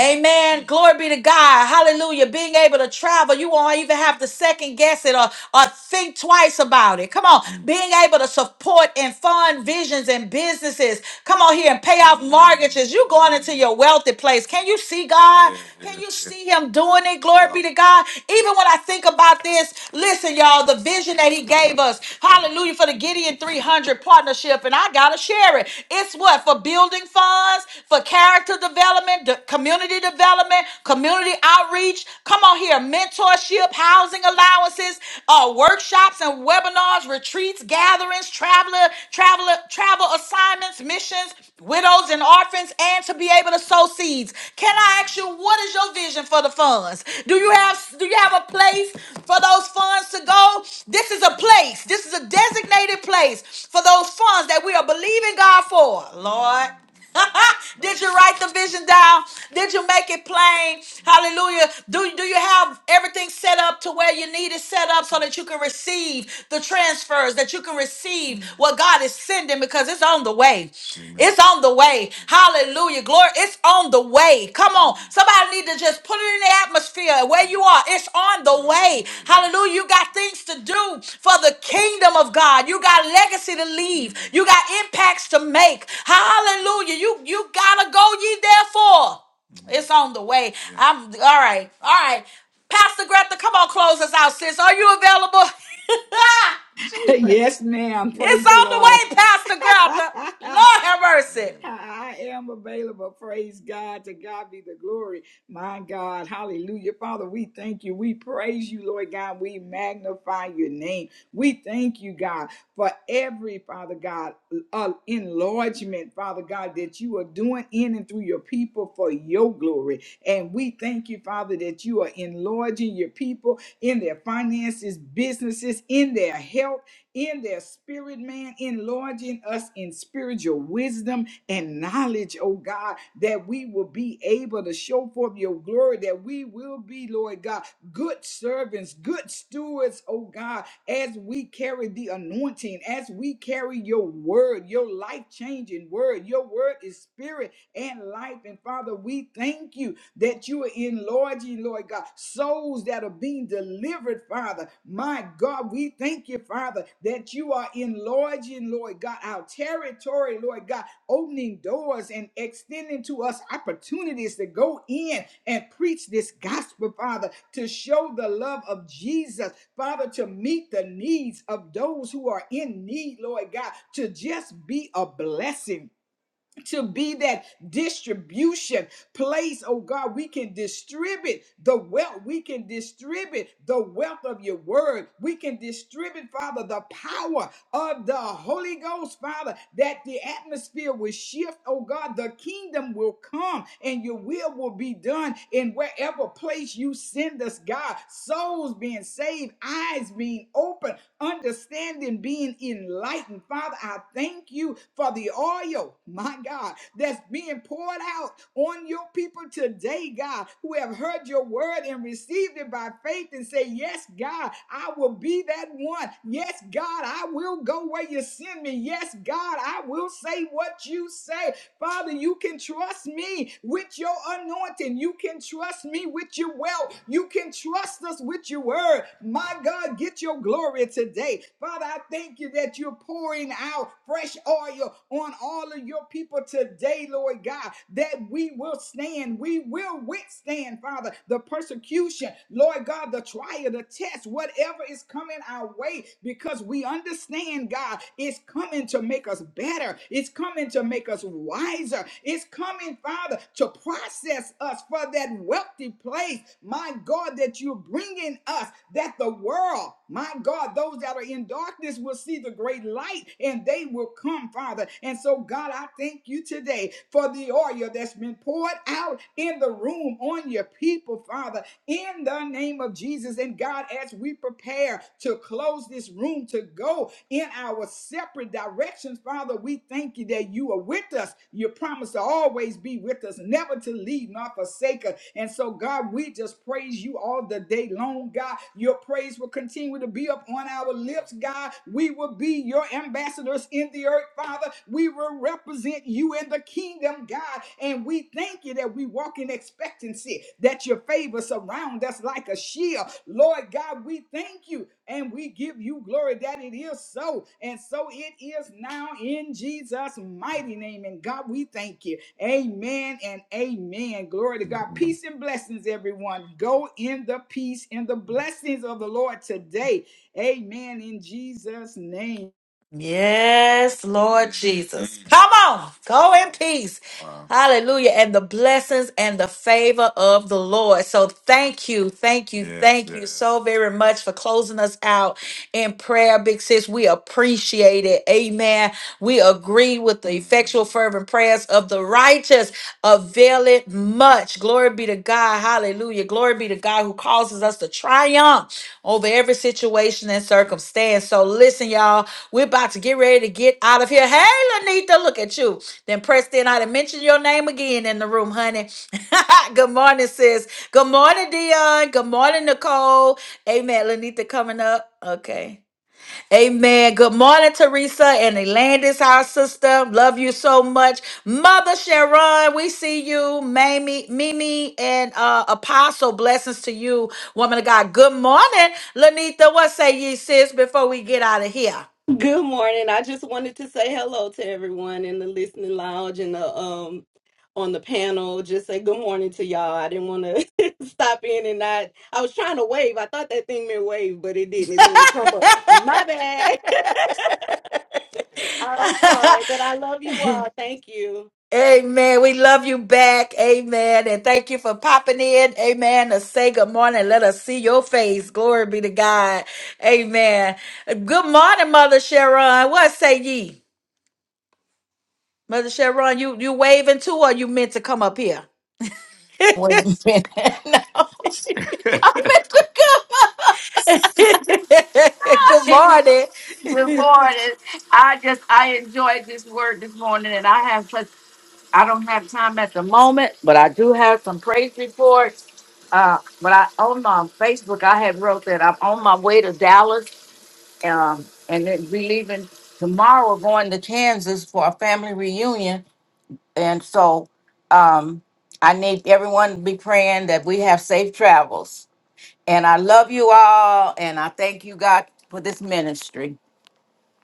[SPEAKER 1] Amen. Glory be to God. Hallelujah. Being able to travel, you won't even have to second guess it or, or think twice about it. Come on. Being able to support and fund visions and businesses. Come on here and pay off mortgages. You going into your wealthy place. Can you see God? Can you see Him doing it? Glory be to God. Even when I think about this, listen, y'all, the vision that He gave us. Hallelujah for the Gideon 300 partnership. And I got to share it. It's what? For building funds, for character development, the community community development, community outreach. Come on here, mentorship, housing allowances, uh, workshops and webinars, retreats, gatherings, traveler, traveler, travel assignments, missions, widows and orphans, and to be able to sow seeds. Can I ask you, what is your vision for the funds? Do you have do you have a place for those funds to go? This is a place. This is a designated place for those funds that we are believing God for, Lord. Did you write the vision down? Did you make it plain? Hallelujah. Do, do you have everything set up to where you need it set up so that you can receive the transfers, that you can receive what God is sending because it's on the way. It's on the way. Hallelujah. Glory. Or it's on the way. Come on. Somebody need to just put it in the atmosphere where you are. It's on the way. Hallelujah. You got things to do for the kingdom of God. You got legacy to leave. You got impacts to make. Hallelujah. You you gotta go ye therefore. It's on the way. Yeah. I'm all right. All right. Pastor Greta, come on, close us out, sis. Are you available? Jesus.
[SPEAKER 5] yes, ma'am.
[SPEAKER 1] It's
[SPEAKER 5] Praise the
[SPEAKER 1] on the
[SPEAKER 5] Lord.
[SPEAKER 1] way, Pastor Greta. Lord have mercy.
[SPEAKER 5] I am available. Praise God. To God be the glory. My God. Hallelujah. Father, we thank you. We praise you, Lord God. We magnify your name. We thank you, God, for every, Father God, uh, enlargement, Father God, that you are doing in and through your people for your glory. And we thank you, Father, that you are enlarging your people in their finances, businesses, in their health, in their spirit, man, enlarging us in spiritual wisdom and knowledge, oh God, that we will be able to show forth your glory, that we will be, Lord God, good servants, good stewards, oh God, as we carry the anointing, as we carry your word, your life changing word. Your word is spirit and life. And Father, we thank you that you are enlarging, Lord God, souls that are being delivered, Father. My God, we thank you, Father, that you are enlarging, Lord God, our territory, Lord God, opening doors and extending to us opportunities to go in and preach this gospel, Father, to show the love of Jesus, Father, to meet the needs of those who are in need, Lord God, to just be a blessing to be that distribution place, oh God, we can distribute the wealth. We can distribute the wealth of your word. We can distribute, Father, the power of the Holy Ghost, Father, that the atmosphere will shift, oh God. The kingdom will come and your will will be done in wherever place you send us, God. Souls being saved, eyes being open, understanding being enlightened. Father, I thank you for the oil, my God, that's that's being poured out on your people today, God, who have heard your word and received it by faith and say, Yes, God, I will be that one. Yes, God, I will go where you send me. Yes, God, I will say what you say. Father, you can trust me with your anointing. You can trust me with your wealth. You can trust us with your word. My God, get your glory today. Father, I thank you that you're pouring out fresh oil on all of your people today, Lord God, that we will stand. We will withstand, Father, the persecution, Lord God, the trial, the test, whatever is coming our way, because we understand, God, it's coming to make us better. It's coming to make us wiser. It's coming, Father, to process us for that wealthy place, my God, that you're bringing us, that the world, my God, those that are in darkness will see the great light, and and they will come, Father. And so, God, I thank you today for the oil that's been poured out in the room on your people, Father, in the name of Jesus. And God, as we prepare to close this room to go in our separate directions, Father, we thank you that you are with us. You promise to always be with us, never to leave nor forsake us. And so, God, we just praise you all the day long, God. Your praise will continue to be up on our lips, God. We will be your ambassadors in the earth, Father. We will represent you in the kingdom, God. And we thank you that we walk in expectancy, that your favor surround us like a shield. Lord God, we thank you and we give you glory that it is so. And so it is now in Jesus' mighty name. And God, we thank you. Amen and amen. Glory to God. Peace and blessings, everyone. Go in the peace and the blessings of the Lord today. Amen. In Jesus' name.
[SPEAKER 1] Yes, Lord Jesus. Mm. Come on. Go in peace. Wow. Hallelujah. And the blessings and the favor of the Lord. So thank you. Thank you. Yes, thank you yes. so very much for closing us out in prayer, big sis. We appreciate it. Amen. We agree with the effectual, fervent prayers of the righteous. Avail it much. Glory be to God. Hallelujah. Glory be to God who causes us to triumph over every situation and circumstance. So listen, y'all, we're about to get ready to get out of here. Hey, Lanita, look at you. Then press in. I done mentioned your name again in the room, honey. Good morning, sis. Good morning, Dion. Good morning, Nicole. Amen. Lanita coming up. Okay. Amen. Good morning, Teresa and Elandis, our sister. Love you so much. Mother Sharon, we see you. Mamie, Mimi, and uh, Apostle, blessings to you, woman of God. Good morning, Lanita. What say ye, sis, before we get out of here?
[SPEAKER 8] Good morning. I just wanted to say hello to everyone in the listening lounge and the um on the panel. Just say good morning to y'all. I didn't want to stop in and not. I was trying to wave. I thought that thing meant wave, but it didn't. It meant to come up. My bad. I'm sorry, but I love you all. Thank you.
[SPEAKER 1] Amen. We love you back. Amen. And thank you for popping in. Amen. To say good morning. Let us see your face. Glory be to God. Amen. Good morning, Mother Sharon. What say ye? Mother Sharon, you you waving too, or you meant to come up here?
[SPEAKER 9] Wait a minute. no. Mr.
[SPEAKER 1] Good
[SPEAKER 9] Cooper.
[SPEAKER 1] morning.
[SPEAKER 9] Good morning. I just I enjoyed this word this morning, and I have such I don't have time at the moment, but I do have some praise reports. Uh, but I on my Facebook I had wrote that I'm on my way to Dallas, um, and then we leaving tomorrow, going to Kansas for a family reunion, and so um, I need everyone to be praying that we have safe travels. And I love you all. And I thank you, God, for this ministry.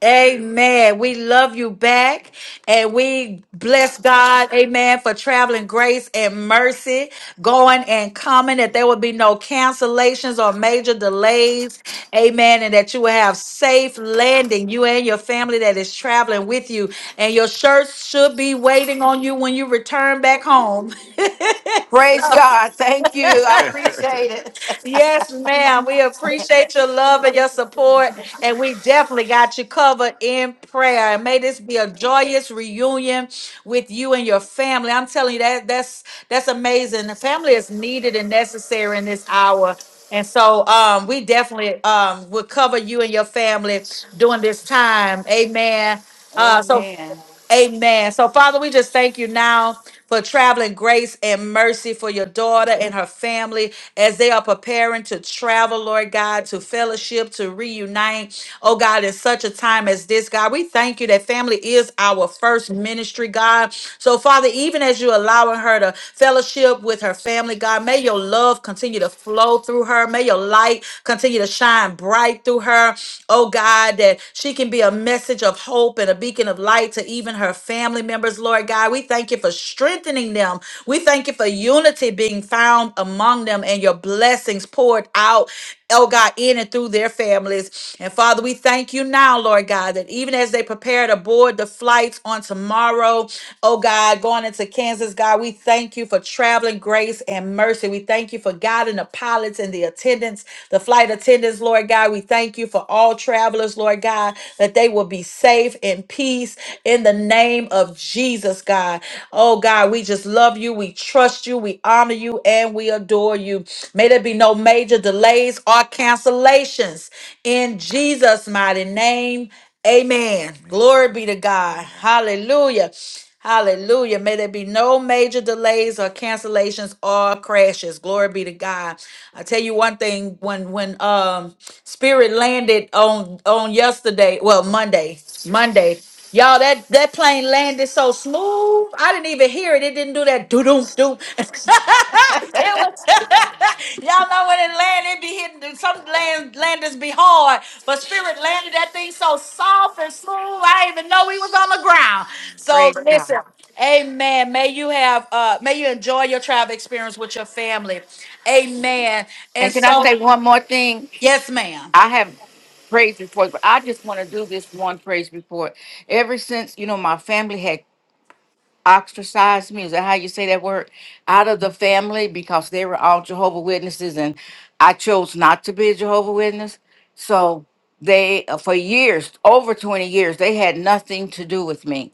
[SPEAKER 1] Amen. We love you back and we bless God, amen, for traveling grace and mercy going and coming, that there will be no cancellations or major delays, amen, and that you will have safe landing, you and your family that is traveling with you. And your shirts should be waiting on you when you return back home.
[SPEAKER 9] Praise God. Thank you. I appreciate it.
[SPEAKER 1] Yes, ma'am. We appreciate your love and your support. And we definitely got you covered in prayer. And may this be a joyous reunion with you and your family. I'm telling you that that's that's amazing. The family is needed and necessary in this hour. And so um, we definitely um, will cover you and your family during this time. Amen. Uh, so
[SPEAKER 9] Amen.
[SPEAKER 1] Amen. So, Father, we just thank you now for traveling grace and mercy for your daughter and her family as they are preparing to travel, Lord God, to fellowship, to reunite. Oh, God, in such a time as this, God, we thank you that family is our first ministry, God. So, Father, even as you allowing her to fellowship with her family, God, may your love continue to flow through her. May your light Continue to shine bright through her, oh God, that she can be a message of hope and a beacon of light to even her family members, Lord God. We thank you for strengthening them. We thank you for unity being found among them and your blessings poured out oh God, in and through their families. And Father, we thank you now, Lord God, that even as they prepare to board the flights on tomorrow, oh God, going into Kansas. Kansas, God. We thank you for traveling grace and mercy. We thank you for guiding the pilots and the attendants, the flight attendants, Lord God. We thank you for all travelers, Lord God, that they will be safe in peace in the name of Jesus, God. Oh, God, we just love you. We trust you. We honor you and we adore you. May there be no major delays or cancellations in Jesus' mighty name. Amen. Glory be to God. Hallelujah. Hallelujah. May there be no major delays or cancellations or crashes. Glory be to God. I tell you one thing when when um Spirit landed on on yesterday, well Monday, Monday. Y'all, that that plane landed so smooth. I didn't even hear it. It didn't do that doo doo doo. It was y'all know when it land, it be hitting some land landings be hard, but spirit landed that thing so soft and smooth. I didn't even know we was on the ground. So
[SPEAKER 9] Praise
[SPEAKER 1] listen,
[SPEAKER 9] God.
[SPEAKER 1] amen. May you have uh may you enjoy your travel experience with your family. Amen. And
[SPEAKER 9] And can I
[SPEAKER 1] so
[SPEAKER 9] say one more thing?
[SPEAKER 1] yes, ma'am.
[SPEAKER 9] I have praise reports, but I just want to do this one praise report. Ever since, you know, my family had ostracized me. Is that how you say that word? Out of the family because they were all Jehovah Witnesses, and I chose not to be a Jehovah Witness. So they, uh, for years, over twenty years, they had nothing to do with me.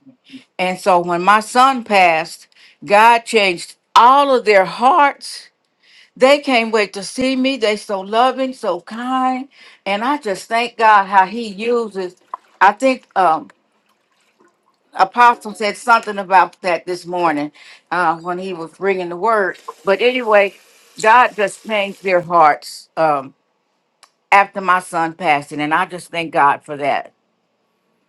[SPEAKER 9] And so when my son passed, God changed all of their hearts. They can't wait to see me. They so loving, so kind, and I just thank God how He uses. I think. Um, Apostle said something about that this morning uh, when he was bringing the word. But anyway, God just changed their hearts um, after my son passing, and I just thank God for that.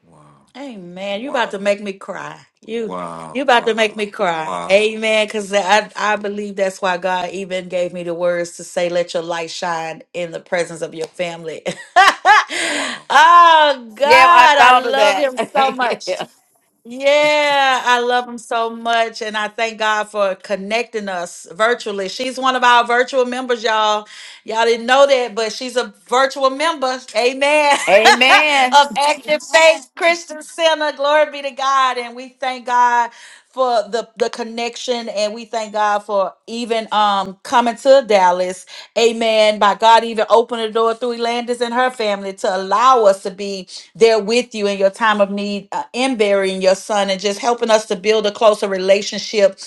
[SPEAKER 1] Wow. Amen. You about Wow. to make me cry. You Wow. you about to make Wow. me cry. Wow. Amen. Cause I, I believe that's why God even gave me the words to say, let your light shine in the presence of your family. Wow. oh God,
[SPEAKER 9] Yeah, I
[SPEAKER 1] I
[SPEAKER 9] thought of
[SPEAKER 1] love
[SPEAKER 9] that.
[SPEAKER 1] him so much.
[SPEAKER 9] yeah.
[SPEAKER 1] Yeah, I love him so much. And I thank God for connecting us virtually. She's one of our virtual members, y'all. Y'all didn't know that, but she's a virtual member. Amen.
[SPEAKER 9] Amen.
[SPEAKER 1] of Active Faith Christian Center. Glory be to God. And we thank God for the, the connection and we thank God for even um coming to Dallas. Amen. By God even opened the door through Elandis and her family to allow us to be there with you in your time of need uh, in burying your son and just helping us to build a closer relationship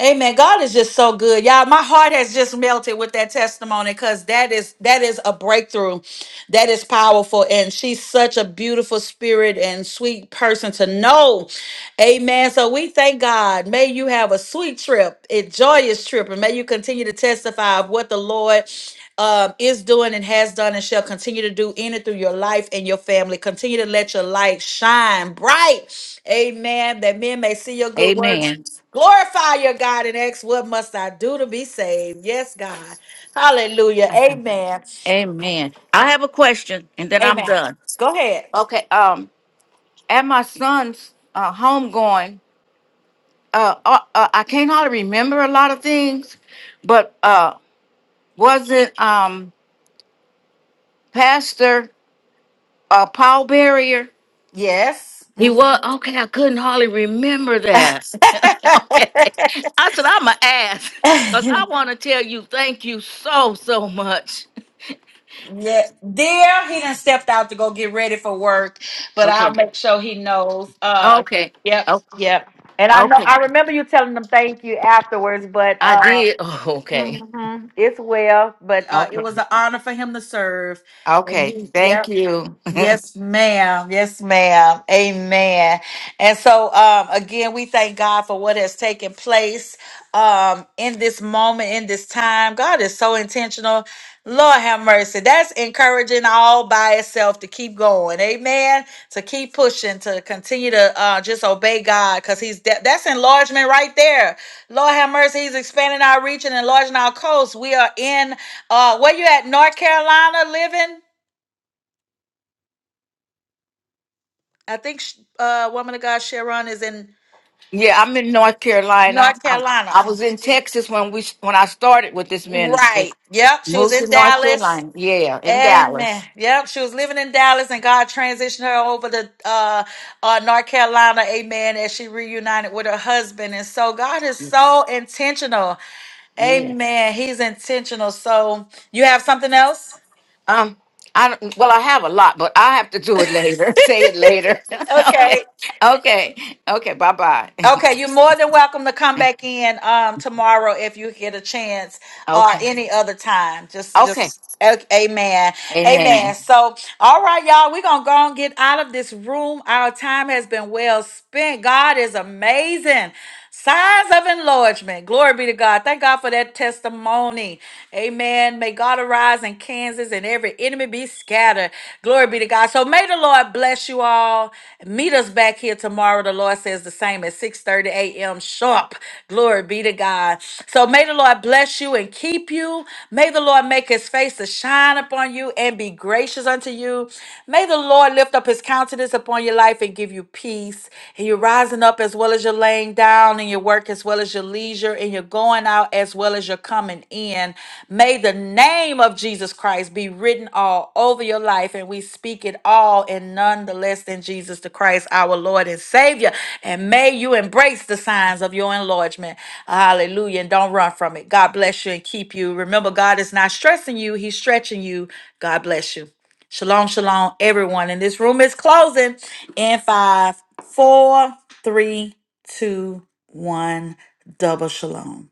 [SPEAKER 1] Amen. God is just so good. Y'all, my heart has just melted with that testimony because that is that is a breakthrough. That is powerful. And she's such a beautiful spirit and sweet person to know. Amen. So we thank God. May you have a sweet trip, a joyous trip, and may you continue to testify of what the Lord um, is doing and has done and shall continue to do in and through your life and your family. Continue to let your light shine bright. Amen. That men may see your good works
[SPEAKER 9] Amen.
[SPEAKER 1] Glorify your God and ask, What must I do to be saved? Yes, God. Hallelujah. Amen.
[SPEAKER 9] Amen. I have a question, and then I'm
[SPEAKER 1] Amen.
[SPEAKER 9] done.
[SPEAKER 1] Go ahead.
[SPEAKER 9] Okay. Um, at my son's uh, home going, uh, uh, uh, I can't hardly remember a lot of things, but uh, wasn't um pastor? A Paul Barrier.
[SPEAKER 1] Yes.
[SPEAKER 9] He
[SPEAKER 1] Mhm.
[SPEAKER 9] was okay. I couldn't hardly remember that. Okay, I said I'm gonna ask because I want to tell you thank you so so much.
[SPEAKER 1] yeah, dear, he done stepped out to go get ready for work, but I'll
[SPEAKER 9] Okay.
[SPEAKER 1] make sure he knows. Uh,
[SPEAKER 9] Okay.
[SPEAKER 1] yep,
[SPEAKER 9] Oh,
[SPEAKER 1] yep. And I know
[SPEAKER 9] okay.
[SPEAKER 1] I remember you telling them thank you afterwards, but
[SPEAKER 9] I
[SPEAKER 1] uh,
[SPEAKER 9] did. Oh, okay.
[SPEAKER 1] mhm, it's well. But uh,
[SPEAKER 9] Okay.
[SPEAKER 1] it was an honor for him to serve, and
[SPEAKER 9] Okay.
[SPEAKER 1] he, yep,
[SPEAKER 9] Thank you.
[SPEAKER 1] Yes, ma'am. Yes, ma'am. Amen. And so, um, again, we thank God for what has taken place um, in this moment, in this time. God is so intentional. Lord have mercy. That's encouraging all by itself to keep going. Amen. To keep pushing, to continue to uh, just obey God because He's that- that's enlargement right there. Lord have mercy. He's expanding our reach and enlarging our coast. We are in, uh, where you at, North Carolina living? I think sh- uh, woman of God Sharon is in
[SPEAKER 9] Yeah, I'm in North Carolina.
[SPEAKER 1] North
[SPEAKER 9] I'm,
[SPEAKER 1] Carolina.
[SPEAKER 9] I was in Texas when we when I started with this ministry.
[SPEAKER 1] Right. Yep. She was
[SPEAKER 9] Moved to
[SPEAKER 1] in
[SPEAKER 9] North
[SPEAKER 1] Dallas.
[SPEAKER 9] Carolina. Yeah, in
[SPEAKER 1] Amen.
[SPEAKER 9] Dallas.
[SPEAKER 1] Yep. She was living in Dallas and God transitioned her over to uh, uh, North Carolina. Amen. As she reunited with her husband. And so God is
[SPEAKER 9] Yes.
[SPEAKER 1] so intentional.
[SPEAKER 9] Yes.
[SPEAKER 1] Amen. He's intentional. So you have something else?
[SPEAKER 9] Um, I don't, well, I have a lot, but I have to do it later. Say it later.
[SPEAKER 1] okay.
[SPEAKER 9] okay, okay, okay. Bye bye.
[SPEAKER 1] Okay, you're more than welcome to come back in um tomorrow if you get a chance or
[SPEAKER 9] okay,
[SPEAKER 1] any other time. Just
[SPEAKER 9] okay.
[SPEAKER 1] just a- amen. Amen.
[SPEAKER 9] Amen.
[SPEAKER 1] So, all right, y'all, we're going to go and get out of this room. Our time has been well spent. God is amazing. Signs of enlargement. Glory be to God. Thank God for that testimony. Amen. May God arise in Kansas and every enemy be scattered. Glory be to God. So may the Lord bless you all. Meet us back here tomorrow. The Lord says the same at 6:30 a.m. sharp. Glory be to God. So may the Lord bless you and keep you. May the Lord make his face to shine upon you and be gracious unto you. May the Lord lift up his countenance upon your life life and give you peace. And you're rising up as well as you're laying down, and your work as well as your leisure, and you're going out as well as you're coming in. May the name of Jesus Christ be written all over your life, and we speak it all and none the less than Jesus the Christ, our Lord and Savior. And may you embrace the signs of your enlargement. Hallelujah. And don't run from it. God bless you and keep you. Remember, God is not stressing you, He's stretching you. God bless you. Shalom, shalom, everyone. And this room is closing in five, four, three, two, one. Double shalom.